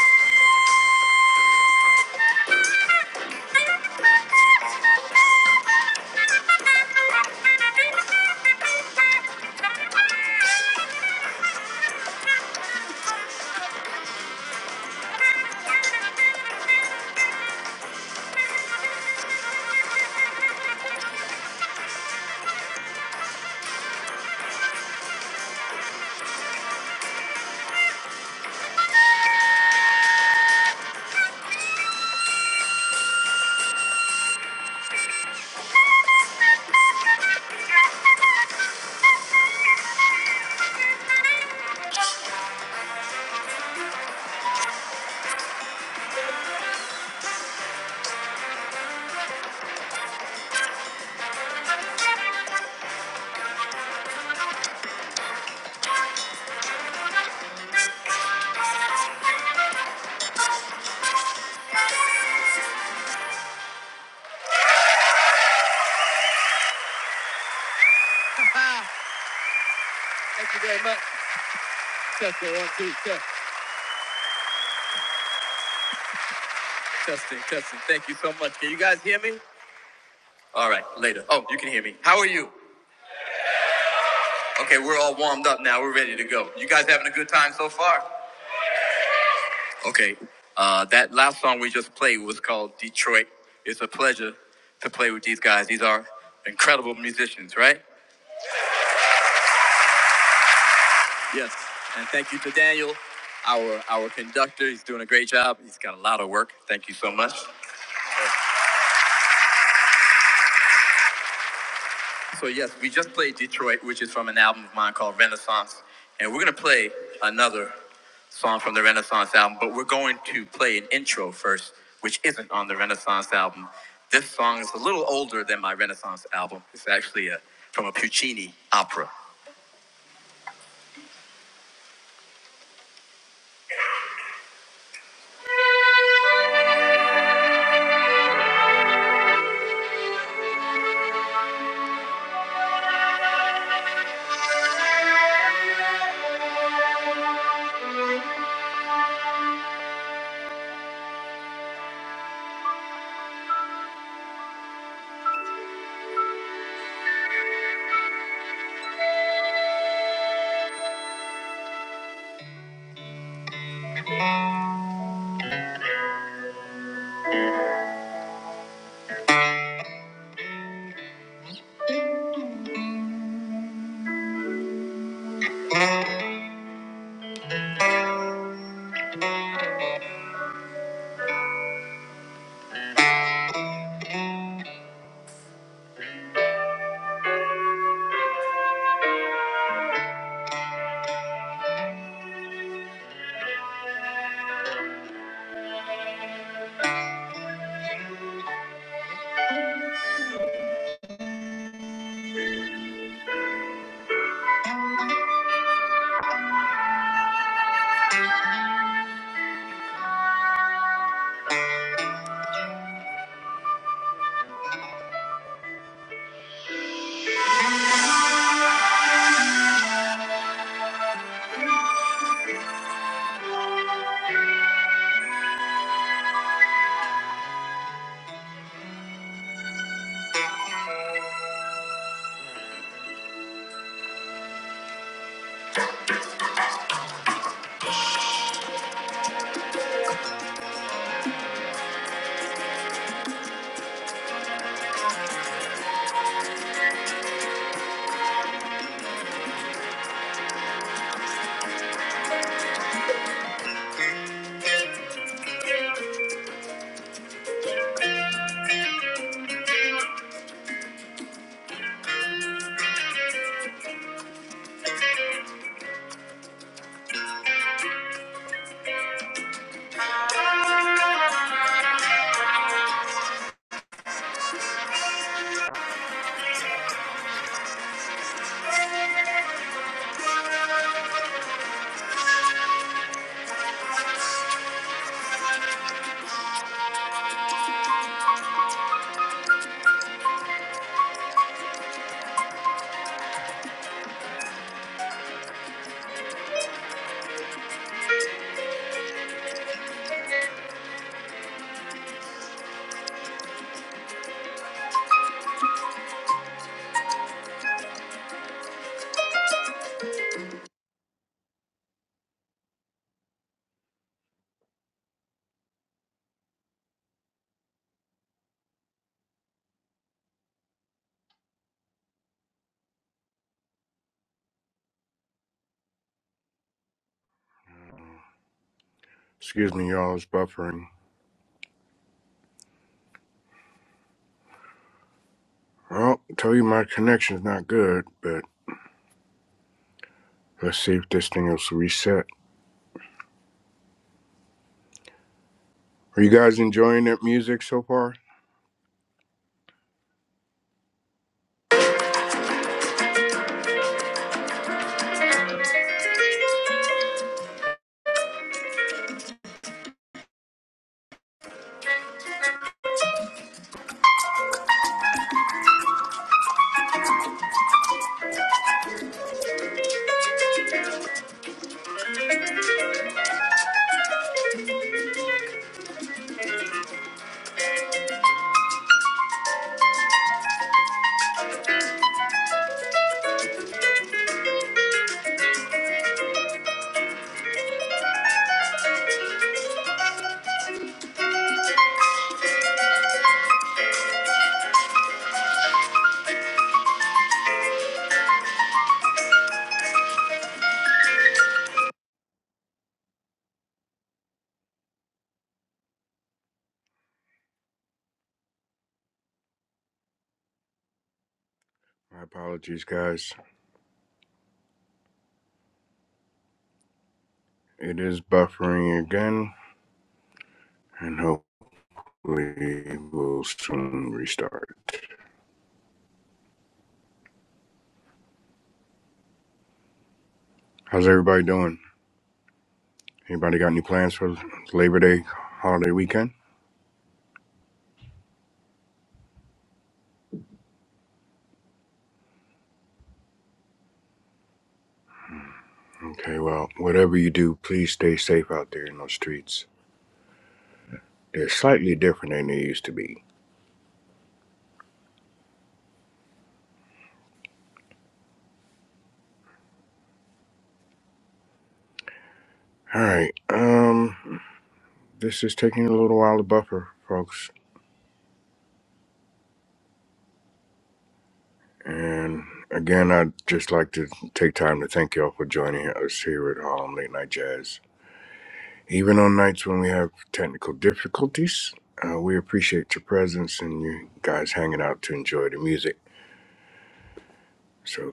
D: Ah, thank you very much. Testing, one, two, test. Testing, testing. Thank you so much. Can you guys hear me? All right, later. Oh, you can hear me. How are you? Okay, we're all warmed up now. We're ready to go. You guys having a good time so far? Okay. Uh, that last song we just played was called Detroit. It's a pleasure to play with these guys. These are incredible musicians, right? Yes. And thank you to Daniel, our our conductor. He's doing a great job. He's got a lot of work. Thank you so much. So yes, we just played Detroit, which is from an album of mine called Renaissance, and we're gonna play another song from the Renaissance album, but we're going to play an intro first, which isn't on the Renaissance album. This song is a little older than my Renaissance album. It's actually a from a Puccini opera. Excuse me, y'all, it's buffering. Well, I tell you my connection's not good, but let's see if this thing is reset. Are you guys enjoying that music so far? My apologies, guys. It is buffering again. and hopefully we'll soon restart. How's everybody doing? Anybody got any plans for Labor Day holiday weekend? Okay, well, whatever you do, please stay safe out there in those streets. They're slightly different than they used to be. All right, um, this is taking a little while to buffer, folks. And again, I'd just like to take time to thank y'all for joining us here at Harlem Late Night Jazz. Even on nights when we have technical difficulties, uh, we appreciate your presence and you guys hanging out to enjoy the music. So,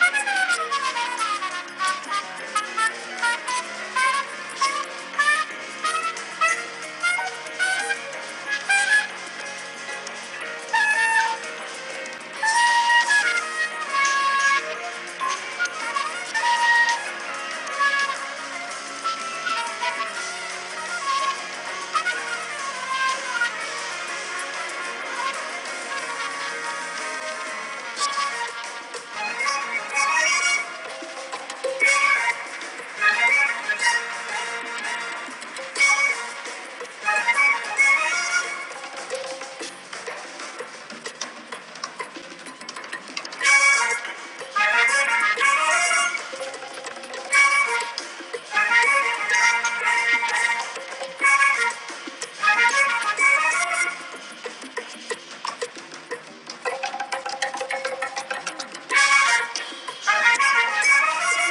D: Thank you.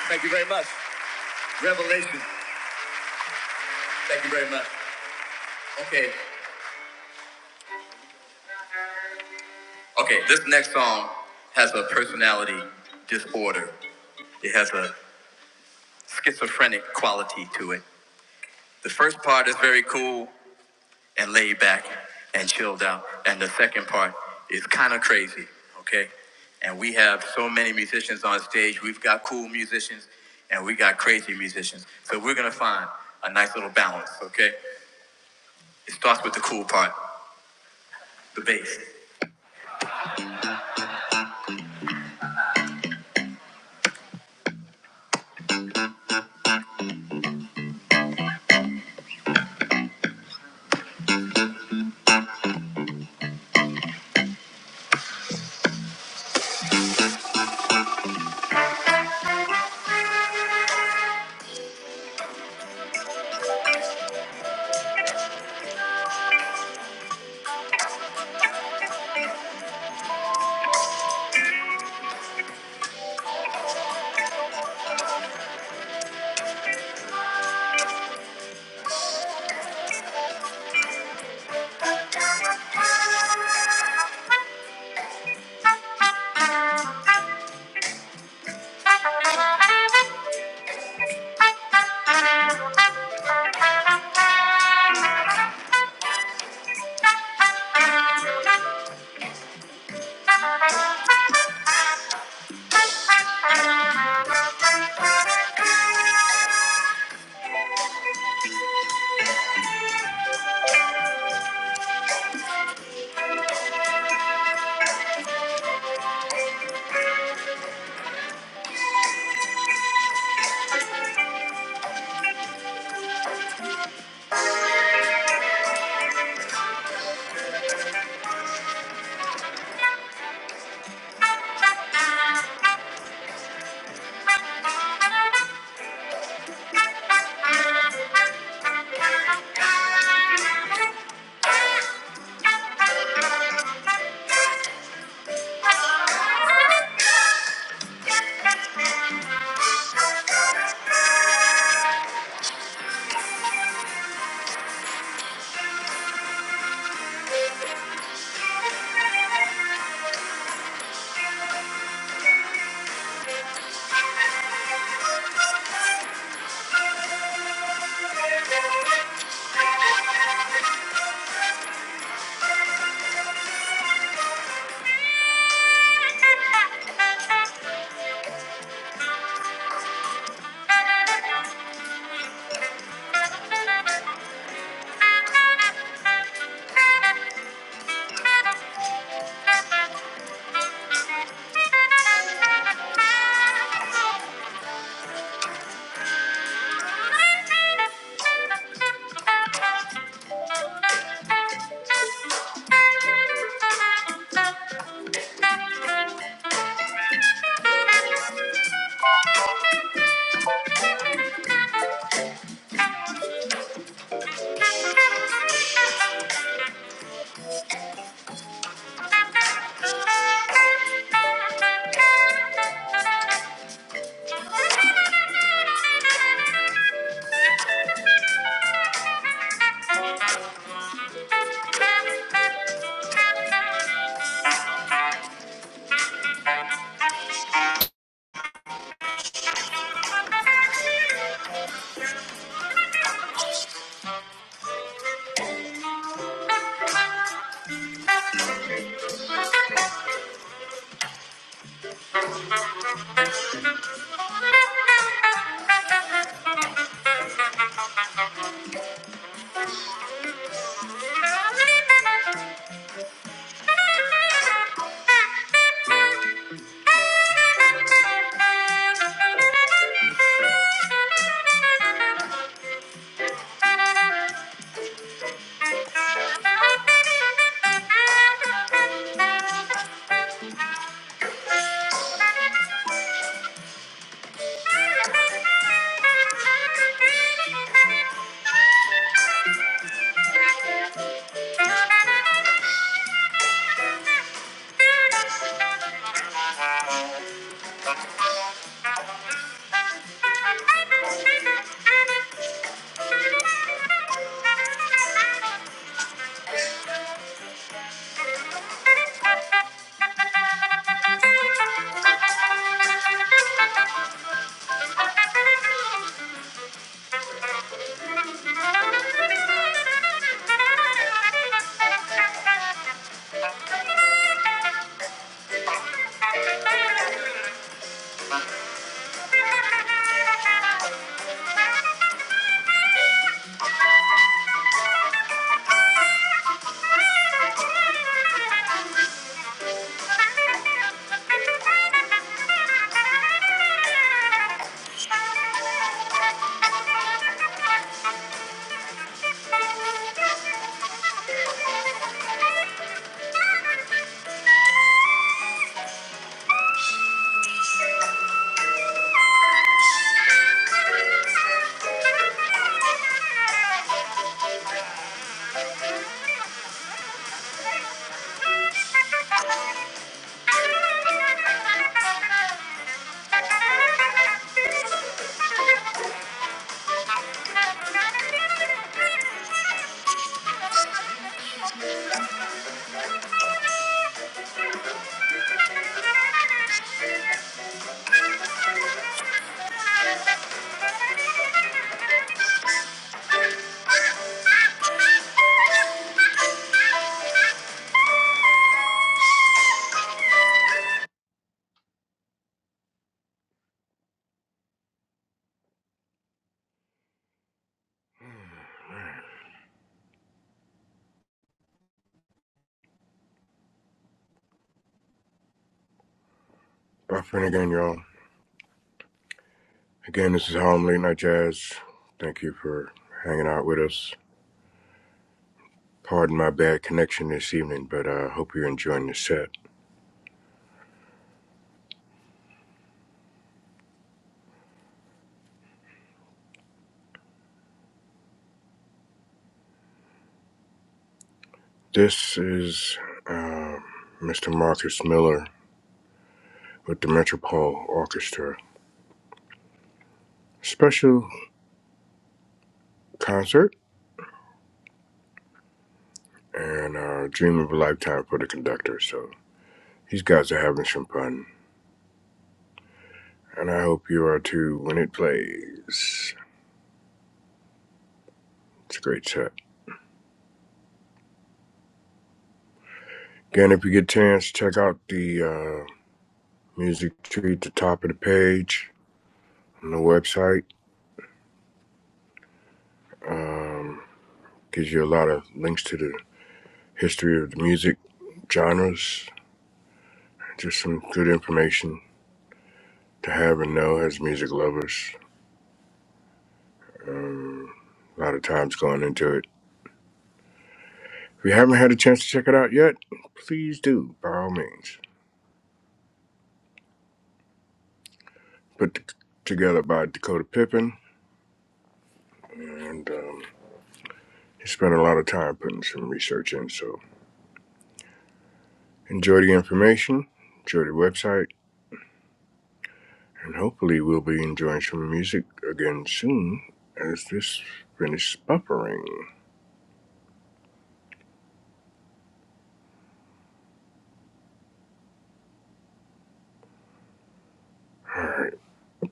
D: Thank you very much. Revelation. Thank you very much. Okay. Okay, this next song has a personality disorder. It has a schizophrenic quality to it. The first part is very cool and laid back and chilled out, and the second part is kind of crazy, okay? And we have so many musicians on stage. We've got cool musicians and we got crazy musicians. So we're gonna find a nice little balance, okay? It starts with the cool part, the bass. Thank you. Thank you. Thank you. Thank you. Thank you. Thank you. Thank you. Well, friend again, y'all. Again, this is Home Late Night Jazz. Thank you for hanging out with us. Pardon my bad connection this evening, but I uh, hope you're enjoying the set. This is uh, Mr. Marcus Miller. with the Metropole Orchestra. Special concert and a Dream of a Lifetime for the conductor. So these guys are having some fun. And I hope you are too when it plays. It's a great set. Again, if you get a chance, check out the uh, music tree at the top of the page on the website. Um, gives you a lot of links to the history of the music genres. Just some good information to have and know as music lovers. Um, a lot of times going into it. If you haven't had a chance to check it out yet, please do, by all means. Put t- together by Dakota Pippin, and um, he spent a lot of time putting some research in. So enjoy the information, enjoy the website, and hopefully we'll be enjoying some music again soon as this finishes buffering.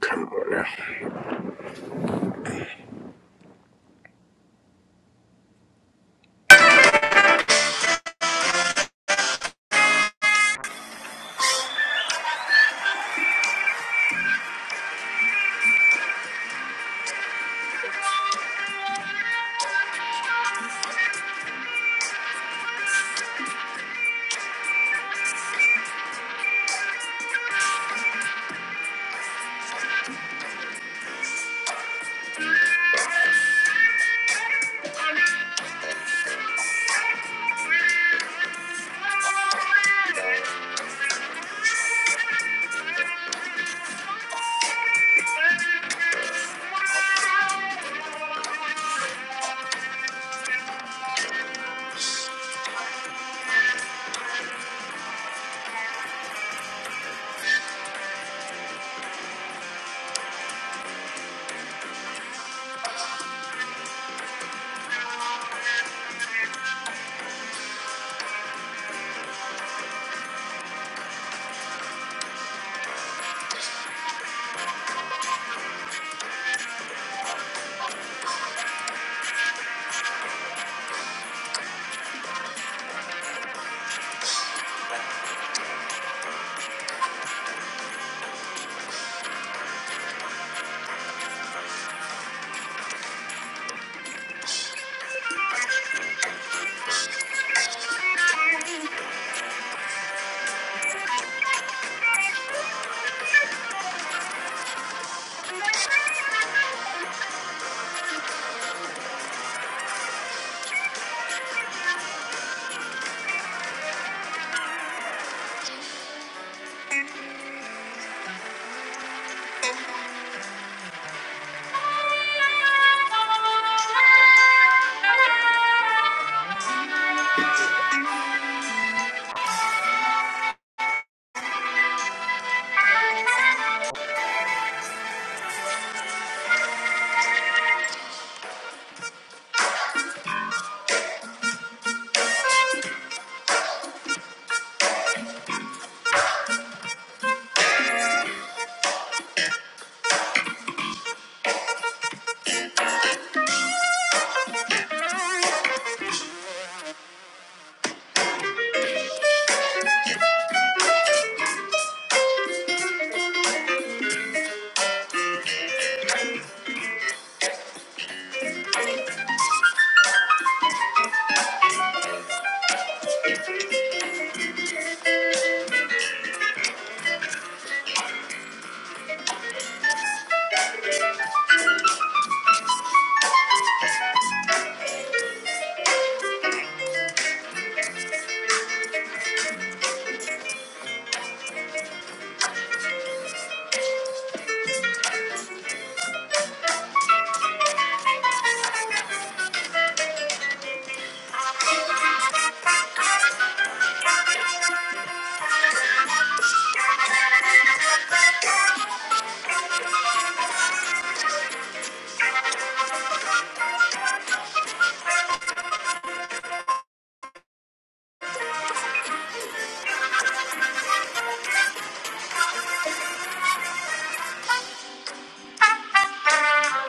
D: Come on now.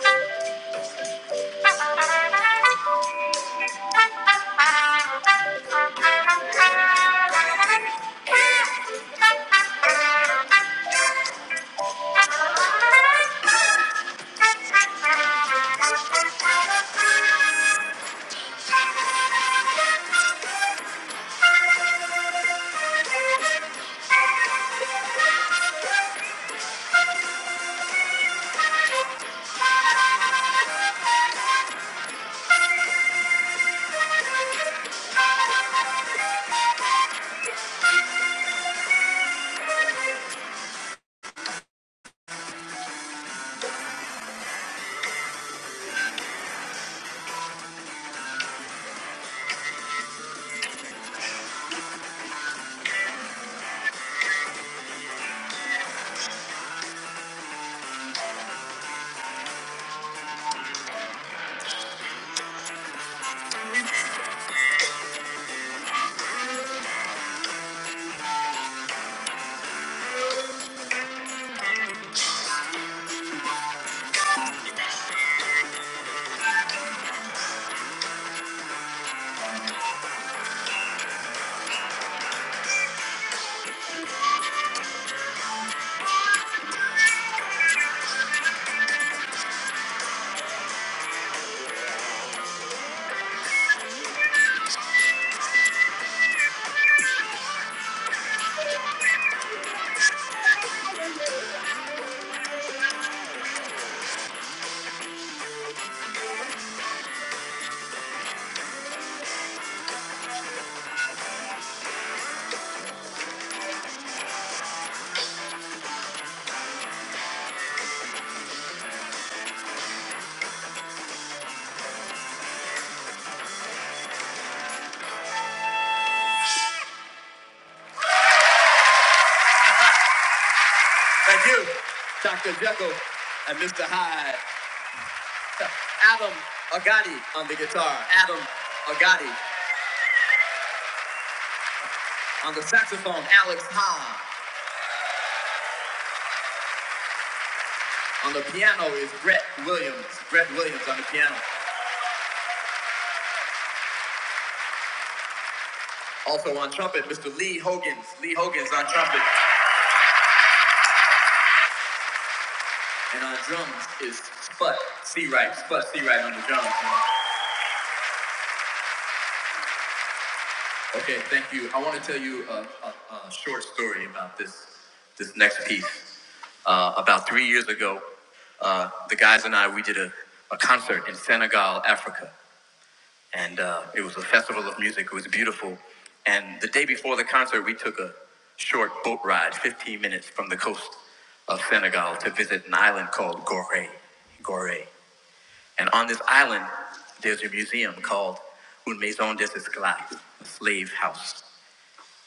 D: Thank you, Dr. Jekyll and Mr. Hyde. Adam Agati on the guitar. Adam Agati on the saxophone. Alex Ha. On the piano is Brett Williams. Brett Williams on the piano. Also on trumpet, Mr. Lee Hogan's. Lee Hogan's on trumpet. And on drums is Sput Seawright. Sput Seawright on the drums. man. Okay, thank you. I want to tell you a, a, a short story about this this next piece. Uh, about three years ago, uh, the guys and I we did a, a concert in Senegal, Africa and uh, it was a festival of music. It was beautiful. And the day before the concert, we took a short boat ride, 15 minutes from the coast of Senegal, to visit an island called Gorée. Gorée. And on this island, there's a museum called Une Maison des Esclaves, a slave house.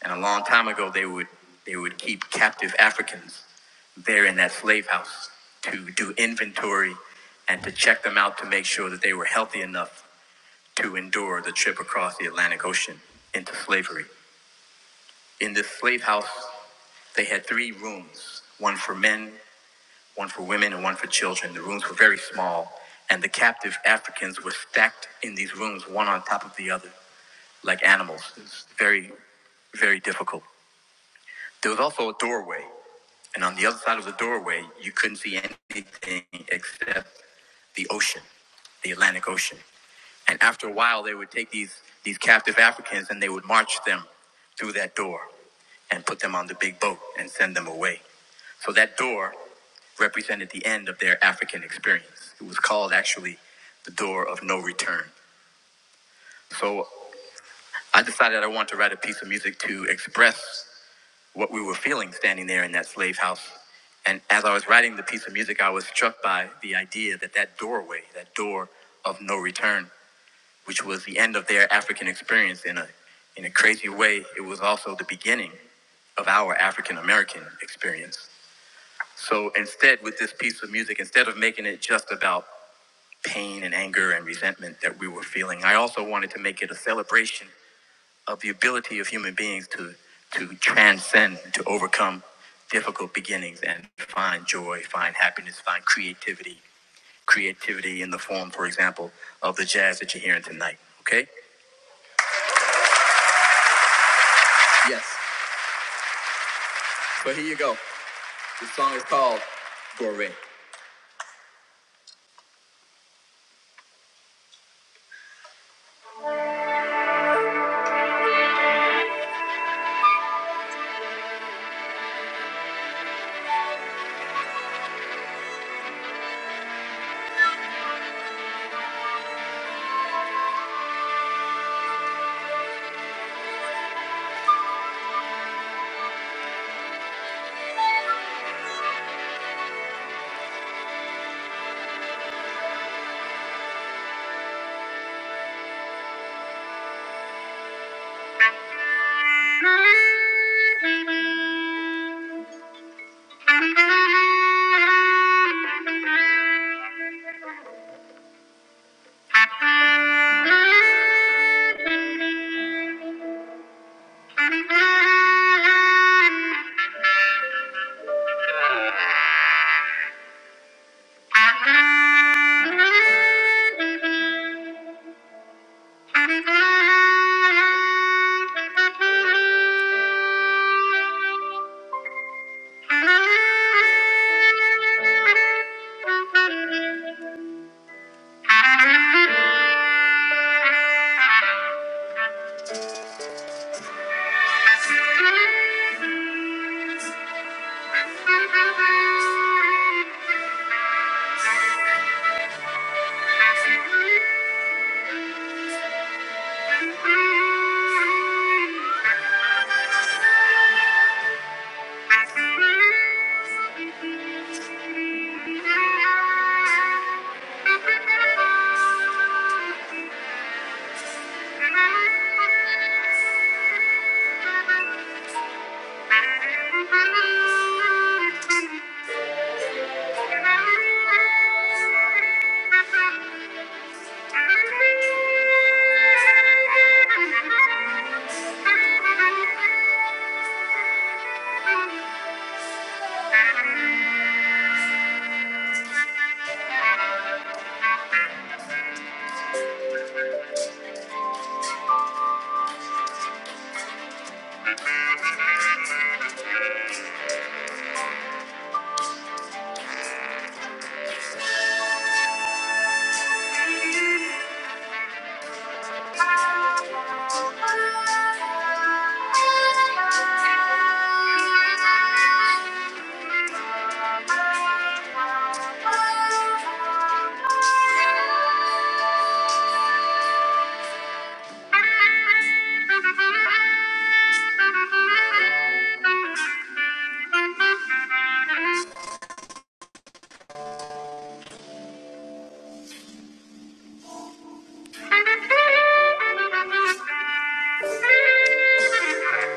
D: And a long time ago, they would they would keep captive Africans there in that slave house to do inventory and to check them out to make sure that they were healthy enough to endure the trip across the Atlantic Ocean into slavery. In this slave house, they had three rooms one for men, one for women, and one for children. The rooms were very small, and the captive Africans were stacked in these rooms, one on top of the other, like animals. It was very, very difficult. There was also a doorway, and on the other side of the doorway, you couldn't see anything except the ocean, the Atlantic Ocean. And after a while, they would take these, these captive Africans and they would march them through that door. and put them on the big boat and send them away. So that door represented the end of their African experience. It was called actually the door of no return. So I decided I wanted to write a piece of music to express what we were feeling standing there in that slave house. And as I was writing the piece of music, I was struck by the idea that that doorway, that door of no return, which was the end of their African experience in a in a crazy way, it was also the beginning of our African American experience. So instead, with this piece of music, instead of making it just about pain and anger and resentment that we were feeling, I also wanted to make it a celebration of the ability of human beings to, to transcend, to overcome difficult beginnings and find joy, find happiness, find creativity. Creativity in the form, for example, of the jazz that you're hearing tonight. Okay? Yes. So here you go. This song is called Gore. Thank you. Thank you. Thank you. Thank you.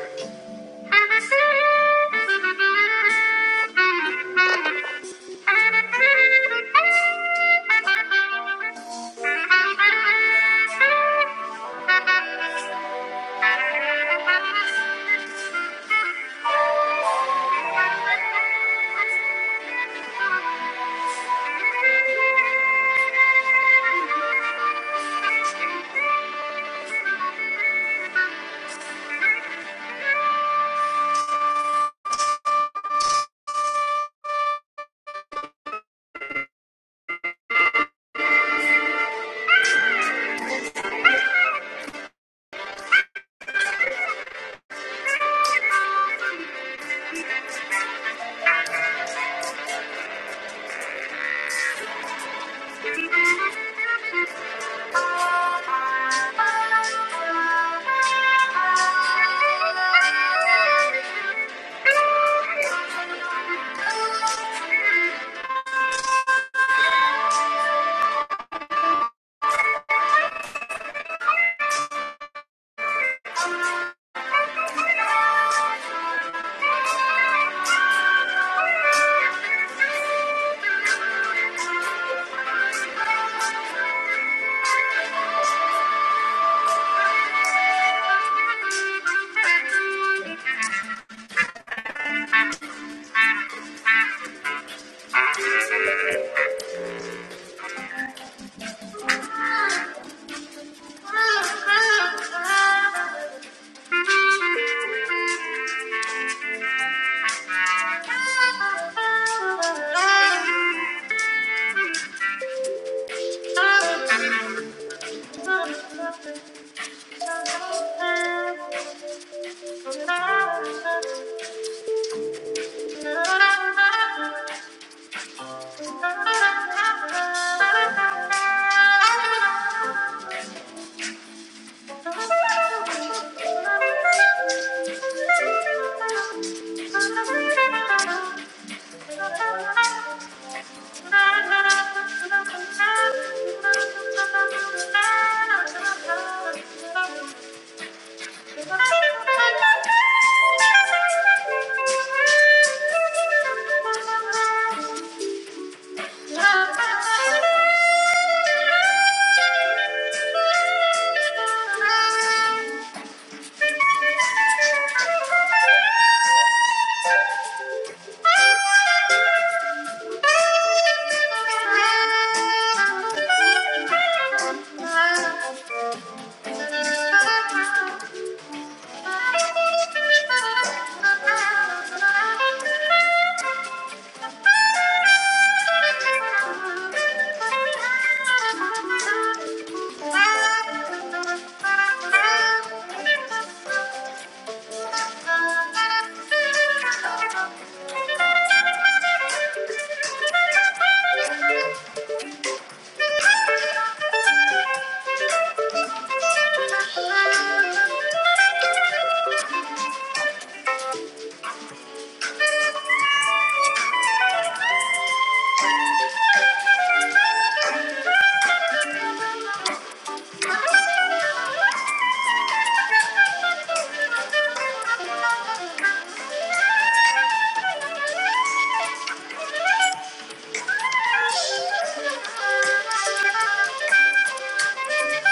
D: Thank Thank you. Thank you. Thank you. Thank you.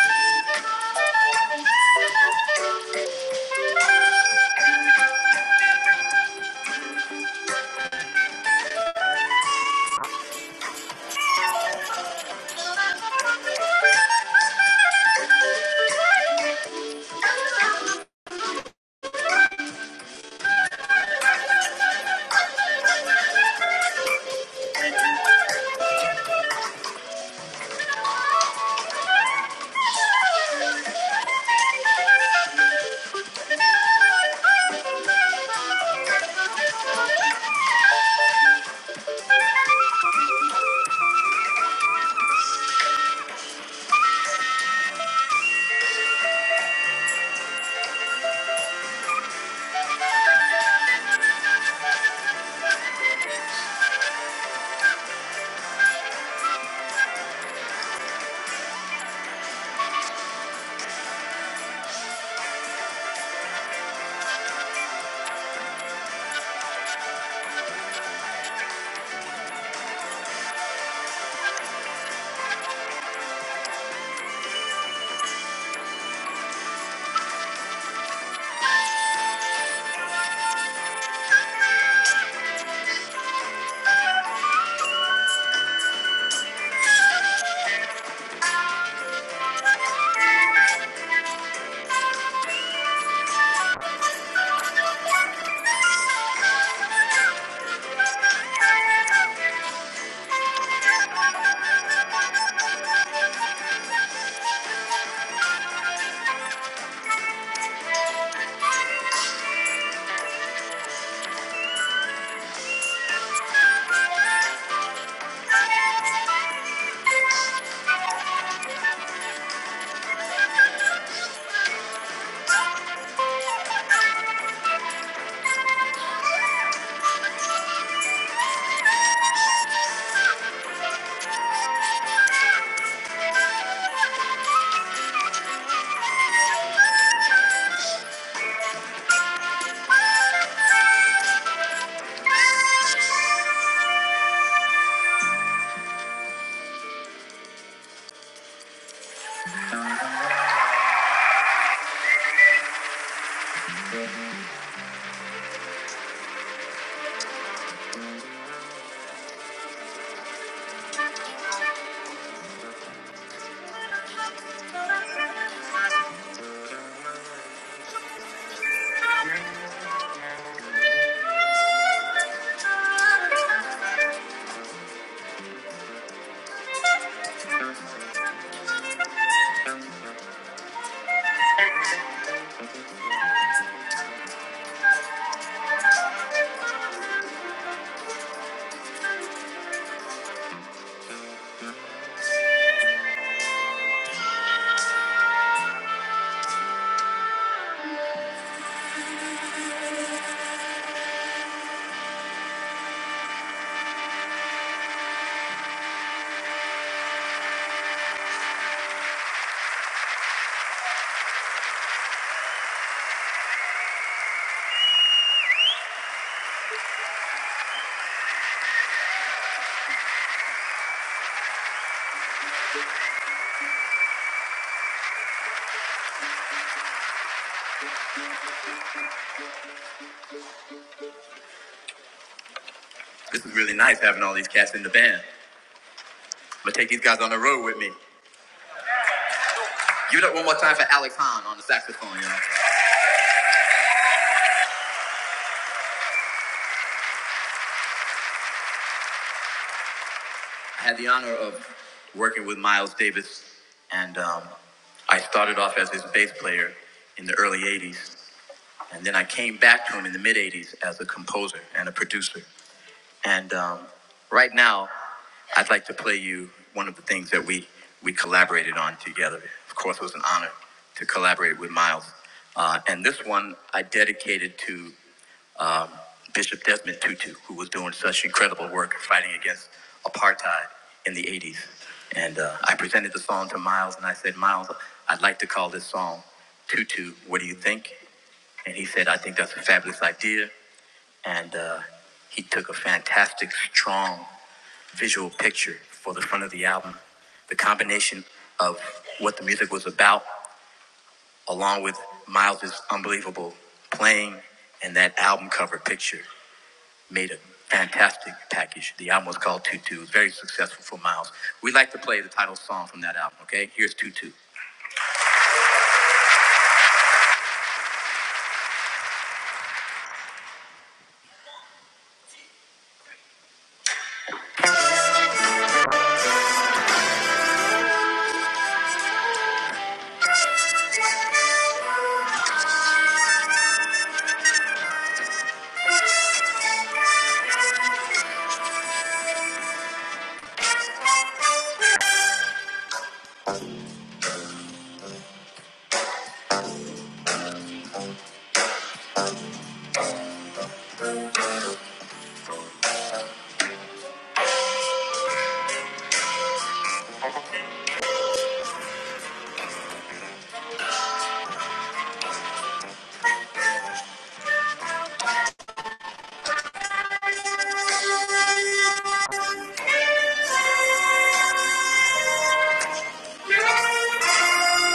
D: This is really nice having all these cats in the band. I'm gonna take these guys on the road with me. Give it up one more time for Alex Hahn on the saxophone, y'all. I had the honor of working with Miles Davis, and um, I started off as his bass player in the early 80s, and then I came back to him in the mid 80s as a composer and a producer. And um, right now, I'd like to play you one of the things that we, we collaborated on together. Of course, it was an honor to collaborate with Miles. Uh, and this one I dedicated to Bishop Desmond Tutu, who was doing such incredible work fighting against apartheid in the 80s. And uh, I presented the song to Miles, and I said, Miles, I'd like to call this song Tutu, What Do You Think? And he said, I think that's a fabulous idea. And uh, he took a fantastic, strong visual picture for the front of the album. The combination of what the music was about, along with Miles' unbelievable playing and that album cover picture, made a fantastic package. The album was called Tutu. Very successful for Miles. We'd like to play the title song from that album, okay? Here's Tutu.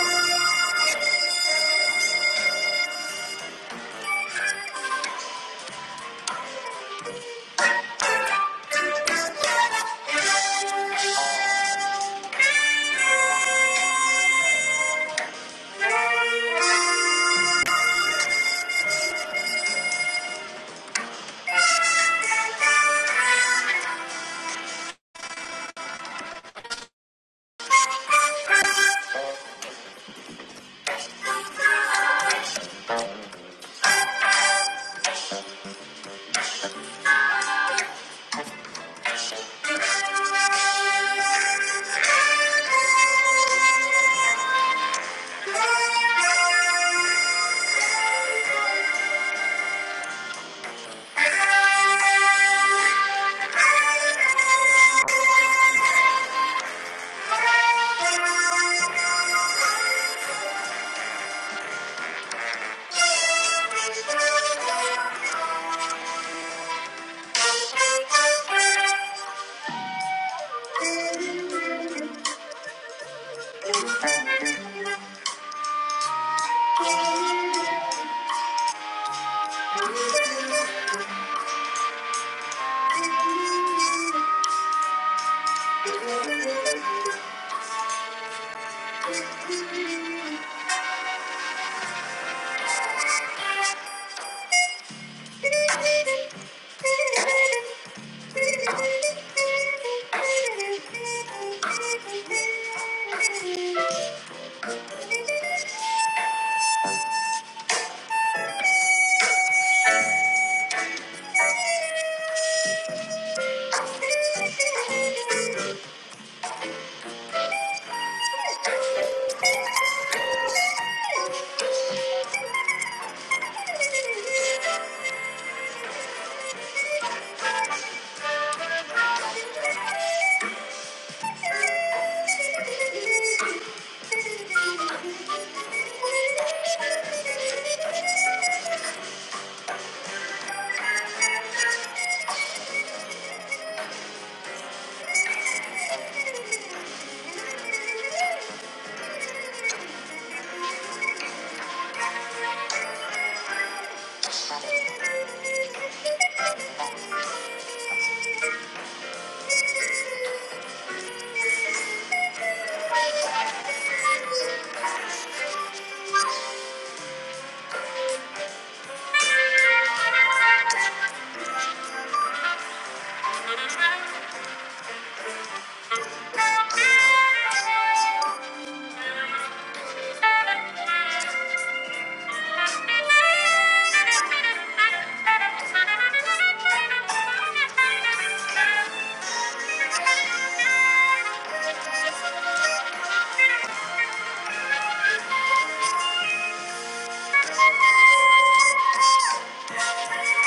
D: Thank you. Thank you. Thank you. Thank you.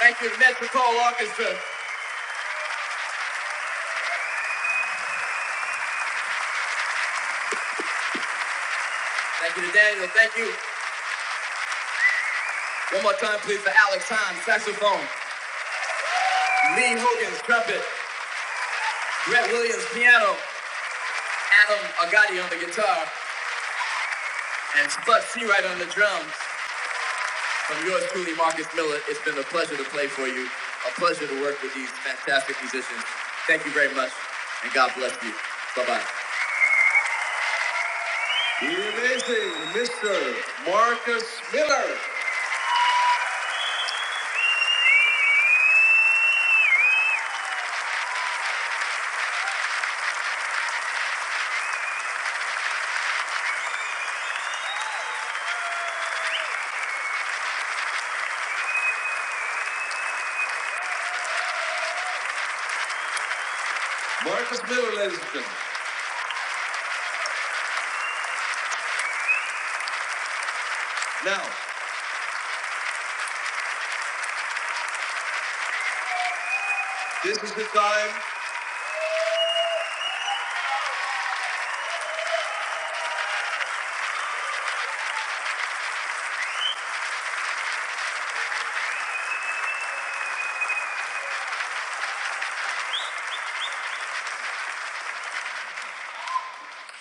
D: Thank you, to Metropole Orchestra. Thank you to Daniel. Thank you. One more time, please, for Alex Hines, saxophone, Lee Hogan, trumpet, Brett Williams, piano, Adam Agati on the guitar, and Spud Seawright on the drums. From yours truly, Marcus Miller, it's been a pleasure to play for you, a pleasure to work with these fantastic musicians. Thank you very much, and God bless you. Bye bye. The amazing Mr. Marcus Miller. Now, this is time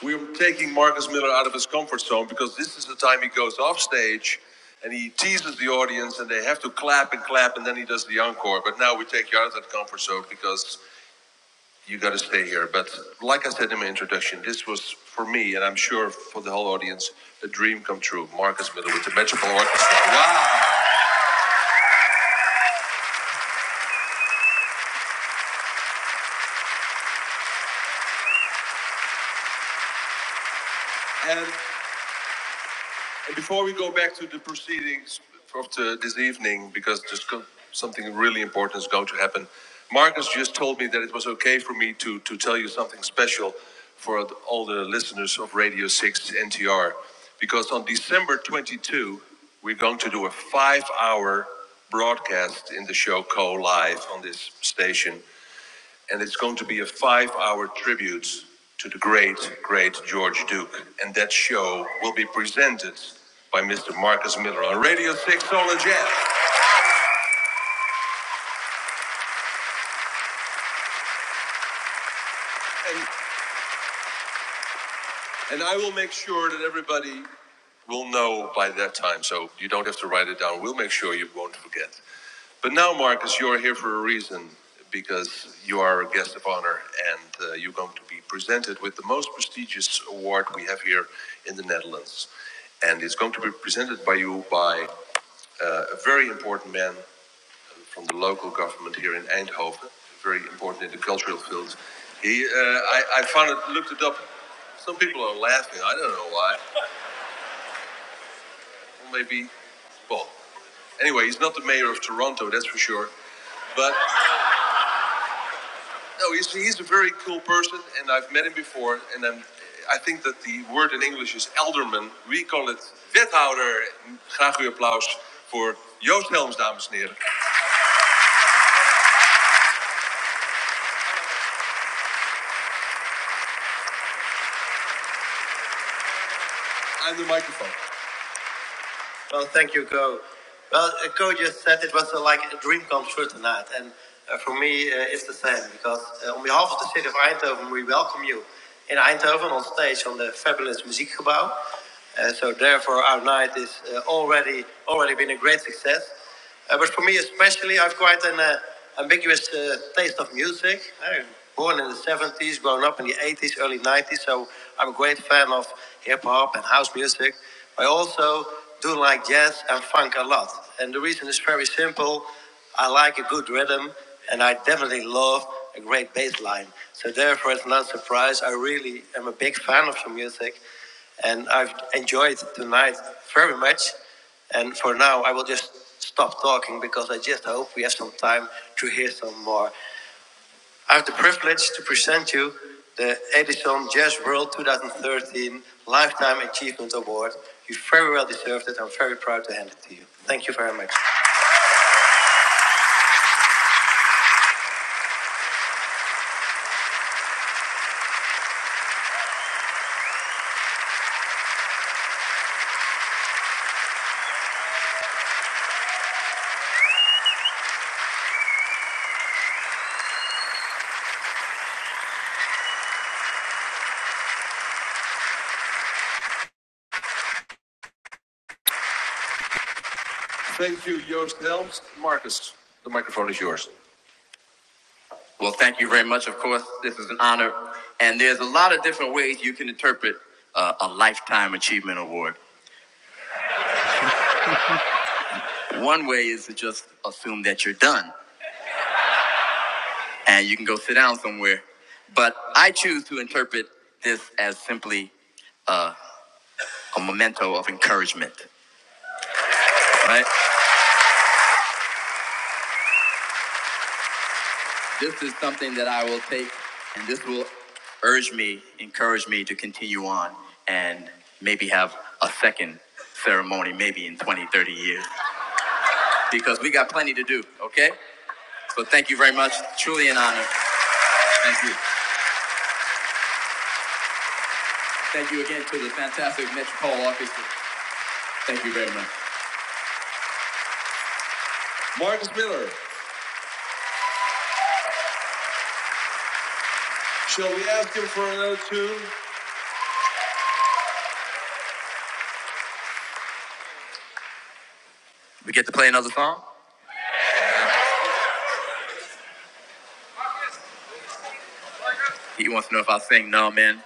D: we're taking Marcus Miller out of his comfort zone because this is the time he goes off stage and he teases the audience and they have to clap and clap and then he does the encore. But now we take you out of that comfort zone because you got to stay here. But like I said in my introduction, this was for me, and I'm sure for the whole audience, a dream come true. Marcus Miller with the Metropolitan Orchestra. Wow! And And before we go back to the proceedings of the, this evening, because there's go, something really important is going to happen, Marcus just told me that it was okay for me to, to tell you something special for the- all the listeners of Radio 6 NTR. Because on December 22, we're going to do a five hour broadcast in the show Co Live on this station and it's going to be a five-hour tribute to the great, great George Duke. And that show will be presented by Mr. Marcus Miller on Radio 6 Soul and Jazz. And, and I will make sure that everybody will know by that time, so you don't have to write it down. We'll make sure you won't forget. But now, Marcus, you are here for a reason because you are a guest of honor and uh, you're going to be presented with the most prestigious award we have here in the Netherlands. And it's going to be presented by you by uh, a very important man from the local government here in Eindhoven, very important in the cultural field. He, uh, I, I found it, looked it up. Some people are laughing. I don't know why. Maybe, well, anyway, he's not the mayor of Toronto, that's for sure. But. No, he's, he's a very cool person, and I've met him before. And I'm, I think that the word in English is elderman. We call it wethouder. Graag uw applaus voor Joost Helms, dames en heren. I'm the microphone. Well, thank you, Go. Well, uh, Go just said it was uh, like a dream come true tonight, and uh, for me, uh, it's the same because uh, on behalf of the city of Eindhoven, we welcome you in Eindhoven on stage on the fabulous Muziekgebouw. Uh, so, therefore, our night is uh, already already been a great success. Uh, but for me, especially, I've quite an uh, ambiguous uh, taste of music. I'm born in the 70s, grown up in the 80s, early 90s, so I'm a great fan of hip hop and house music. I also do like jazz and funk a lot. And the reason is very simple I like a good rhythm, and I definitely love a great bass line. So, therefore, it's not a surprise. I really am a big fan of your music, and I've enjoyed tonight very much. And for now, I will just stop talking because I just hope we have some time to hear some more. I have the privilege to present you the Edison Jazz World 2013 Lifetime Achievement Award. You very well deserved it. I'm very proud to hand it to you. Thank you very much. Thank you, Joost Helms. Marcus, the microphone is yours. Well, thank you very much. Of course, this is an honor. And there's a lot of different ways you can interpret uh, a Lifetime Achievement Award. One way is to just assume that you're done. and you can go sit down somewhere. But I choose to interpret this as simply uh, a memento of encouragement. Right? This is something that I will take, and this will urge me, encourage me to continue on and maybe have a second ceremony, maybe in 20, 30 years, because we got plenty to do, okay? So thank you very much. Truly an honor. Thank you. Thank you again to the fantastic Metropole office. Thank you very much. Marcus Miller. Shall we ask him for another tune? We get to play another song? He wants to know if I sing. No, man.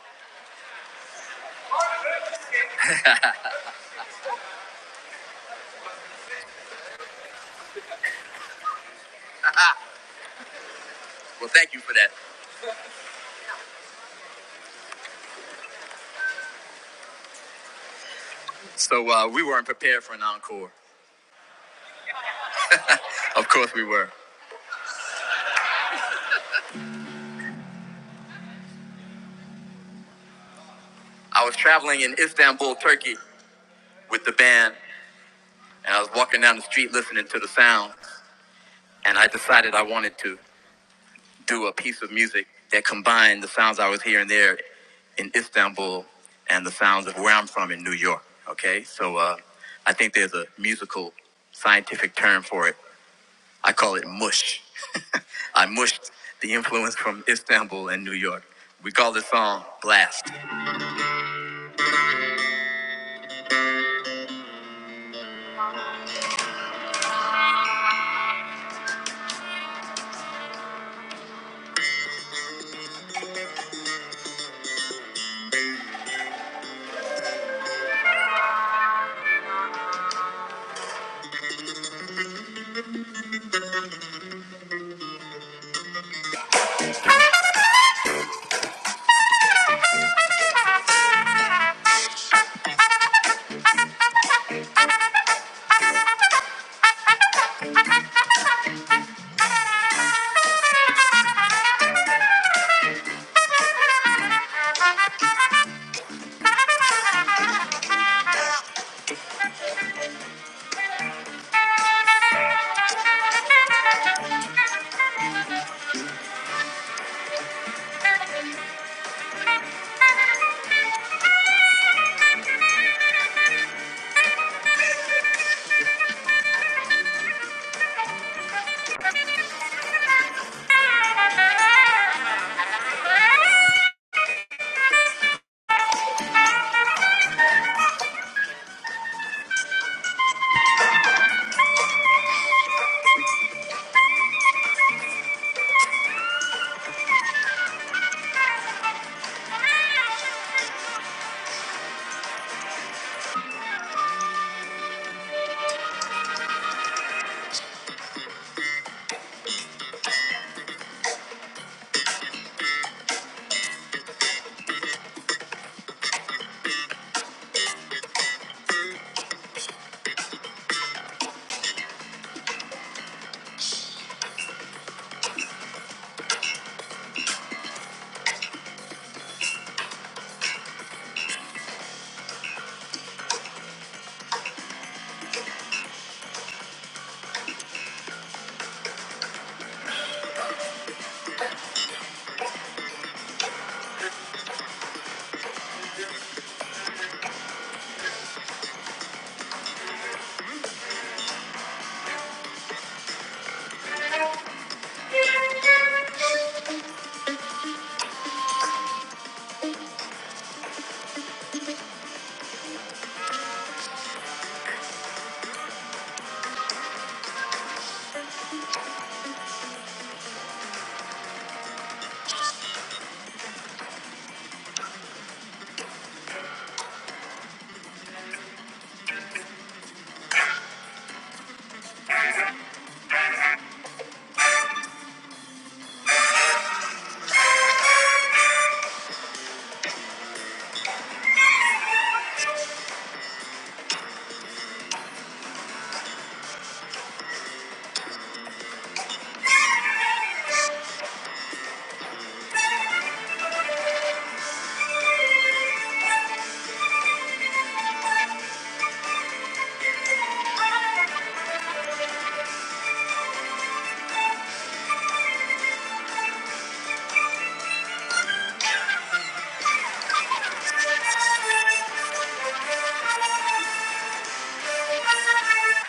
D: Well, thank you for that. So, uh, we weren't prepared for an encore. Of course we were. I was traveling in Istanbul, Turkey with the band, and I was walking down the street listening to the sound, and I decided I wanted to do a piece of music that combined the sounds I was hearing there in Istanbul and the sounds of where I'm from in New York. Okay? So, uh, I think there's a musical scientific term for it. I call it mush. I mushed the influence from Istanbul and New York. We call the song Blast.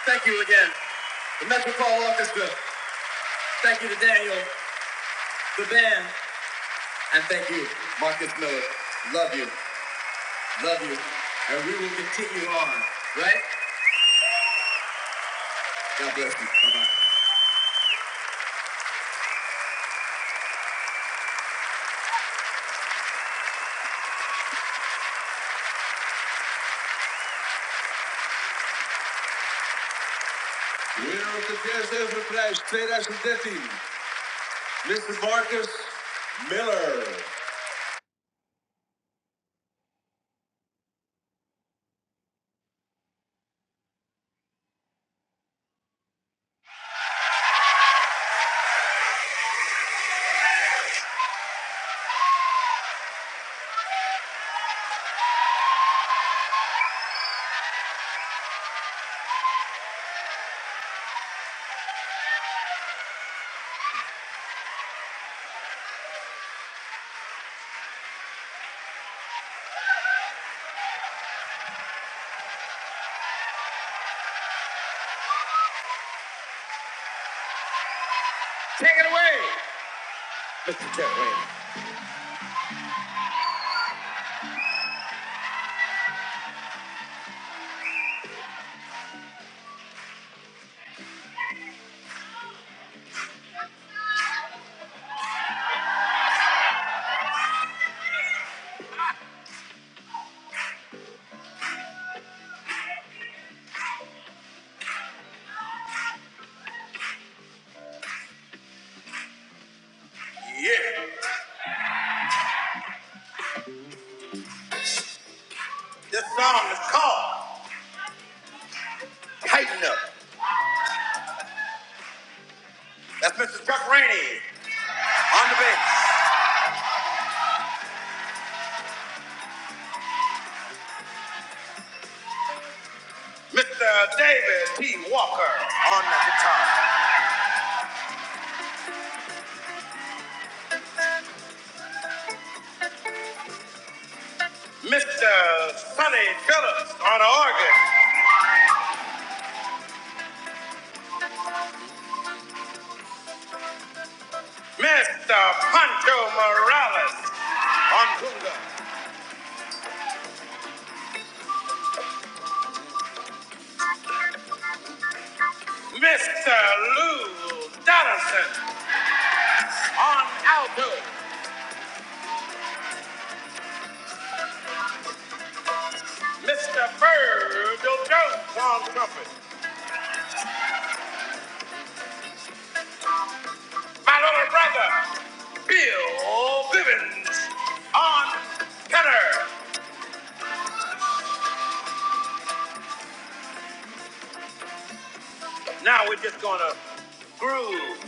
D: Thank you again, the Metropole Orchestra. Thank you to Daniel. the band. And thank you, Marcus Miller. Love you. Love you. And we will continue on, right? God bless you. Bye-bye. Winner of the Jazz Everprijs 2013, Mr. Marcus Miller. Yeah. This song is called Tighten Up. That's Mr. Chuck Rainey on the bass. Mr. David T. Walker on the guitar. Mr. Sonny Phillips on the organ. Mr. Pancho Morales On Ongunga. Mr. Lou Donaldson on alto. Mr. Virgil Jones on trumpet. My little brother, Bill Bivens on tenor. Now we're just gonna groove.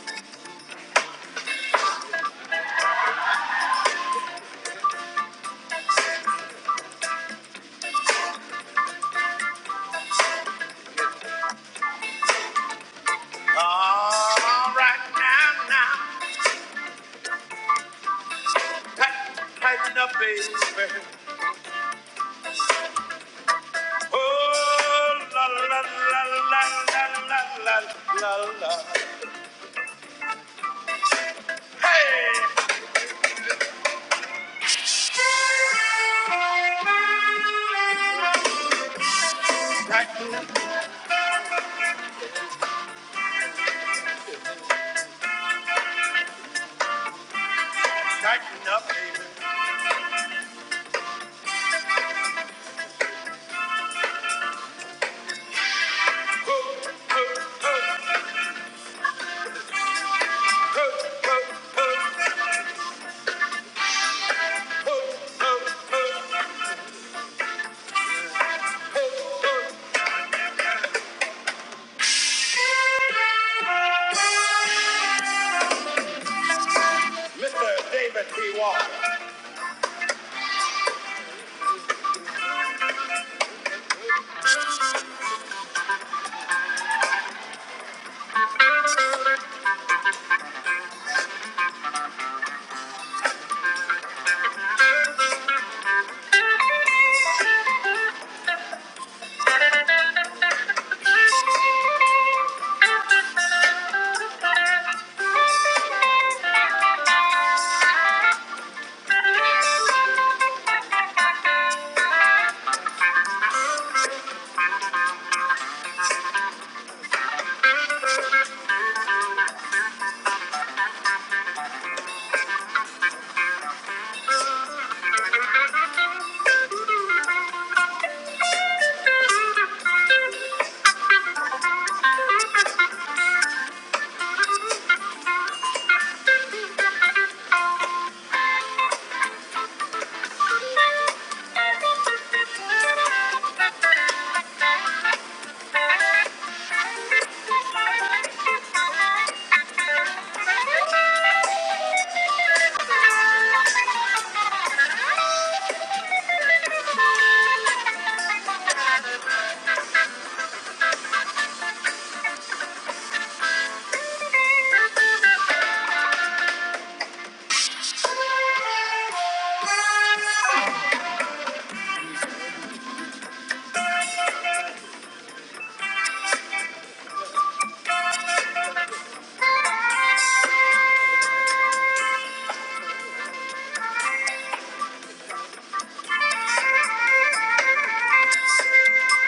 D: All right now, now. Tight, tighten up, baby. Oh, la la la la la la la la la hey, tight. Mr. David P. Walker. Thank you.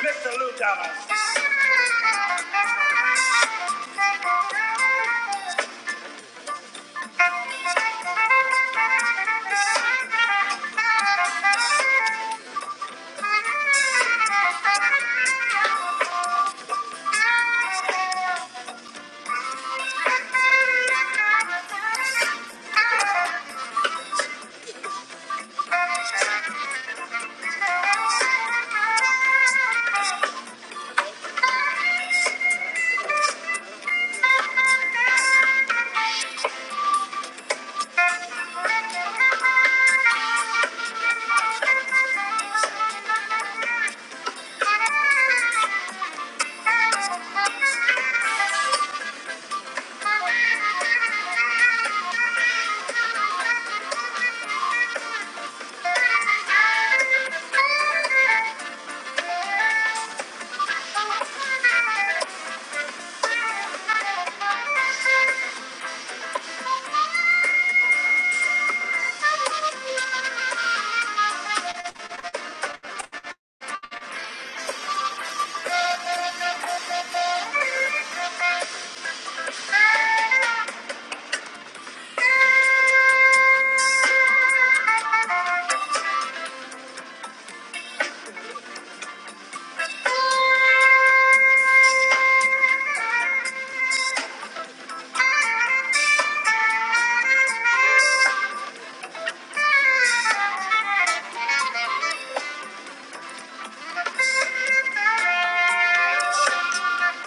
D: Mr. the loot Thank you. Thank you.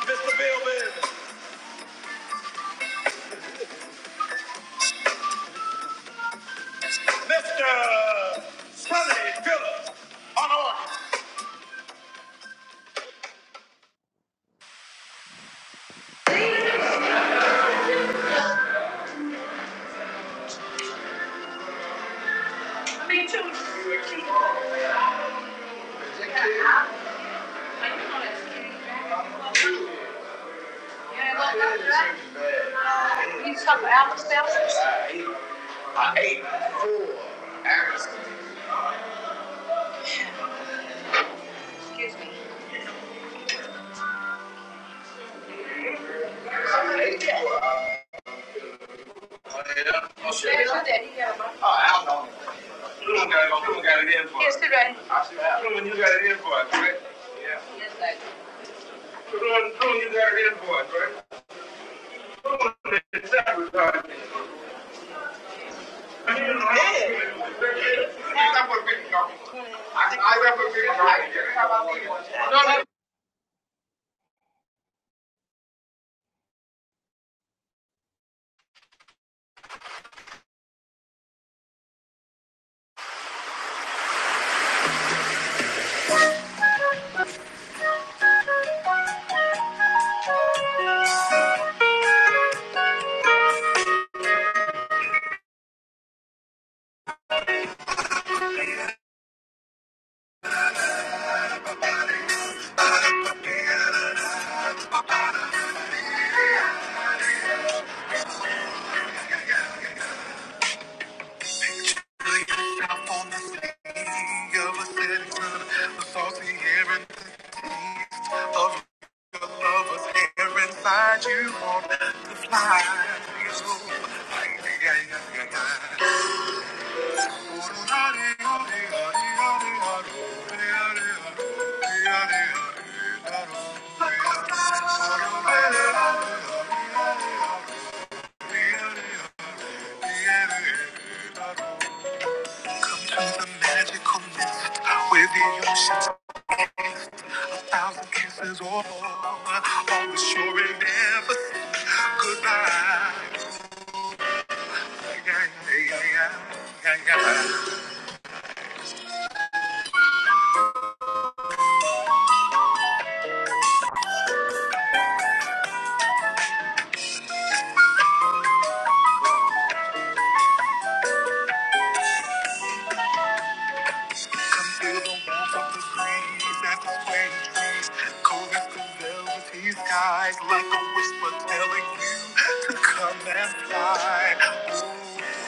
D: Mr. Billman, Mr. Sonny Phillips, on order. He's talking about myself. There's your daddy. Truman got it. Truman got it in for us. Yes, he did. Truman, you got it in for us, right? Yeah. Yes, I did. Truman, Truman, you got it in for us, right? Truman, it's that regard. I I represent. No, no, You want to fly so like the Thank you. got. Come to the magical mist where the ocean's a thousand kisses or over. On the and never goodbye. Yeah, yeah, yeah, yeah, yeah, yeah. Come feel the warmth of the breeze at the swaying trees cold as the velvety skies like a whisper telling you to come and fly. Ooh,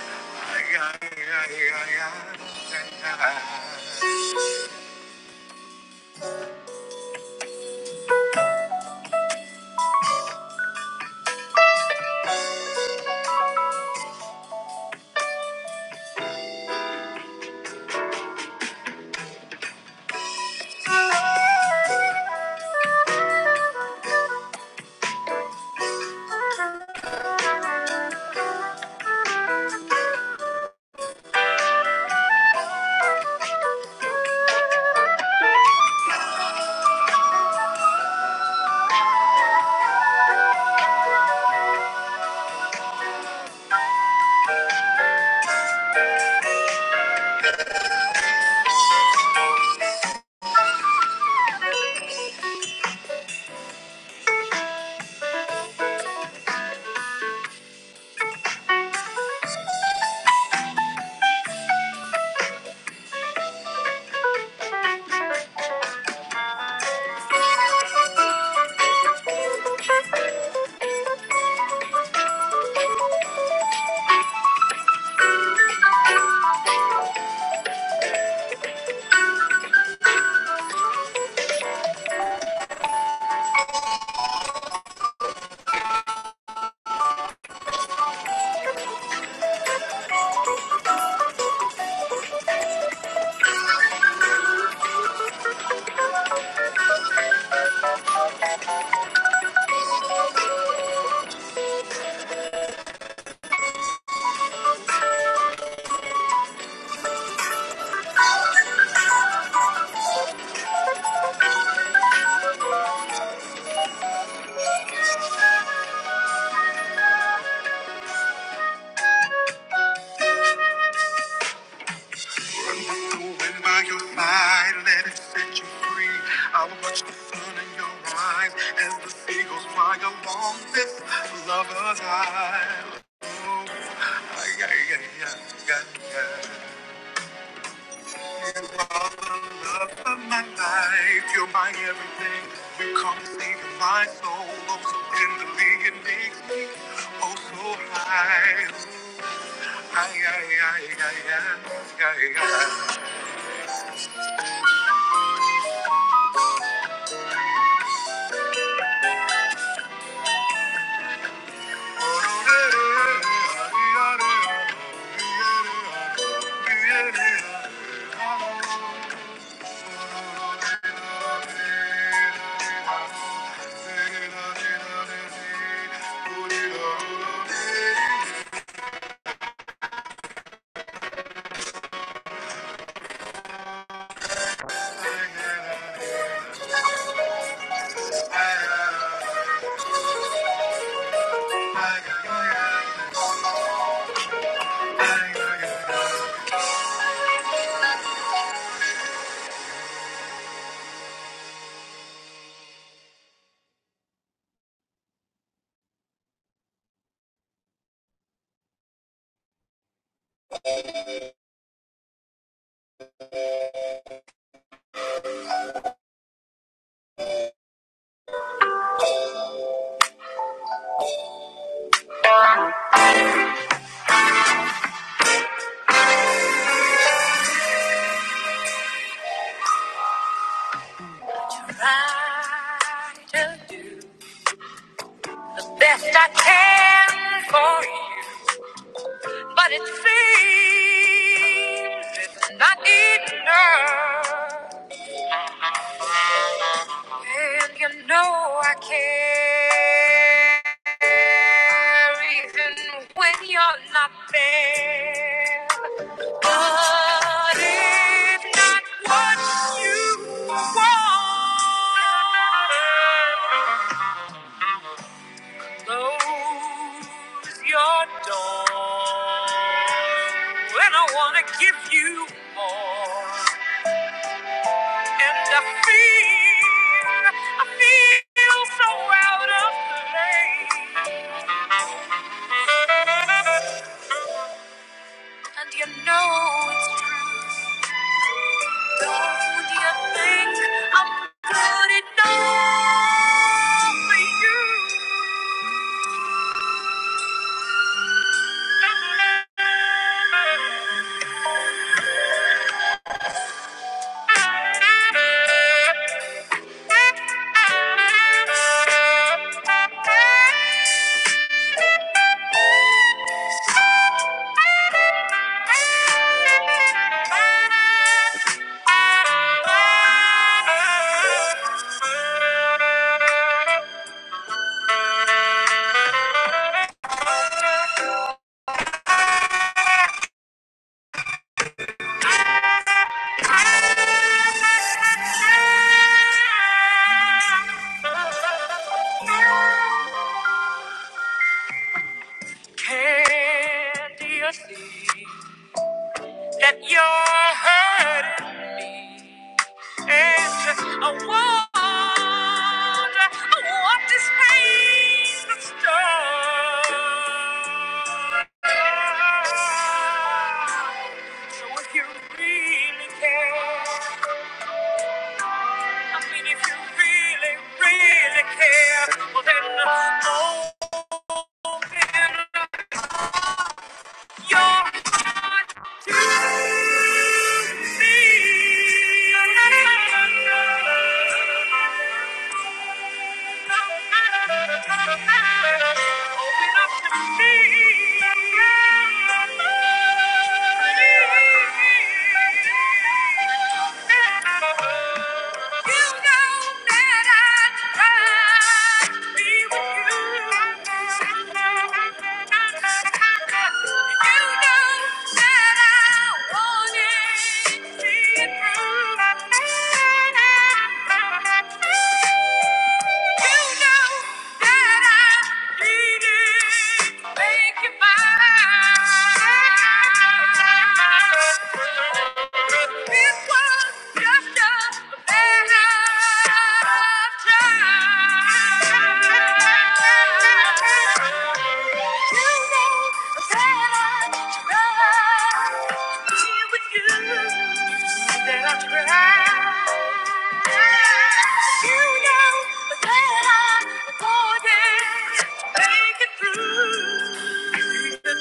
D: yeah, yeah, yeah, yeah, yeah, yeah. When by your side, let it set you free. I'll watch the sun in your eyes as the seagulls fly along this lover's isle. Oh, ay, ay, ay, ay, ay, ay. You are the love of my life. You're my everything. You come saving my soul. Oh, so tenderly it makes me oh so high. Ay, ay, ay, ay, ay, ay, ay. try to do best I can for you, but it seems it's not enough. And you know I care even when you're not there. But if not what you want, close your door. And I wanna give you more. And I feel, I feel so out of place. And you know it's true. Don't you think I'm good enough for you? Candy a thief. that you're hurting me. And I wonder, I want this pain to stop. So if you really care, I mean, if you really, really care, well then, oh, your heart to me. I wanted to see it through. Thank you. That I cried. You know that I would make it through. You know that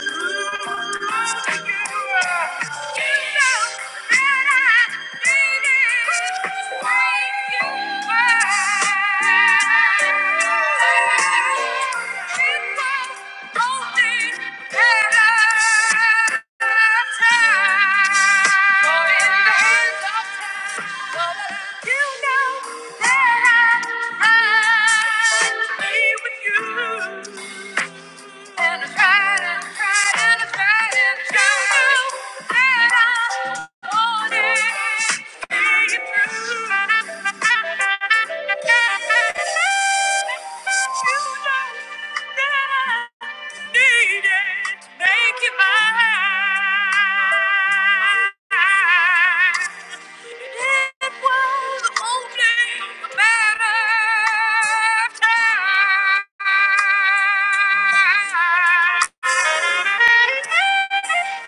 D: I, I be with you. And it's Friday, and it's Friday, true. And it's true that I want it. See you through. You know that I need it. Make it mine. It was only a matter of time.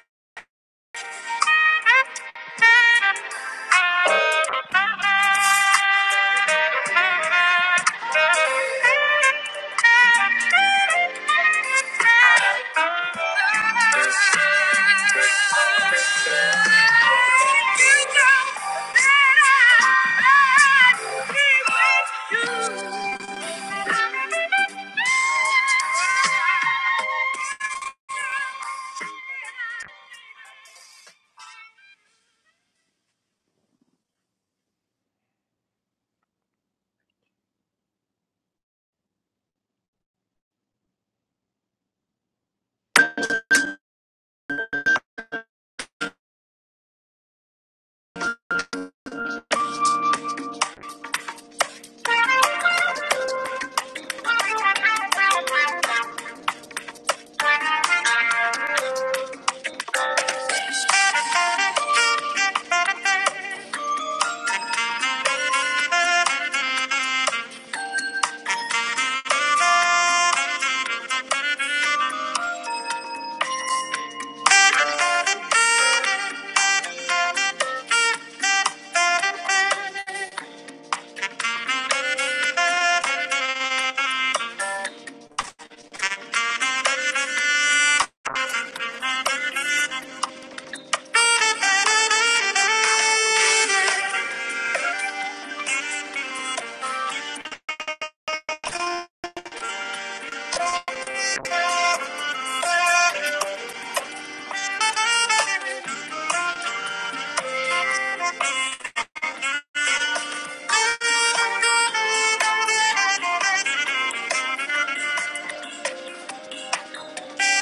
D: Thank you. Thank you. Thank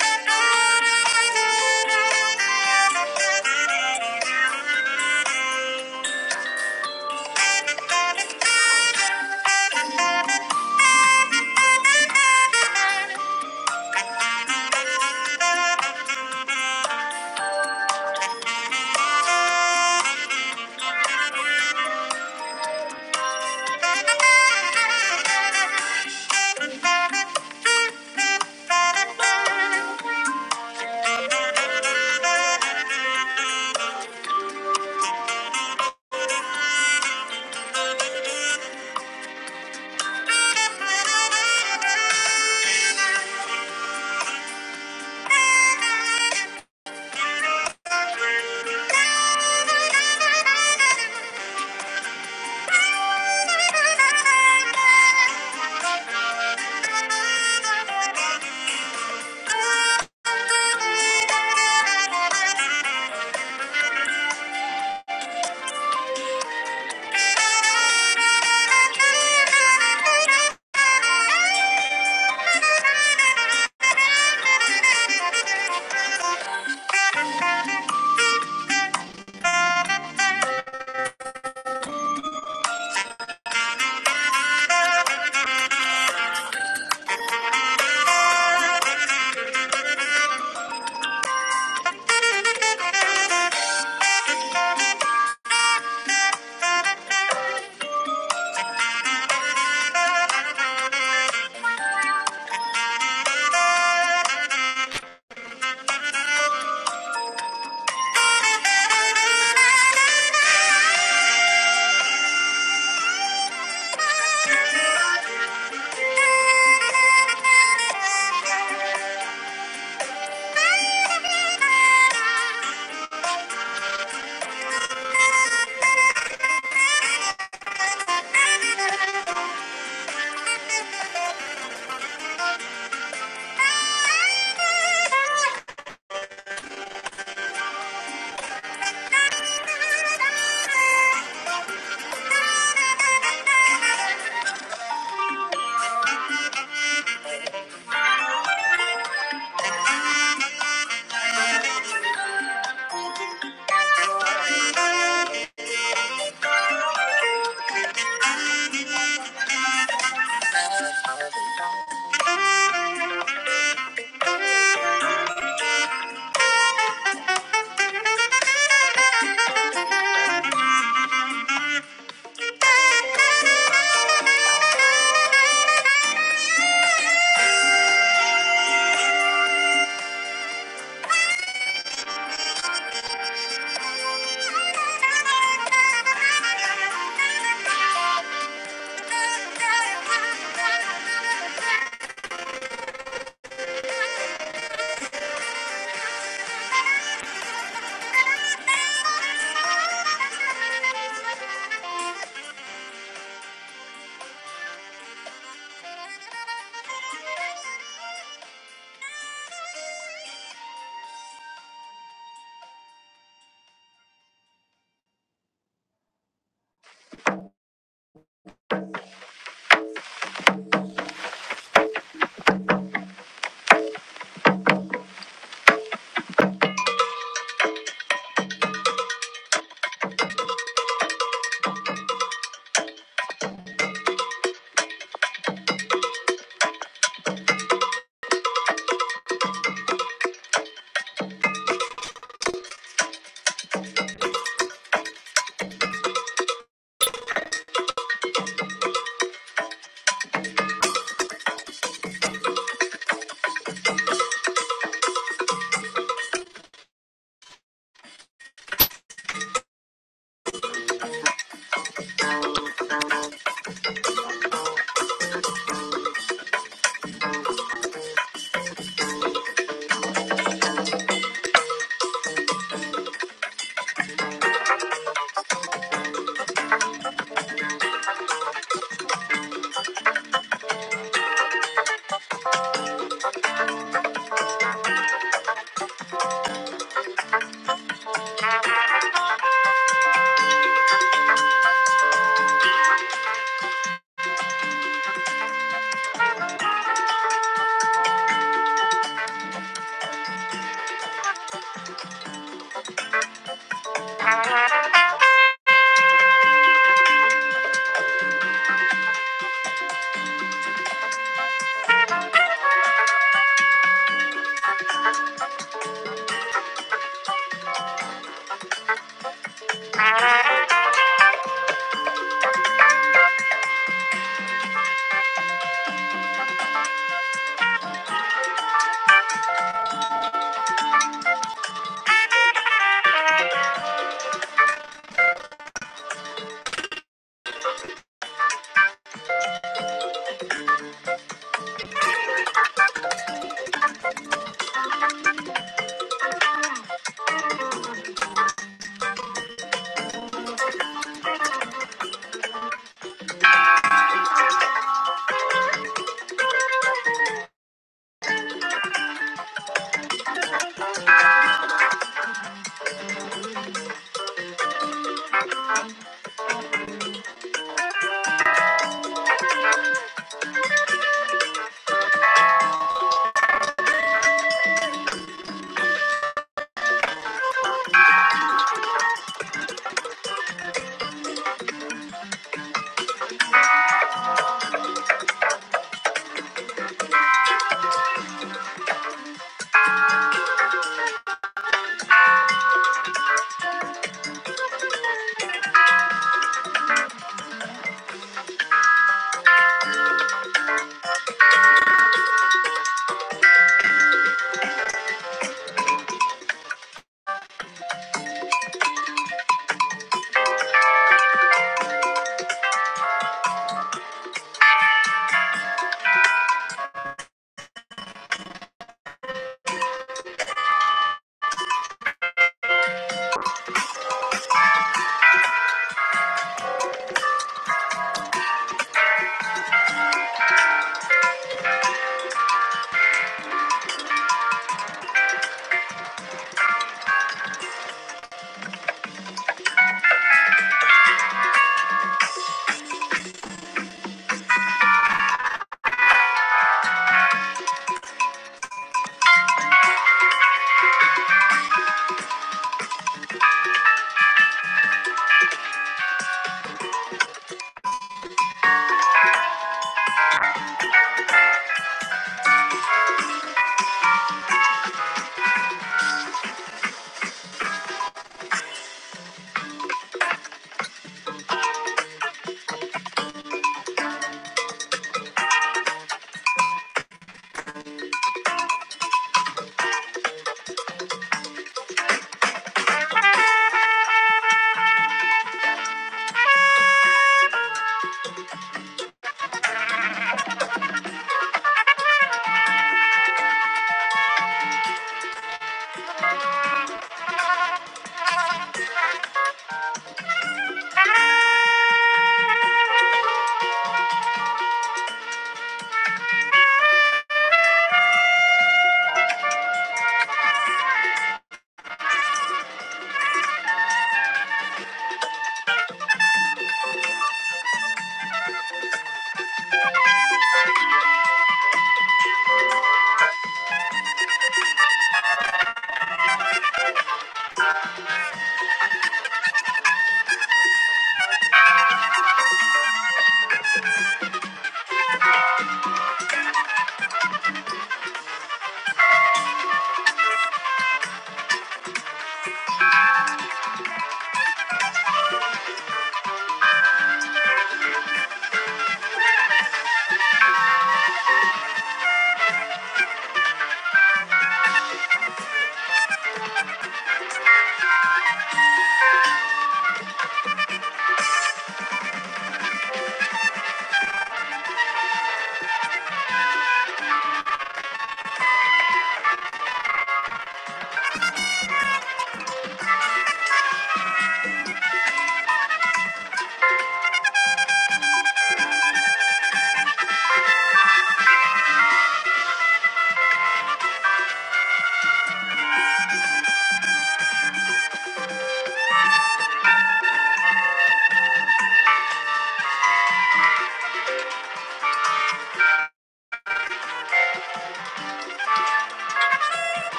D: you. Thank you. Thank you. Thank you. Thank you. Thank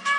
D: you.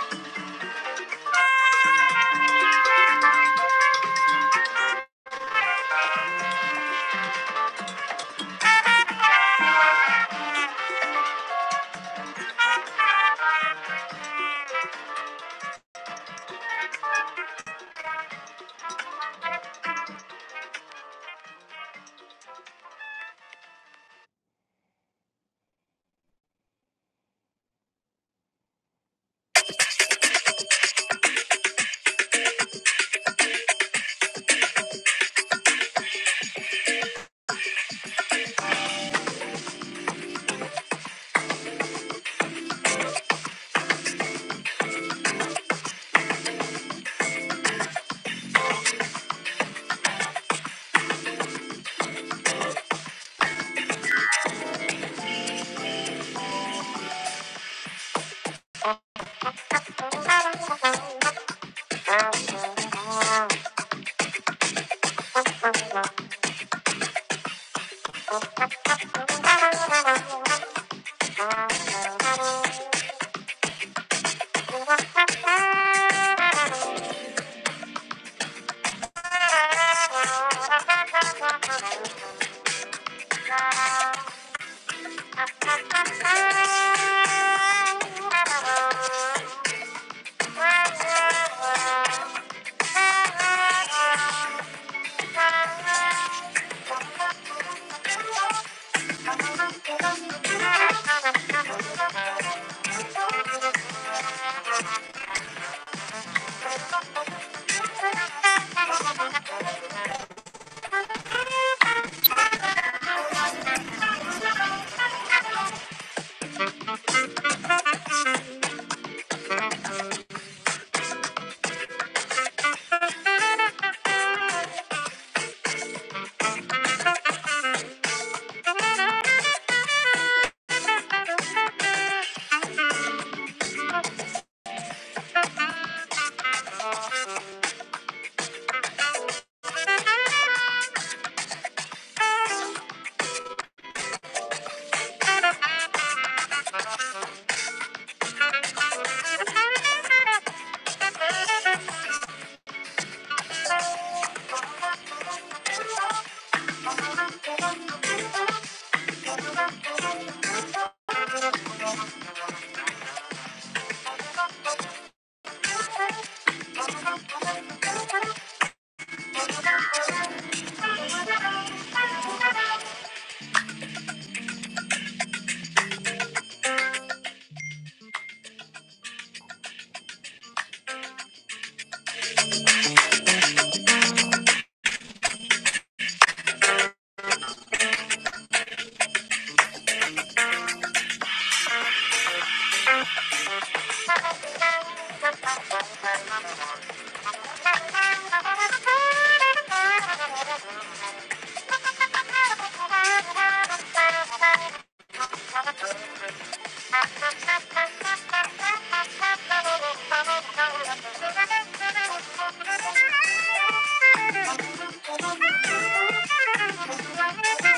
D: Thank you.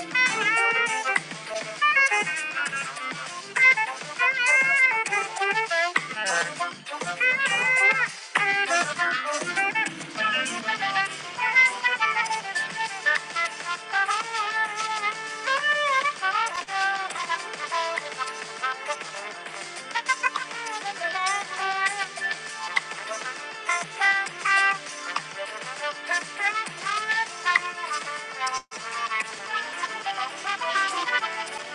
D: Thank you. Thank you.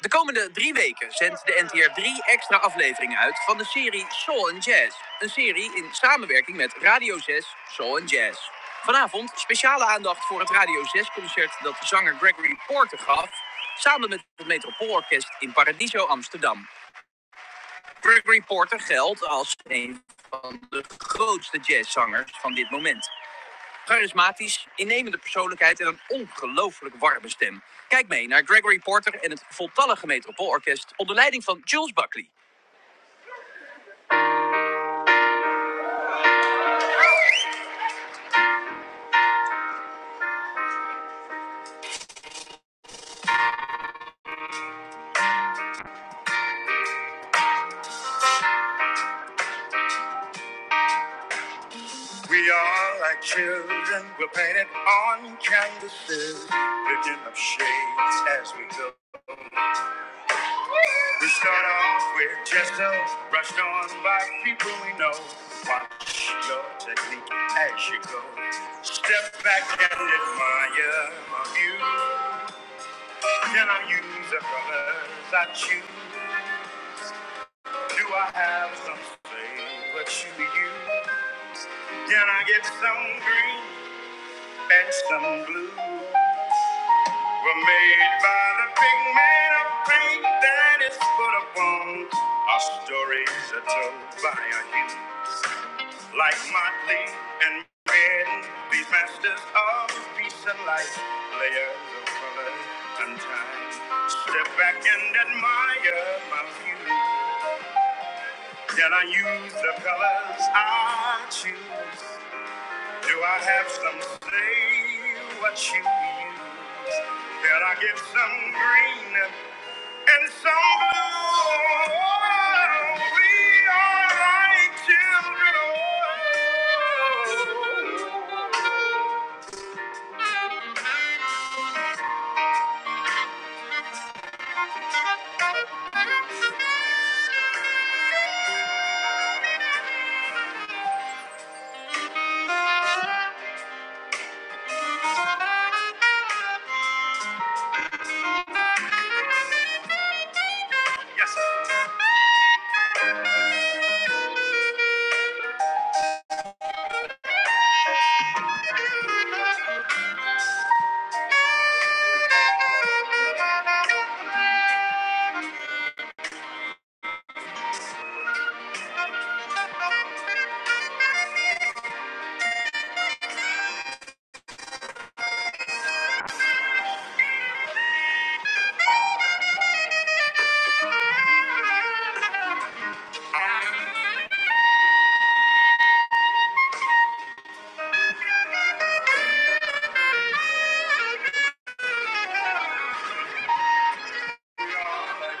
D: De komende drie weken zendt de NTR drie extra afleveringen uit van de serie Soul and Jazz. Een serie in Radio 6, Soul en Jazz. Vanavond speciale aandacht voor het jazzconcert dat de zanger Gregory Porter gaf... samen met het Metropoolorkest in Paradiso, Amsterdam. Gregory Porter geldt als een van de grootste jazzzangers van dit moment. Charismatisch, innemende persoonlijkheid en een ongelooflijk warme stem. Kijk mee naar Gregory Porter en het voltallige Metropoolorkest onder leiding van Jules Buckley. We are like children, we're painted on canvases, picking up shades as we go. We start off with just those brushed on by people we know. Watch your technique as you go. Step back and admire my view. Can I use the colors I choose? Do I have some flavor to you? Can I get some green and some blue? Were made by the big man of paint that is put upon. Our stories are told by a hue like Motley and Red. These masters of peace and light, layers of color and time. Step back and admire my view. Then I use the colors I choose. Do I have some say what you use? That I get some green and some blue. We are like children.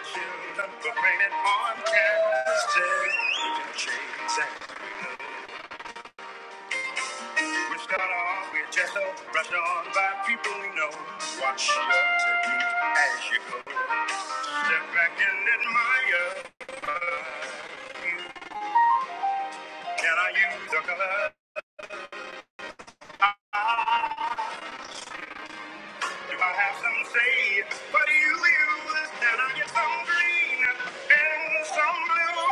D: Children, but raining on canvas, children, chains and We start off with just a brush on by people we know. Watch your technique as you go. Step back and admire. Can I use the color? Do I have some say? What do you use? Can I get some green and some blue?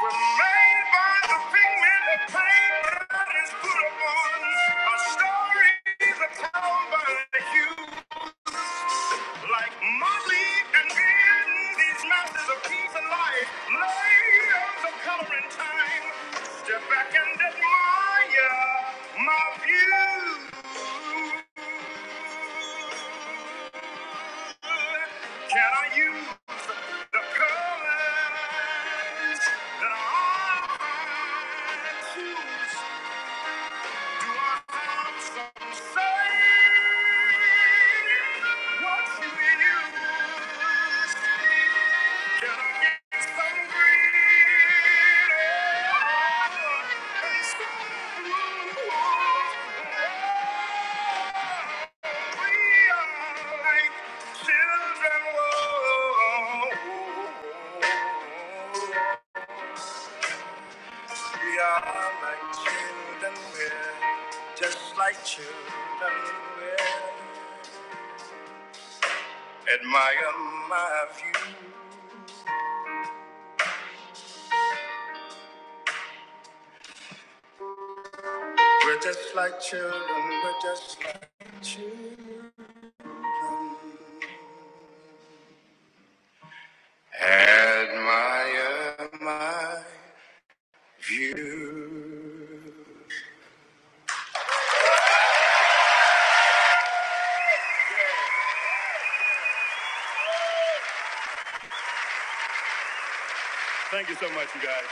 D: We're made by the pigment of paint that is put upon a story that comes by the hue. Like Motley and Ben, these masters of peace and life, layers of color and time. Step back and admire my view. Can I use the colors that I choose? Children, whoa. We are like children, we're just like children, we're admire my view. We're just like children, we're just like children. Admire my view. Thank you so much, you guys.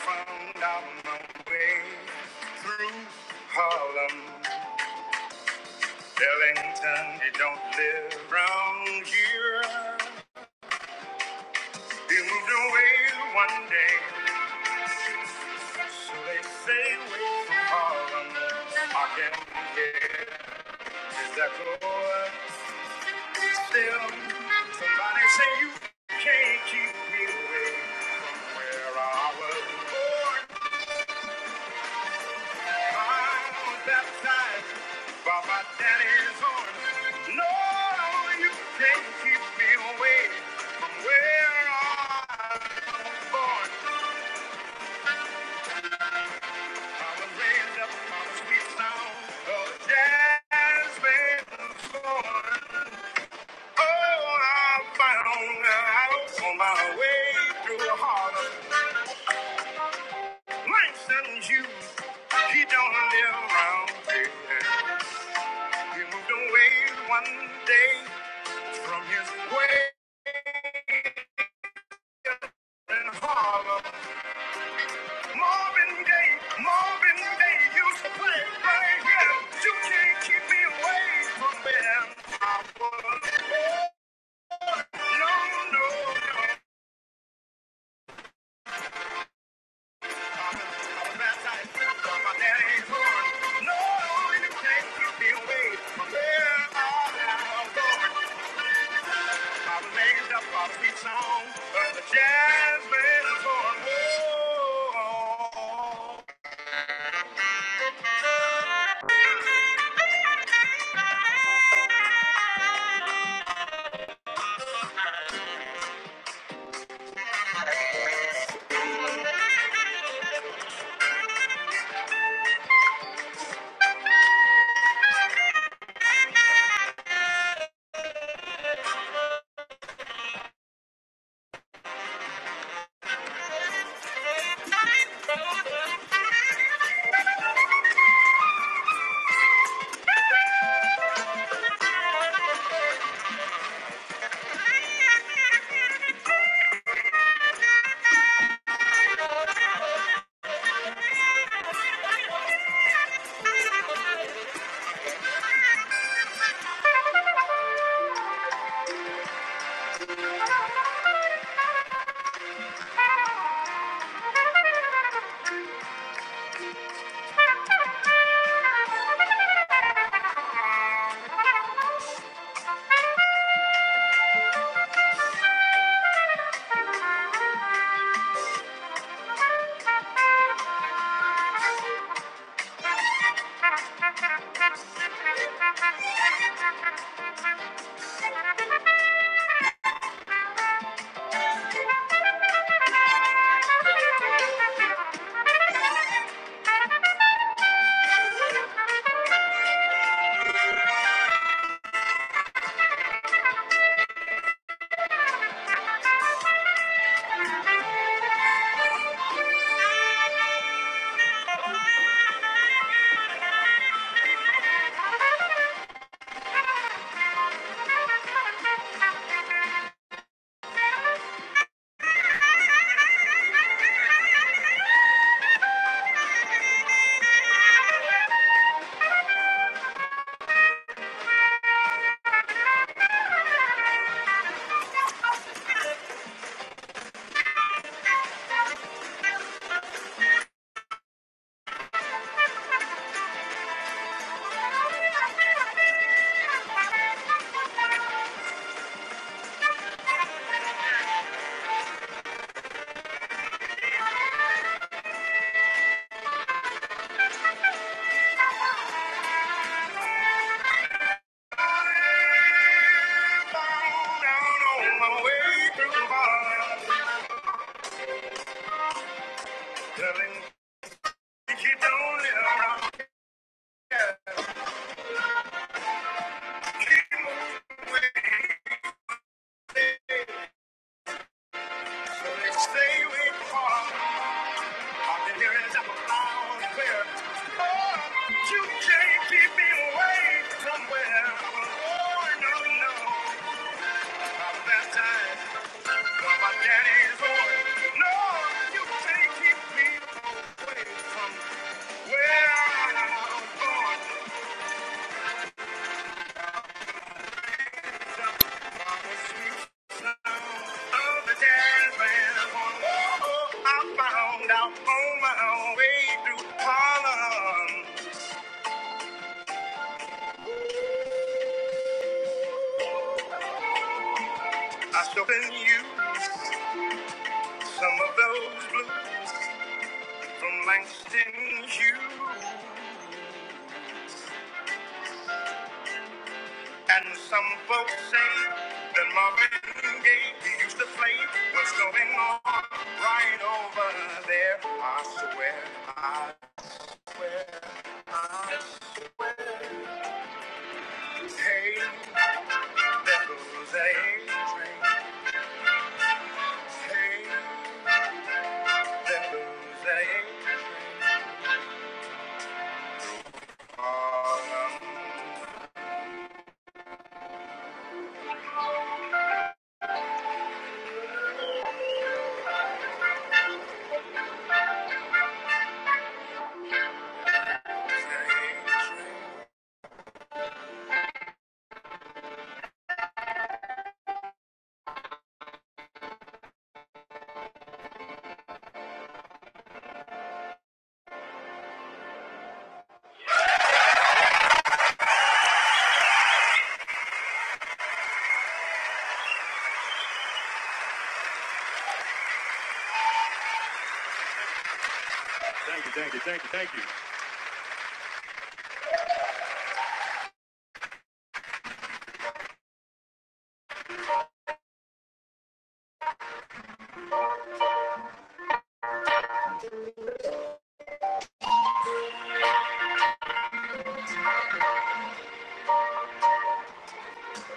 D: Found out my way through Harlem. Ellington, he don't live round here. He moved away one day, so they say way from Harlem. I can hear his echo still. Somebody say you can't keep me away from where I was born. He don't live around here. He moved away one day. From his way in Harlem, Marvin Gaye, Marvin Gaye used to play right here. You can't keep me away from him. I was no, no, no. I'm a bad guy. but my daddy's born. No, you can't keep me away from where I am going. All the ladies got a sweet song, but the jazz band is going whoa. Thank you. Stay with me. Our deliverance I was found where, Lord, you can't keep me away from where I was born. No, no, I was baptized for my daddy's boy. Lord, you can't keep me away from where I was born. I found out on my way through Harlem. I shall send you some of those blues from Langston Hughes. And some folks say that Marvin Gaye he used to play what's going on right over there. I swear, I swear, I swear. Hey, that blues A train. Hey, that blues Harlem.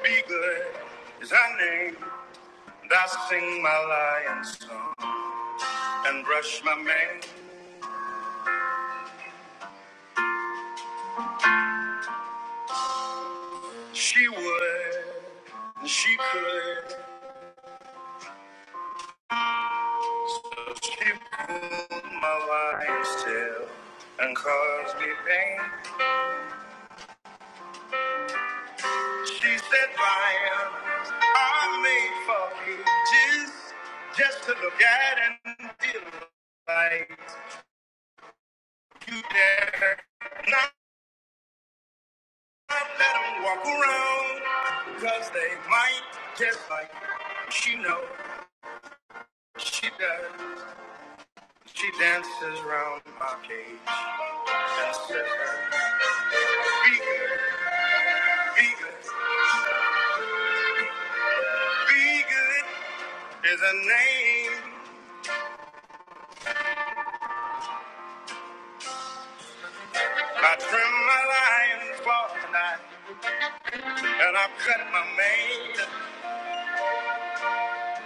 D: Be good is her name. And I sing my lion song. and brush my mane. She would, and she could. She pulled my lion's tail and caused me pain. She said, "Lion, I'm made for cages just to look at and feel like you dare not let 'em walk around because they might just like you. she knows she does. She dances round my cage and says, Be good, be good, be good is a name. I trim my lion's claw tonight, and I cut my mane,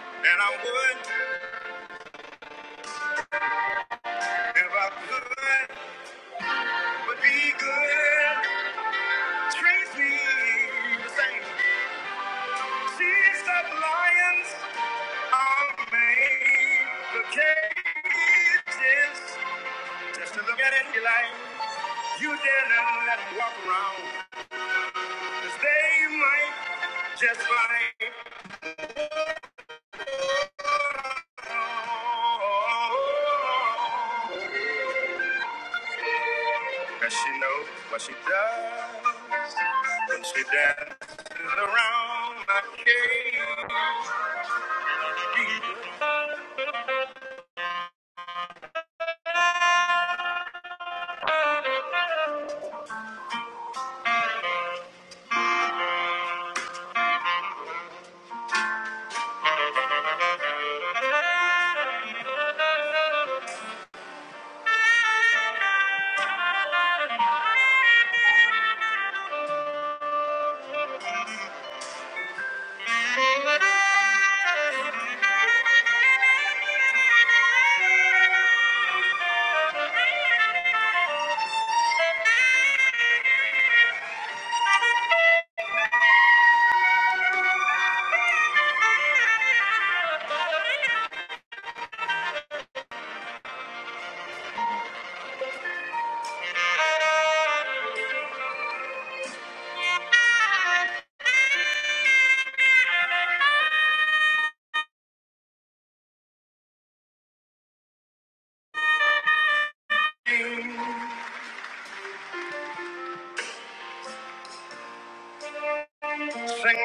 D: and I would if I could, but be good. Treat me the same. She's the lion's army. The cage is just to look at it, you like. You dare not let them walk around, 'cause they might just like, oh, Cause she knows what she does when she dances around my cage. Sing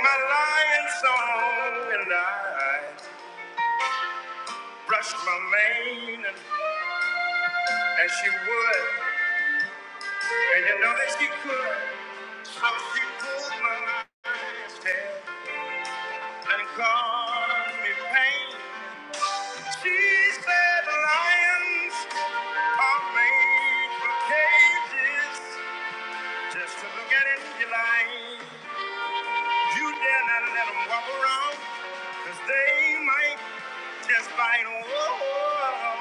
D: my lion song and I brush my mane and, and she would and you know that she could so she pulled my lion's tail and caused me pain She said lions are made for cages. Just to look at it, you like. You dare not let them walk around, cause they might just bite. Whoa.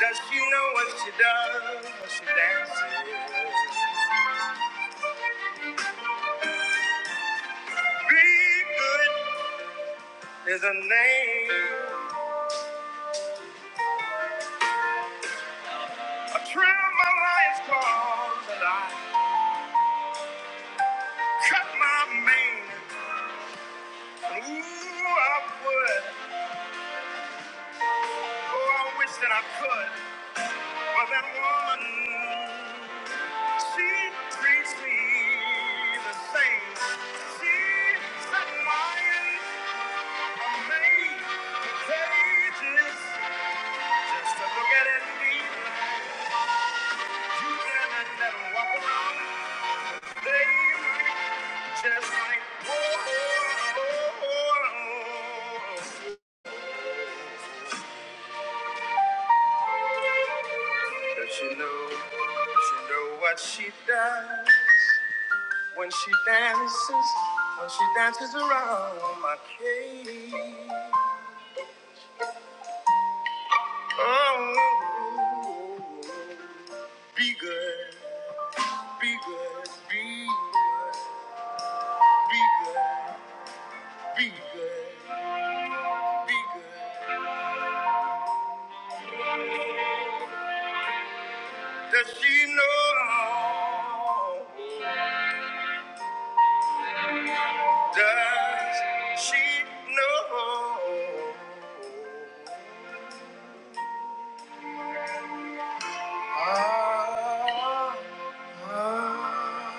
D: Does she know what she does? when She dances. Be good is a name. A trim my lion's claws and I cut my mane. Ooh, I would. Oh, I wish that I could. But that woman, she treats me the same. She's a lion, a maid, the pages Just to look at it and be blind. You can let them walk around. They might just like, oh, oh, oh, oh. But you know, you know what she does. When she dances, when she dances around my cage. Oh, be good, be good, be good, be good, be good, be good. Does she know? Does she know? Ah, ah.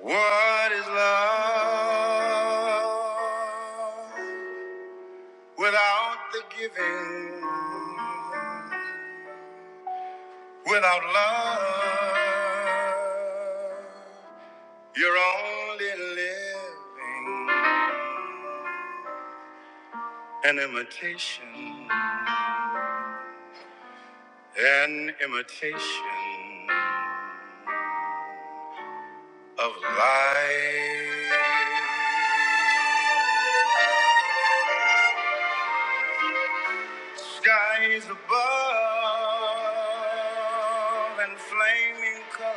D: What is love without the giving? Without love, you're only living an imitation, an imitation. of light. Skies above and flaming colors.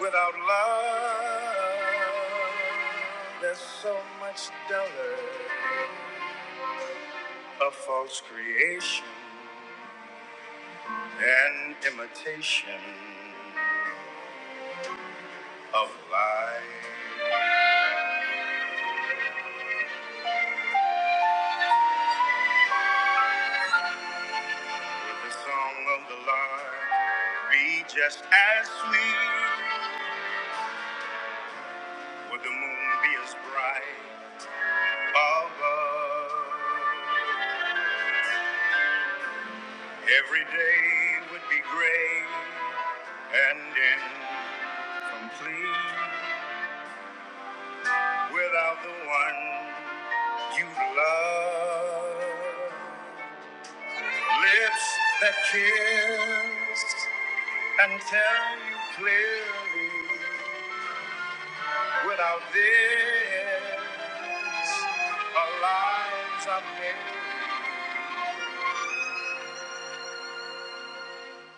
D: Without love, there's so much duller. A false creation and imitation of light. Would the song of the Lord be just as sweet? Would the moon be as bright above? Every day would be gray and incomplete without the one you love. Lips that kiss and tell you clearly without this, our lives are made.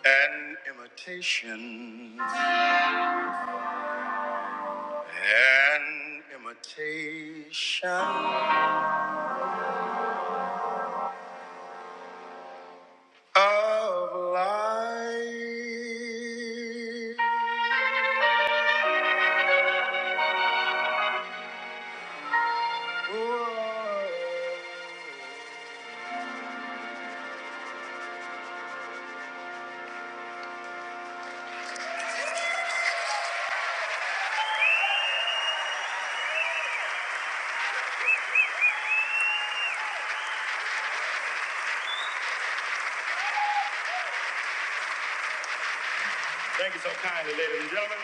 D: An imitation, an imitation of life. Thank you so kindly, ladies and gentlemen.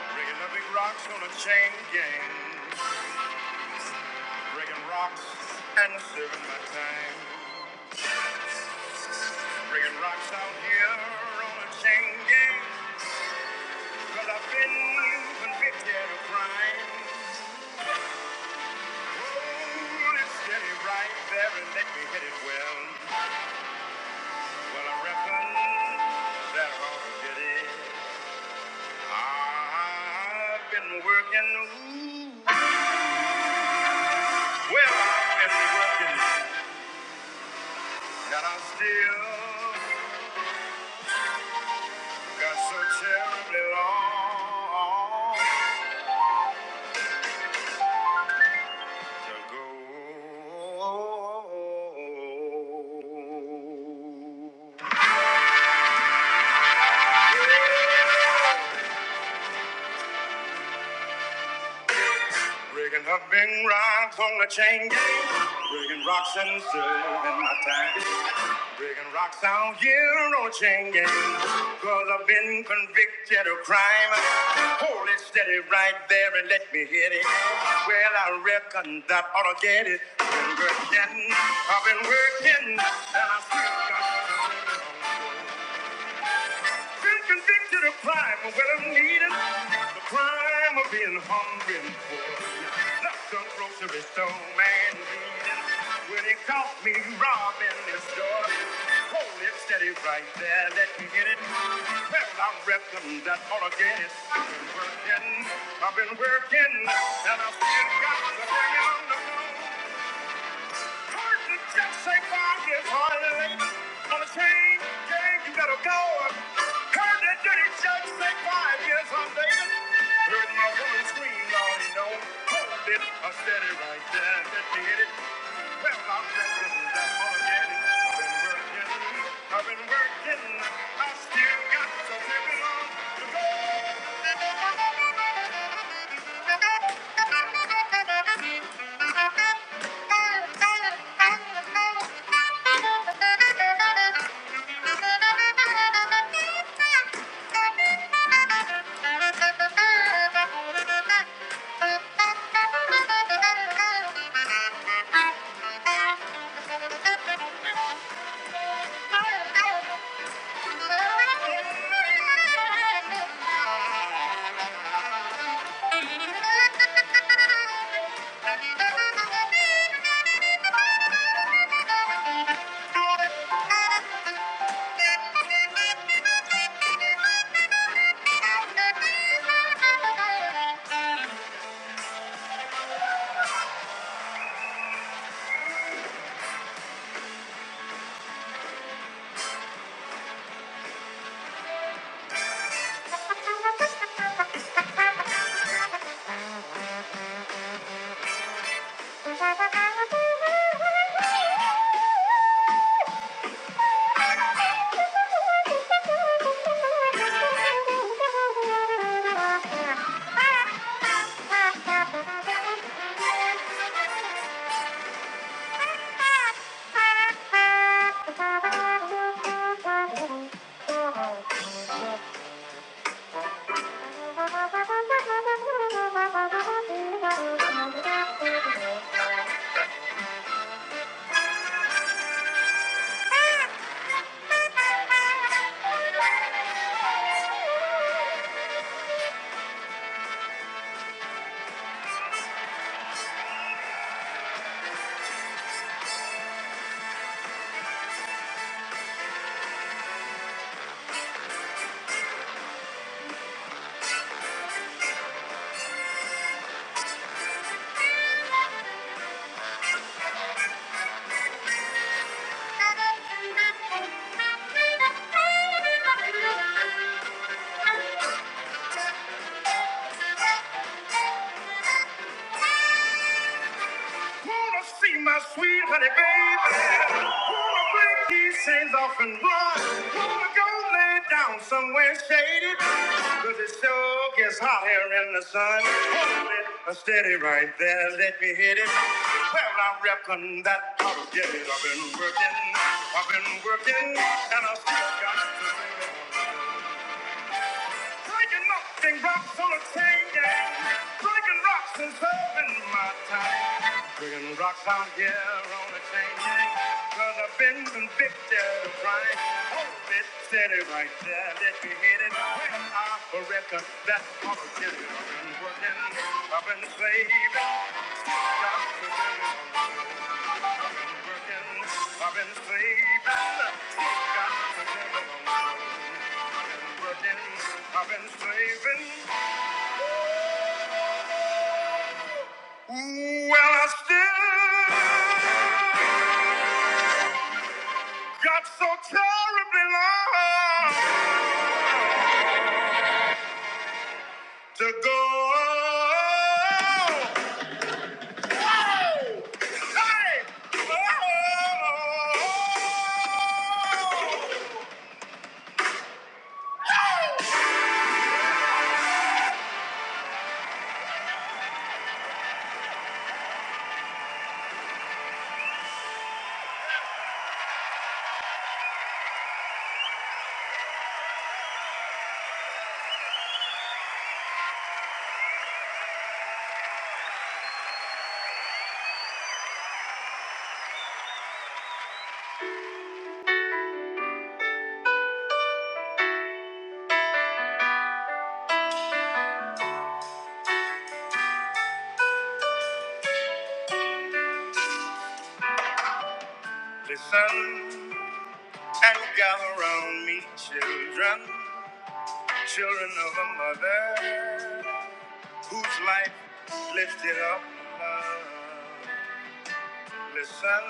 D: Breaking the big rocks on a chain gang. Breaking rocks and serving my time. Breaking rocks out here on a chain gang. Cause I've been convicted of crime. Hold it steady right there and let me hit it well. Well, I reckon that horse did it. I've been working, ooh, well, I've been working, that I still got so terribly long to go. Breaking her big rocks on the chain gang, breaking rocks and serving my time. Breaking rocks out here no Changin. Cause I've been convicted of crime. Hold it steady right there and let me hit it. Well, I reckon that ought to get it. Been working, I've been working, and I still got been convicted of crime, but well, I'm needed. The crime of being hungry and poor. Left some grocery store man bleeding. When he caught me robbing this store, hold it steady right there, let me get it. Well, I'm repping that organic. I've Been working, I've been working, and I've still got the thing on the bone. Curtain just say found his heart. On the same game, you gotta go. Heard that dirty judge say five years on David. Heard my woman scream, all you know. Hold it, I said it right there, that did it. Well, I'm back in that already. I've been working, I've been working. I still got something on. Thank you. Thank you. Thank you. Thank you. Wanna see my sweet honey baby? Wanna break these chains off and run? Wanna go lay down somewhere shaded? Cause it sure gets hot here in the sun. Hold it uh, steady right there, let me hit it. Well, I reckon that I'll get it. I've been working, I've been working, and I still got to bring it. Breaking nothing rocks on a chain gang. Breaking rocks and serving my time. Breaking rocks out here on a chain gang. Cause I've been convicted of crime. Hold it steady right there. Let me hit it. Well, I reckon that I'm a I've been working. I've been slaving. Got to get I've been working. I've been slaving. Got to get I've been working. I've been slaving. Well, I still got so terribly long to go. Hey! Oh! Listen and gather round me, children, children of a mother whose life lifted up love. Listen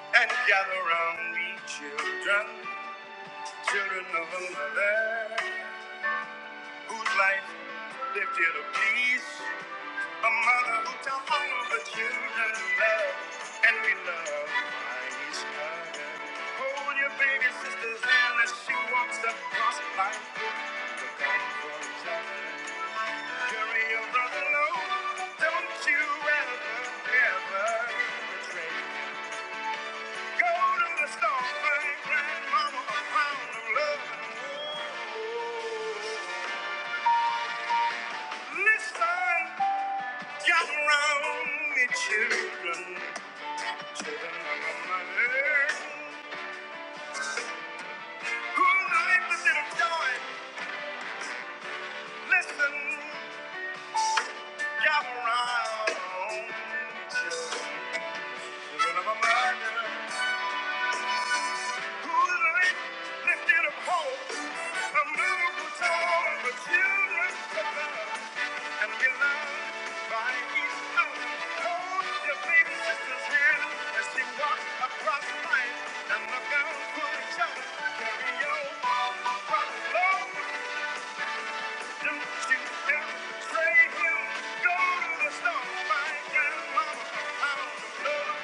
D: and gather round me, children, children of a mother whose life lived in a peace. A mother who taught all of her children love, and we love each other. Hold your baby sister's hand as she walks across life. Look out for each other. Carry your brother low. Don't you ever, ever betray. Go to the store, find grandmama a pound of love. Listen. Jump around, me children, children of a mother. Who like the little joy? Listen, jump around, me children, children of a mother. Go to the stone, my grandmama, pound of love?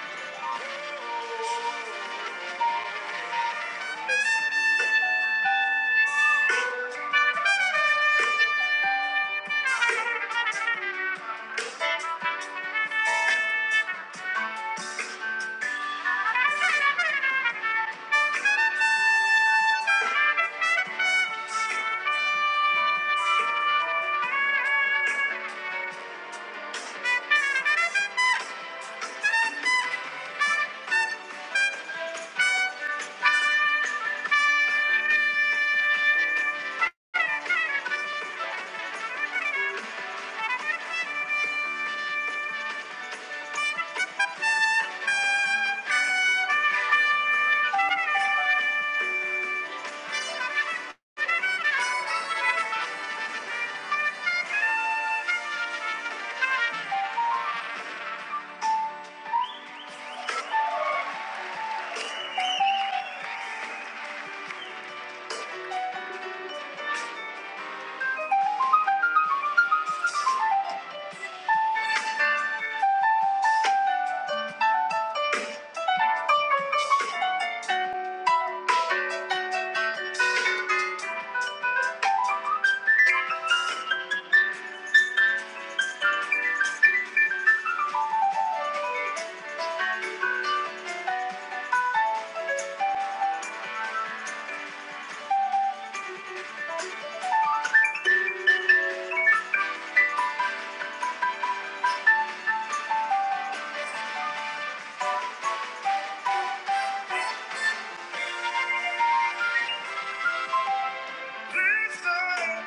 D: go stone Listen.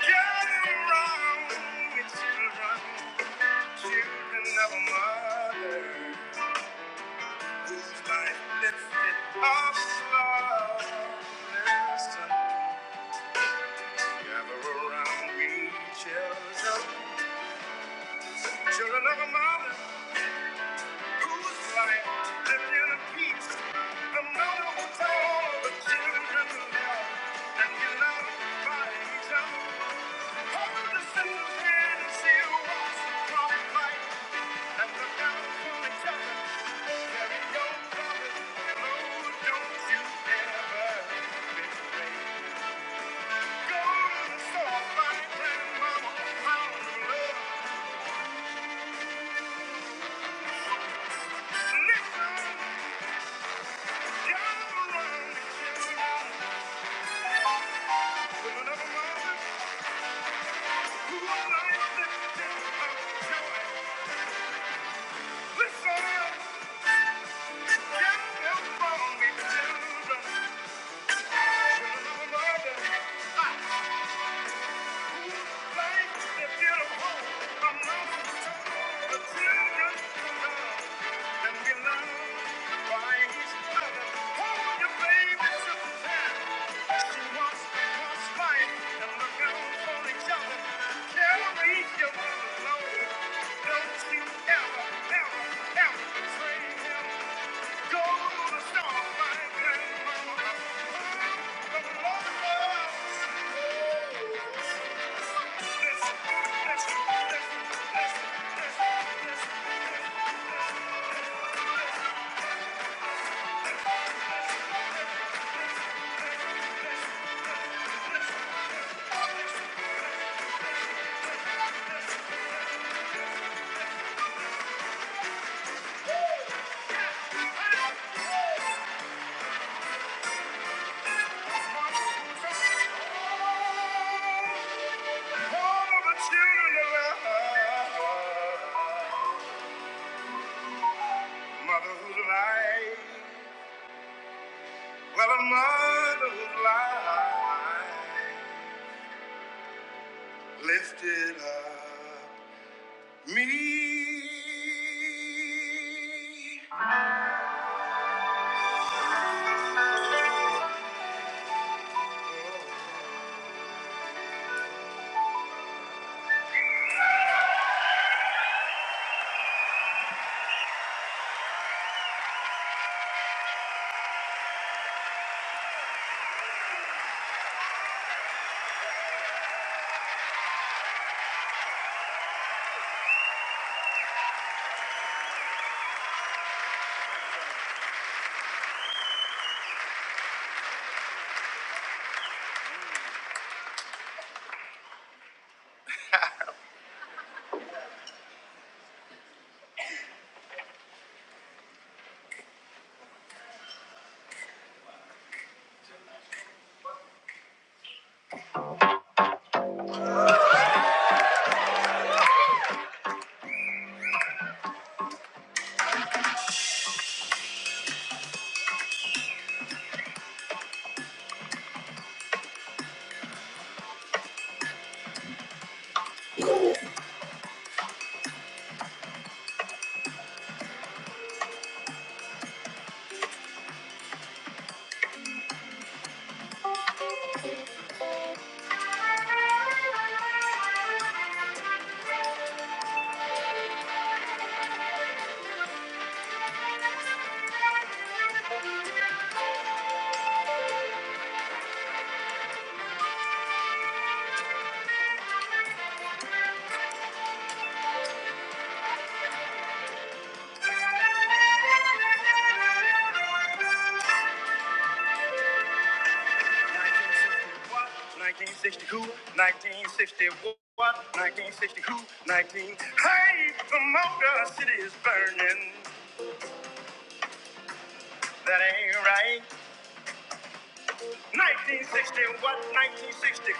D: Nothing wrong children, children of a mother whose life lifted off slow. Gather around, we children, children of a mother. Whose light lived in peace, the mother of all the children of God, and he loved by each other. Holding the sinner's hand as she walks across light, and look down upon each other. There is no brother, no, don't you ever betray. Go to the source, my love. Listen, gather round the children. Listen, can't help wrong, it's children. Children of a mother. Don't you ever, ever, ever betray him. Go to the star, my grandmama. Oh, the Lord loves. Motherhood life, What a mother's life lifted up me. 1962, 1961, 1962, 19. sixty-two, nineteen. Hey, the motor city is burning. That ain't right. 1960 what?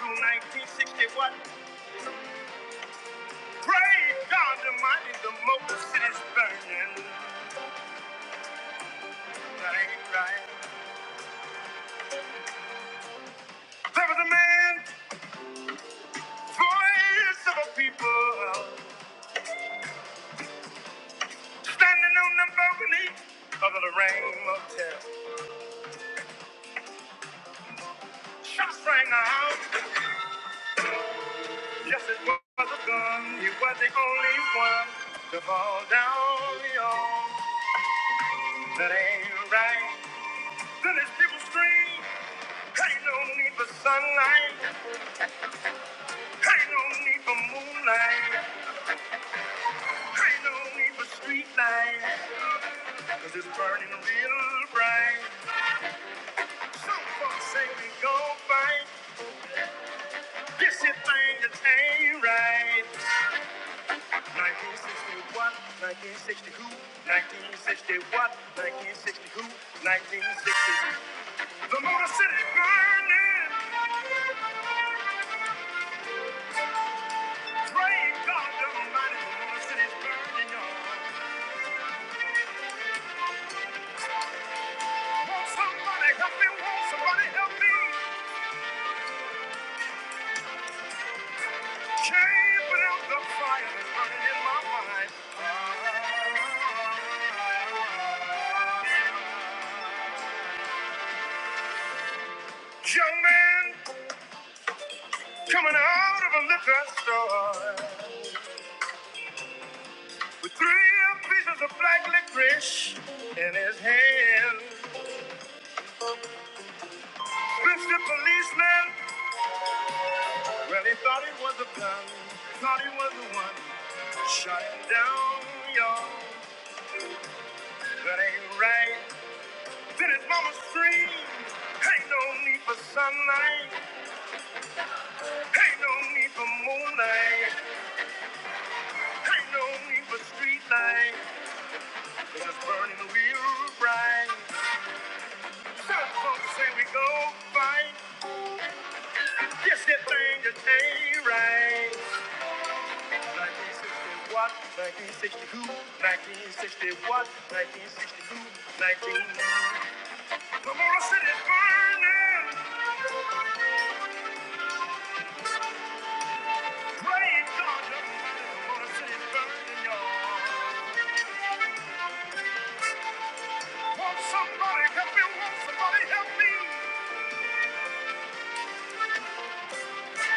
D: who? 1960 what? Praise God Almighty, the motor city's burning. That ain't right. There was a man, voice of a people, standing on the balcony of the Lorraine Motel. Shots rang out. Yes, it was a gun. You were the only one to fall down your. That ain't right. Then it's people scream. Ain't no need for sunlight. Ain't no need for moonlight. Ain't no need for street light. Cause it's burning real bright. Some folks say we gon' fight. This here thing just ain't right. 1961, 1962, 1961, 1962, 1962. The Motor City's burning. Praying God Almighty, the Motor City's burning, y'all. Won't somebody help me? Won't somebody help me? Can't put out the fire that's burning in my mind. Young man coming out of a liquor store. with three pieces of black licorice in his hand. Swift the policeman, well, he thought it was a gun, thought he was the one. Shot him down, y'all, that ain't right. Then his mama screamed, ain't no need for sunlight, ain't no need for moonlight, ain't no need for street light, 'cause it's burning real bright. Some folks say we go fight, Yes, that thing that ain't right. 1960 what? 1962, 1960 what? 1962, 19. sixty-two, nineteen. Come on, I said it burning. Rain, Georgia. Come on, I said it burning, y'all. Won't somebody help me? Won't somebody help me?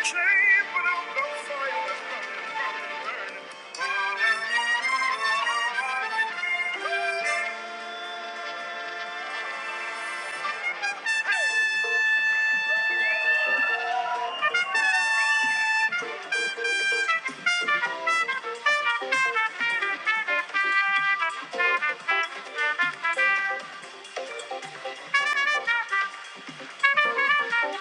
D: Change am no fire that's burning, burning, burning. Oh,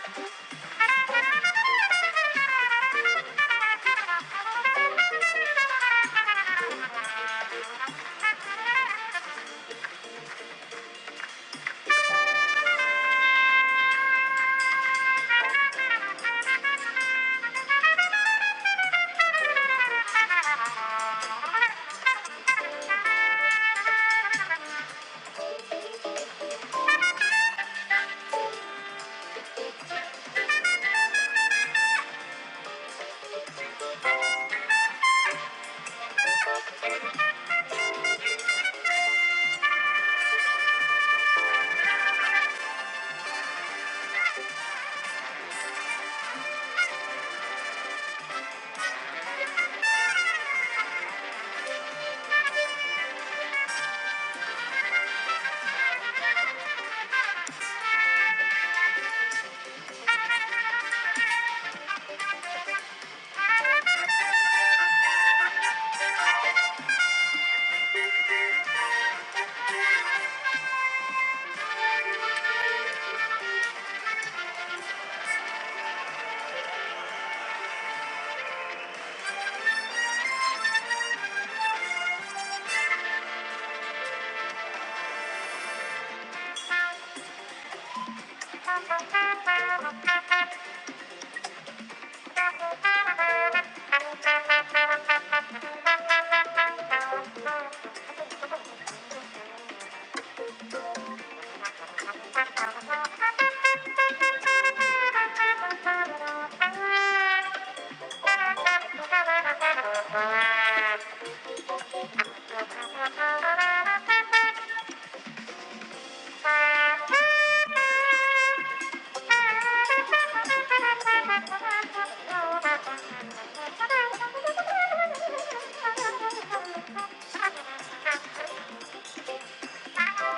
D: Thank you. Thank you. Thank you.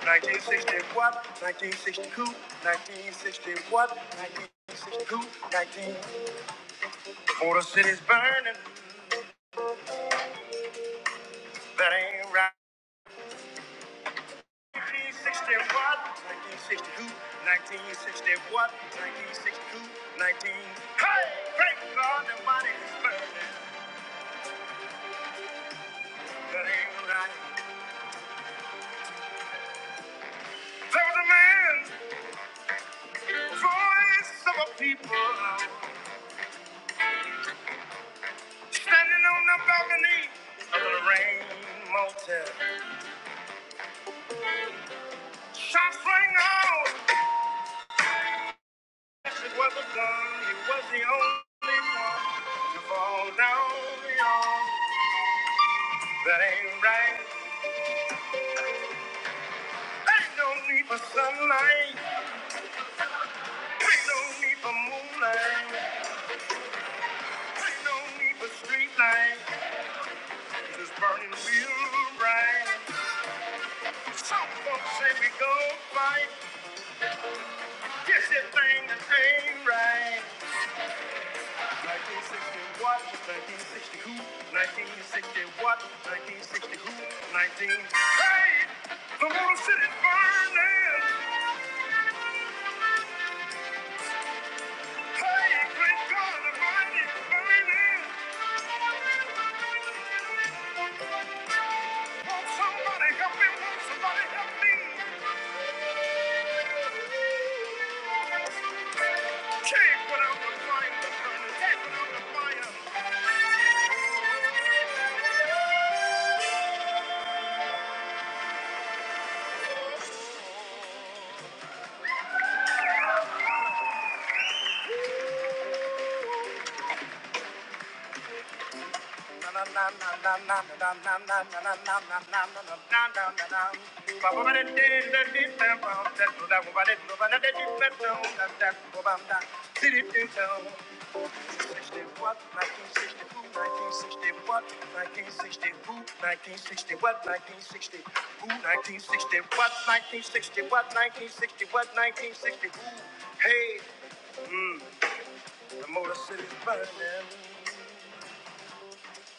D: 1961, 1962, 1961, 1962, 19. sixty-one, nineteen sixty-two, nineteen. For the city's burning, that ain't right. 1961, 1962, 1961, 1962, 19. sixty-one, nineteen sixty-two, nineteen. Hey, thank God the money is burning, that ain't right. There was a man, voice of a people, standing on the balcony of the Rain Motel. Shots rang out. It was a one, it was the only one to fall down on. That ain't right. Ain't no need for sunlight. Ain't no need for moonlight. Ain't no need for street light. This burning real bright. Some folks say we go fight. Yes, This is thing that ain't right. 1961, 1962, 1961, 1962, 19. sixty-one, nineteen sixty-two, nineteen. Hey, the whole city's burning. Hey, great God, the mind is burning. Won't somebody help me? Won't somebody help me? Check without the fire, the burning. Check without the fire. 1960. Hey, mm, the motor city's burning,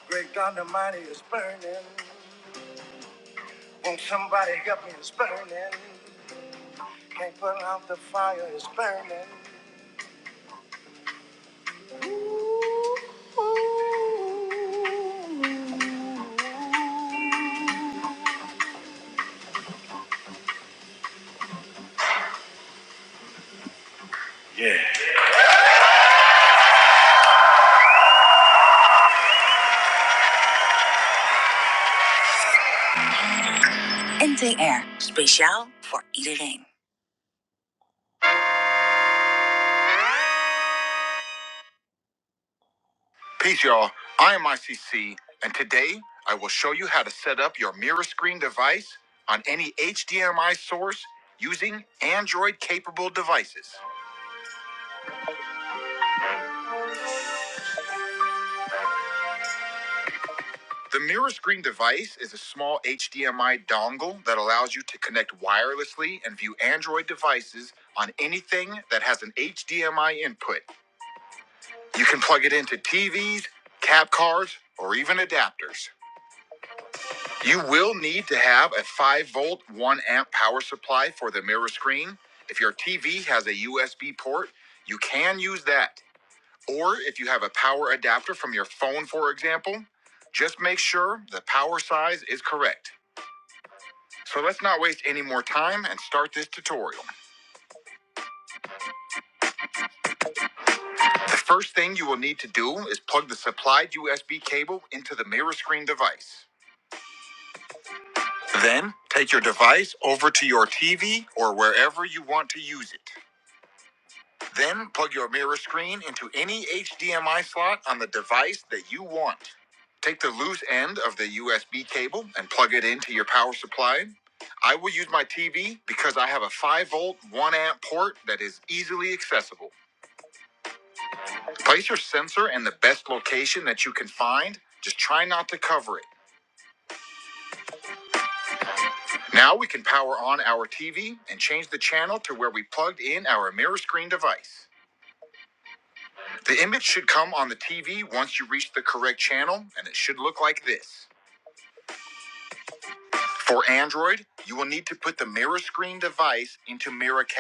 D: great God Almighty is burning. Ain't somebody helping? It's burning. Can't put out the fire. It's burning. Peace, y'all. I am ICC, and today I will show you how to set up your mirror screen device on any EMI source using Android-capable devices. The mirror screen device is a small HDMI dongle that allows you to wirelessly and view Android devices input. You will need to have a 5-volt, 1-amp power supply for the mirror screen. If your TV has a USB port, you can use that. Or if you have a power adapter from your phone, for example, just make sure the power size is correct. So let's not waste any more time and start this tutorial. Is plug the supplied USB cable into the mirror screen device. Then take your device over to your TV or wherever you want to use it. Then plug your mirror screen into any HDMI slot on the device that you want. Take the loose end of the USB cable and plug it into your power supply. I will use my TV because I have a 5 volt 1 amp port that is easily accessible.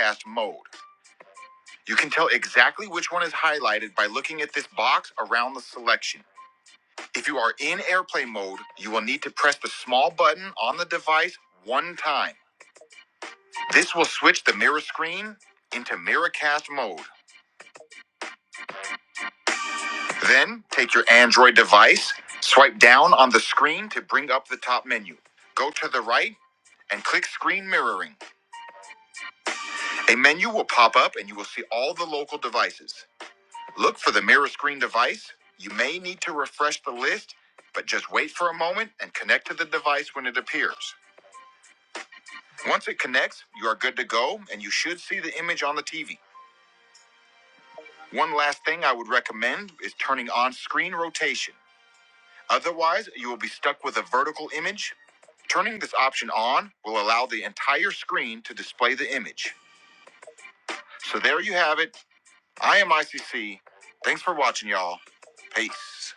D: That's mode. You can tell exactly which one is highlighted by looking at this box around the selection. If you are in AirPlay mode, you will need to press the small button on the device one time. This will switch the mirror screen into Miracast mode. Screen A menu will pop up and you will see all the local devices. Look for the mirror screen device. You may need to refresh the list, but just wait for a moment and connect to the device when it appears. Once it connects, you are good to go and you should see the image on the TV. Screen rotation. Circle image. Turning this option on will allow the entire screen to display the image. So there you have it. I am ICC. Thanks for watching, y'all. Peace.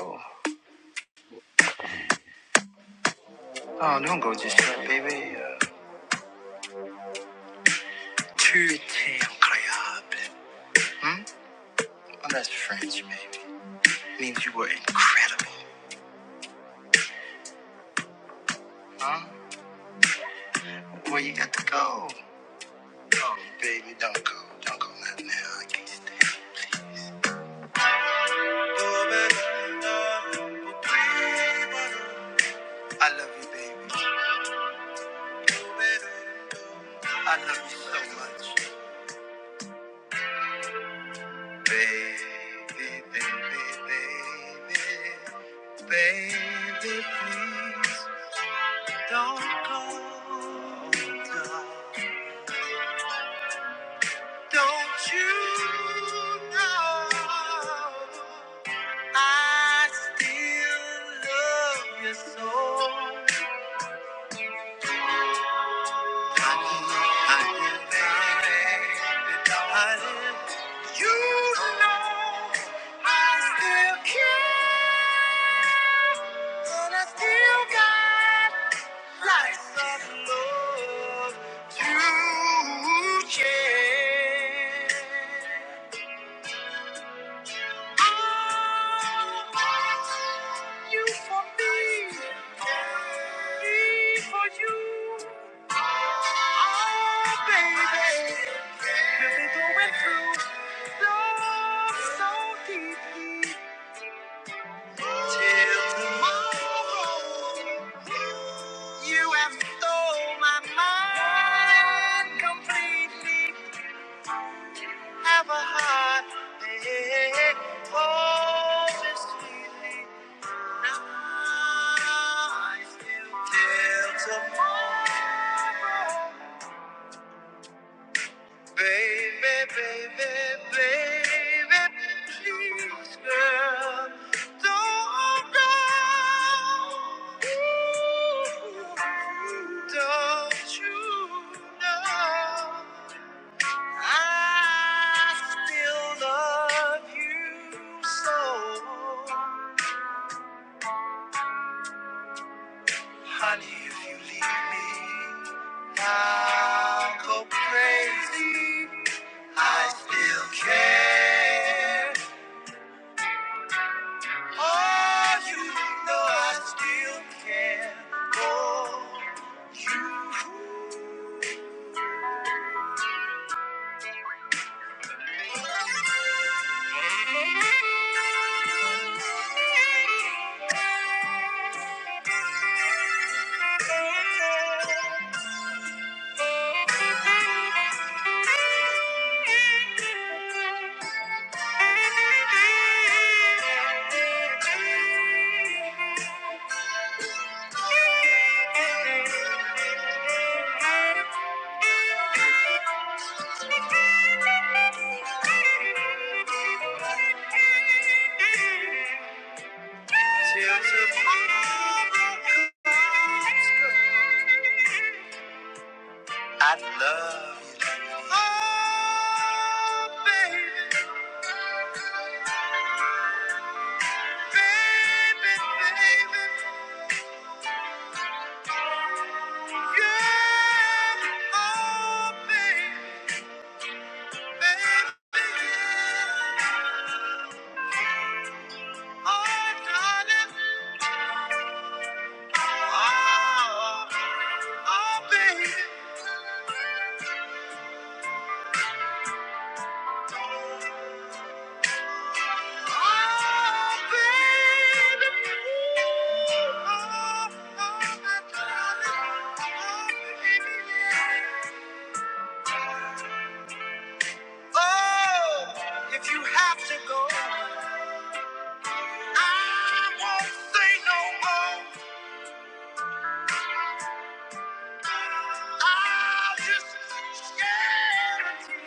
D: Oh. Oh, don't go just yet, baby. Uh, tu étais incroyable. Well, that's French, baby. Means you were incredible. Huh? Where you got to go? Baby, don't go. Don't go not now. I can't stand I love you, baby. I love you so much. Baby, baby, baby. Baby, please don't go. Don't go. Don't you know I still love you so much? I didn't I didn't- You know I still care, and I still got lots of love to share. You for me, me for you. Oh, baby, really going through love so deeply. Till tomorrow, you have stole my mind completely. have a heart that holds us sweetly. Now I still till tomorrow. Baby, baby, baby, please, girl, don't go. Ooh, Don't you know? I still love you so. Honey, if you leave me, I'll go crazy. I still care. I still care. Tales of all kinds. Oh, baby. If you have to go, I won't say no more. I'll just stare at you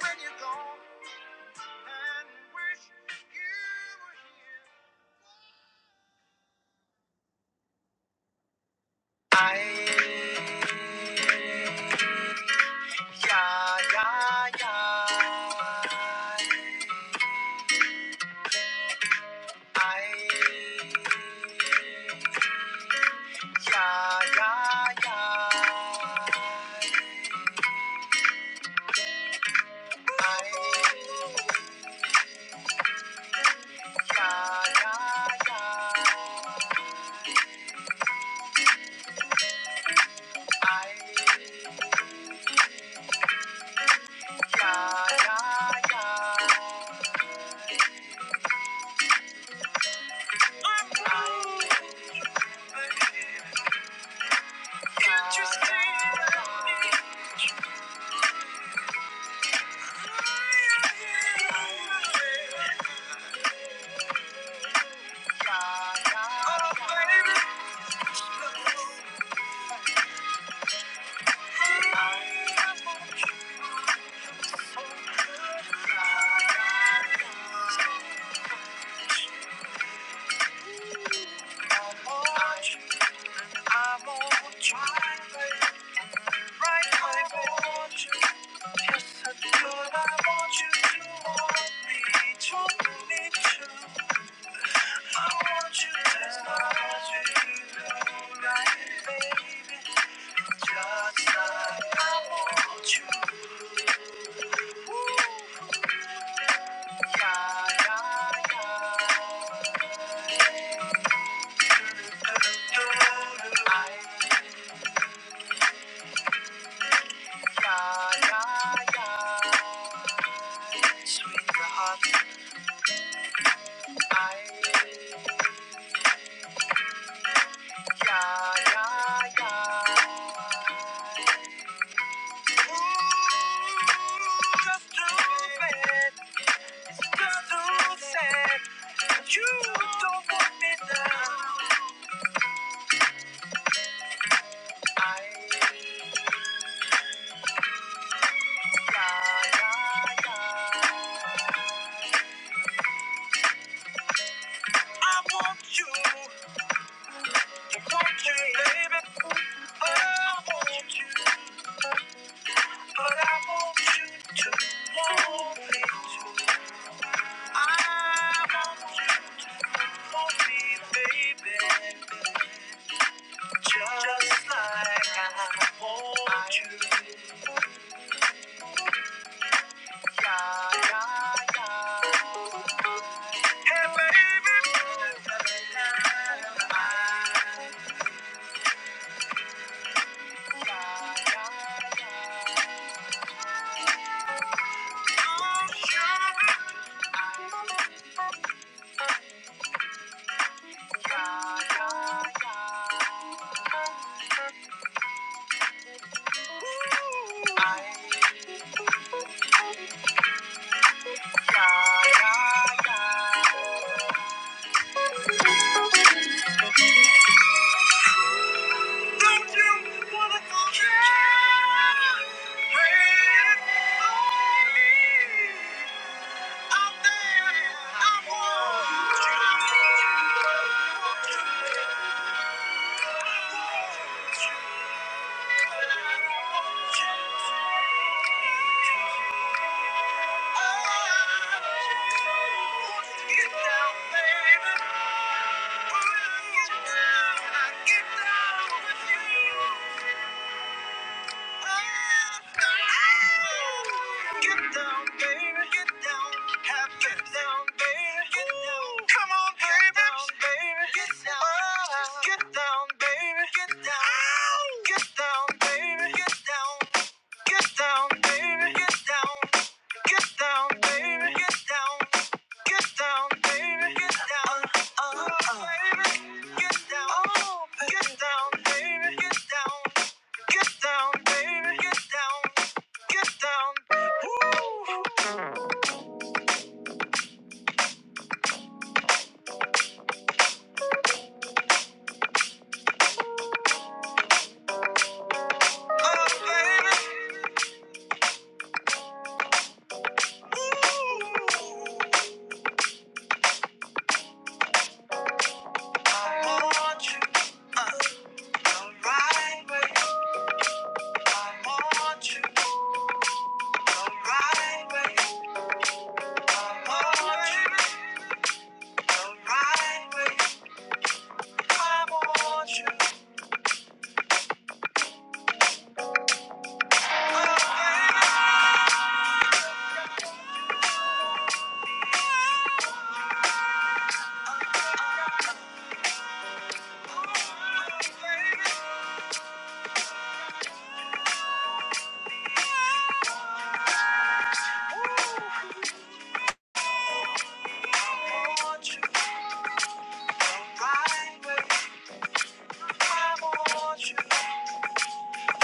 D: when you're gone and wish you were here. I Ja, ja, ja. Ei, ja, ja, ja. Ei, ja, ja, ja. Ei, ja, ja, ja. Can't you see it? Ja, ja, oh, baby. Watch, I'm on trial, baby. Right, baby. I want you. Yes, I do. I want you to want me, to need you. You don't want me now. I, yeah, yeah, yeah. I want you, you want you, baby. I want you, but I want you to want me too. I want you to want me, baby. Just like I want you. Yeah, yeah, yeah. I, yeah, yeah, yeah. I want you. but I want you. Get down, get down, baby. Come on, baby. Get down. Just get down, baby. Get down. Ouch. You make it hard. right way. I want you right way. I want you,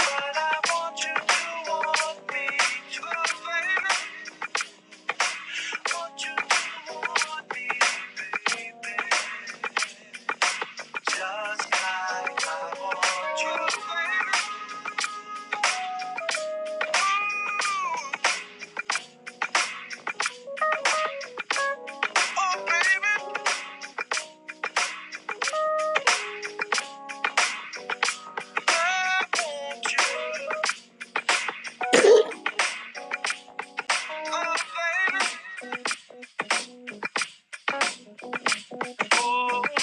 D: but I want you to want me too, baby. Want you to want me just like I want you, baby. Oh, baby. I want you, oh, baby.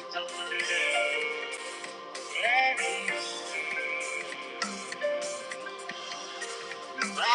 D: Oh. yeah. I'm standing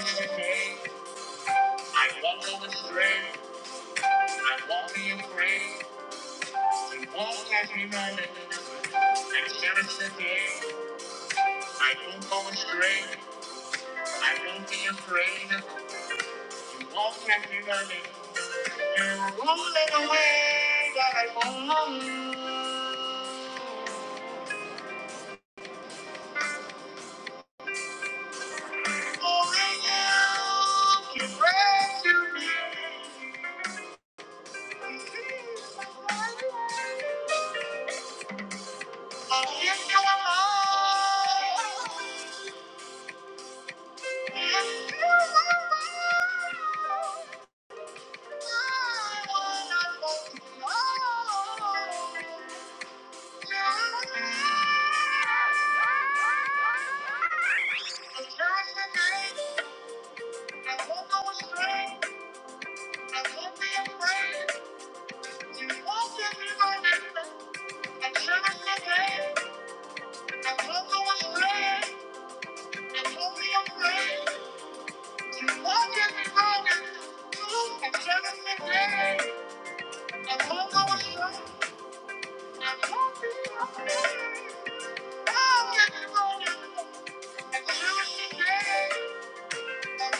D: in the day. I walk over the grave. I walk in the grave. You walk as you know it. I'm standing in the day. It's great. Oh, yeah. Oh, yeah. Oh, Thank you. Thank you.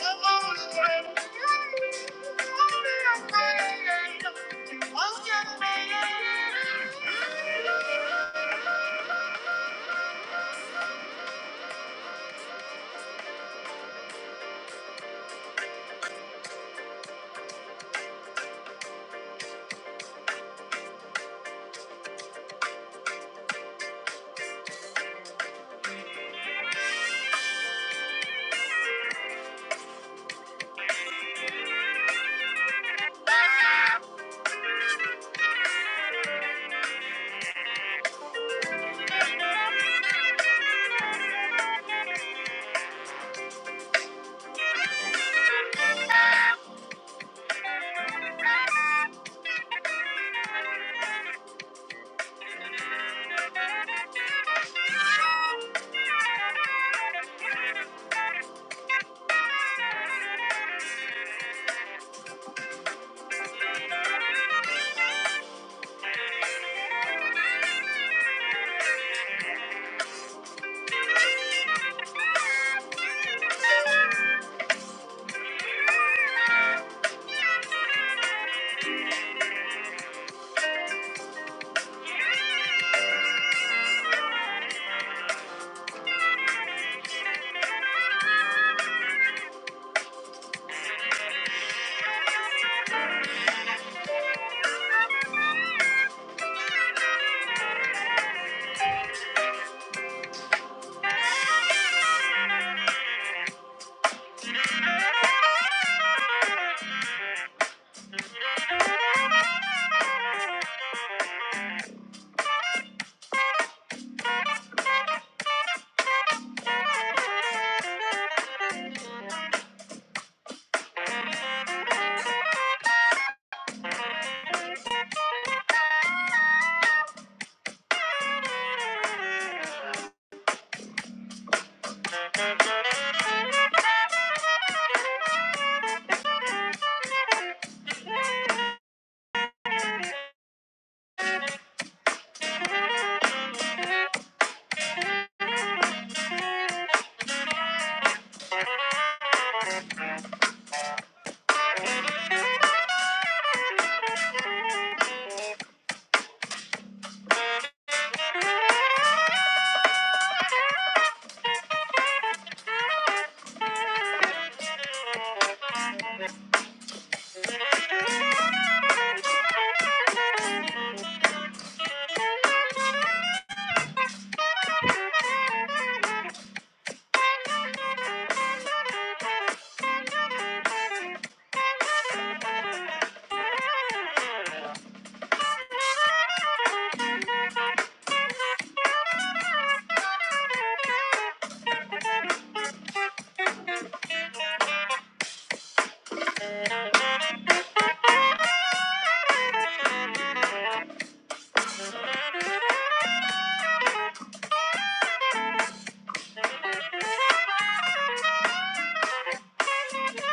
D: Thank you.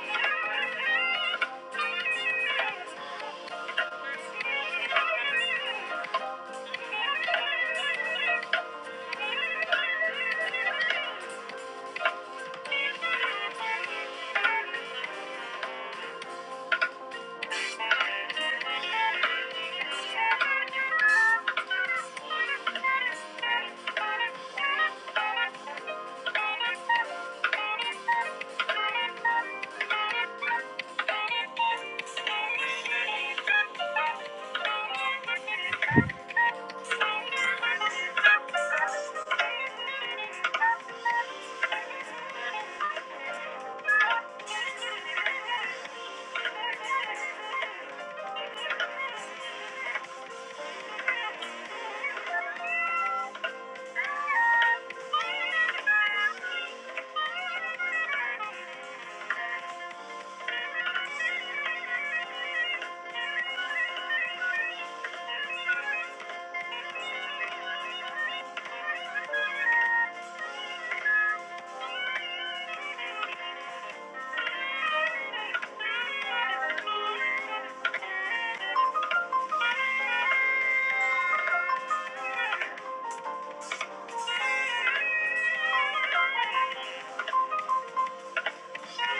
D: Thank you. Thank you.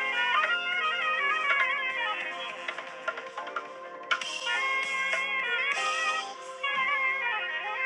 D: Thank you.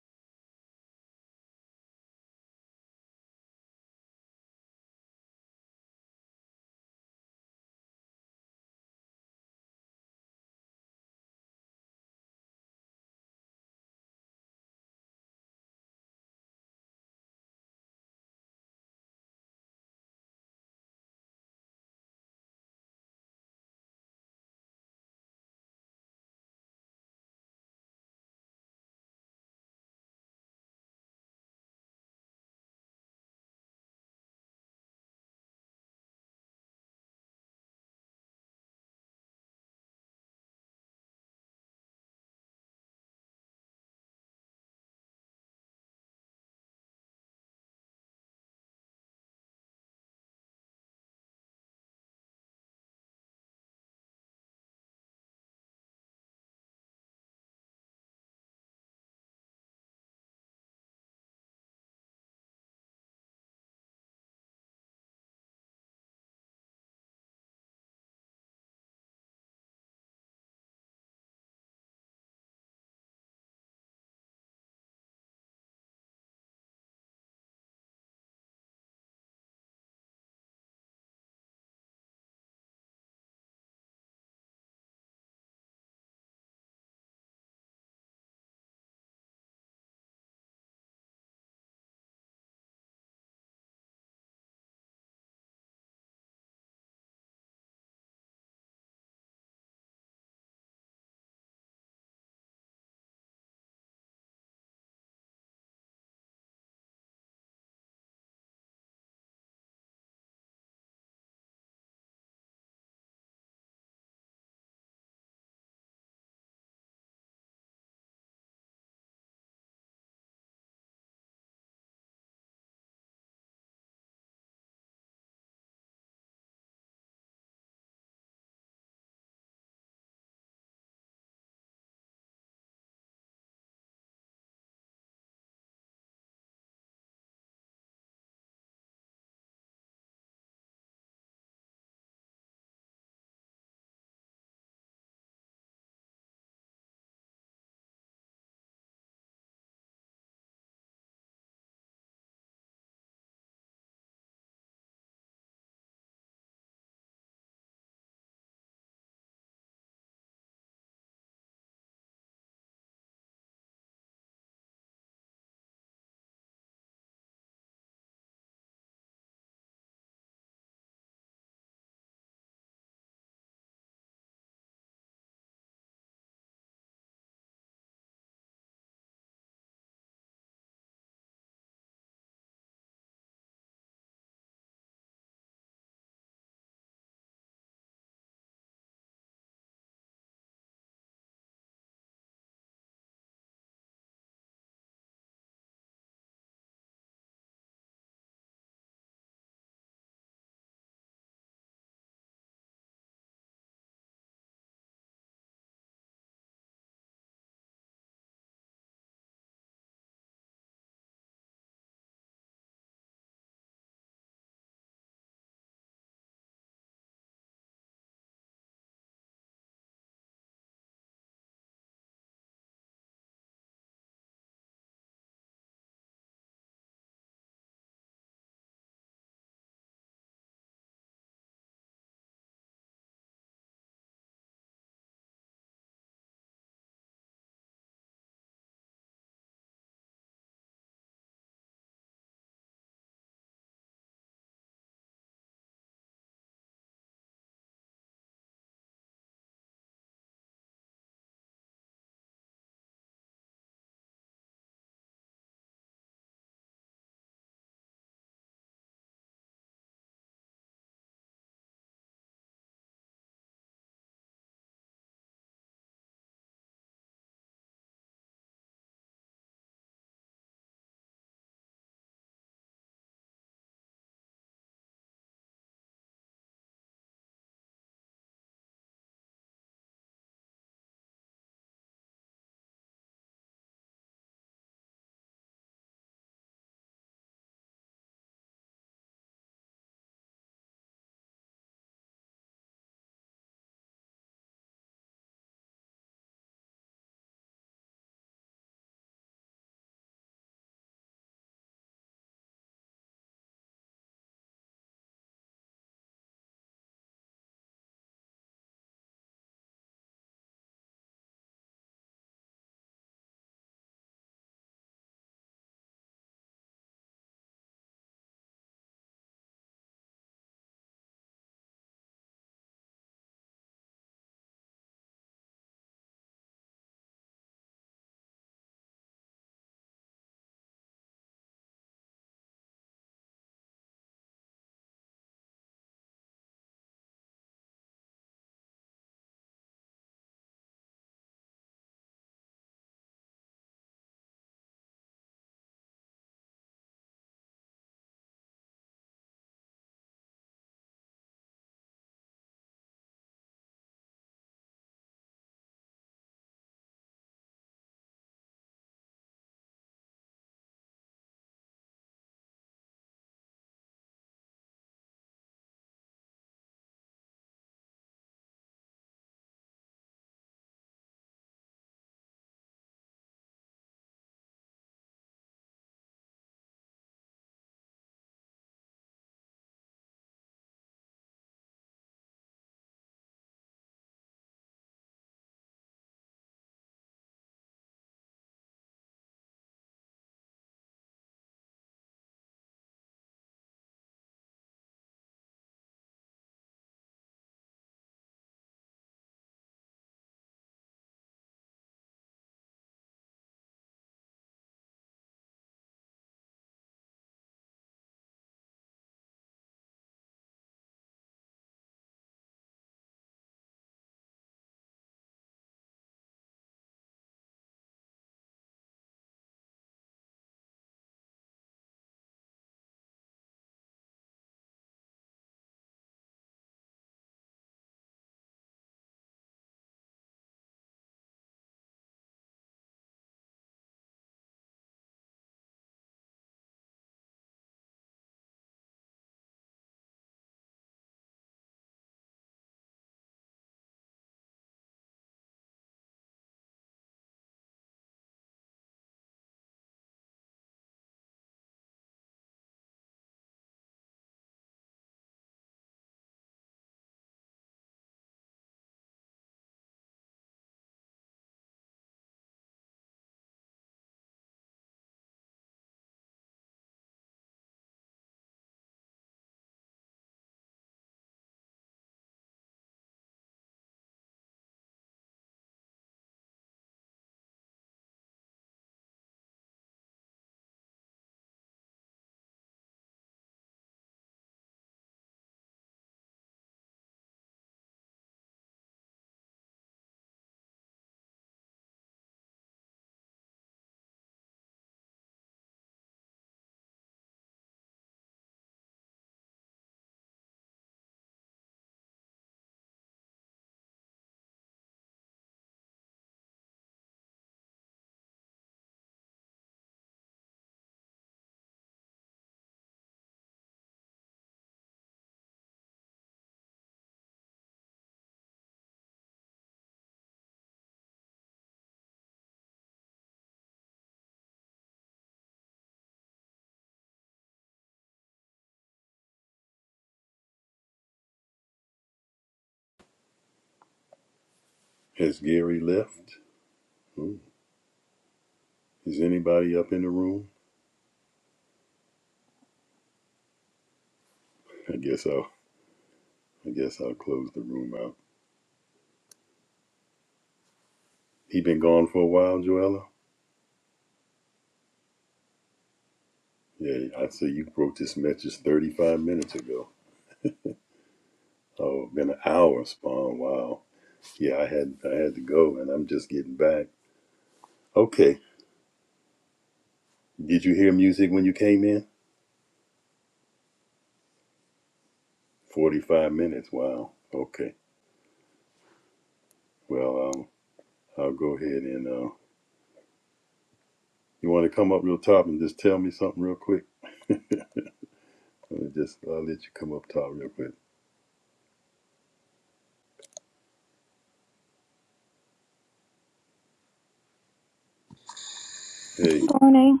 E: Morning.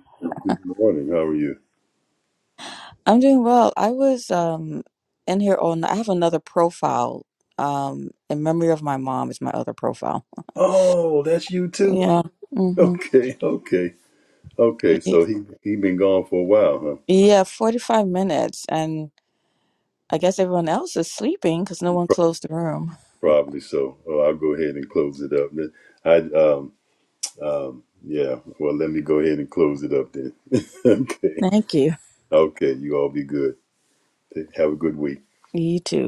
E: I'm doing well. I was um in here on I have another profile. Um in memory of my mom is my other profile. Yeah. Mhm. Yeah, 45 minutes and I guess everyone else is sleeping cuz no one closed the room. Thank you. You too.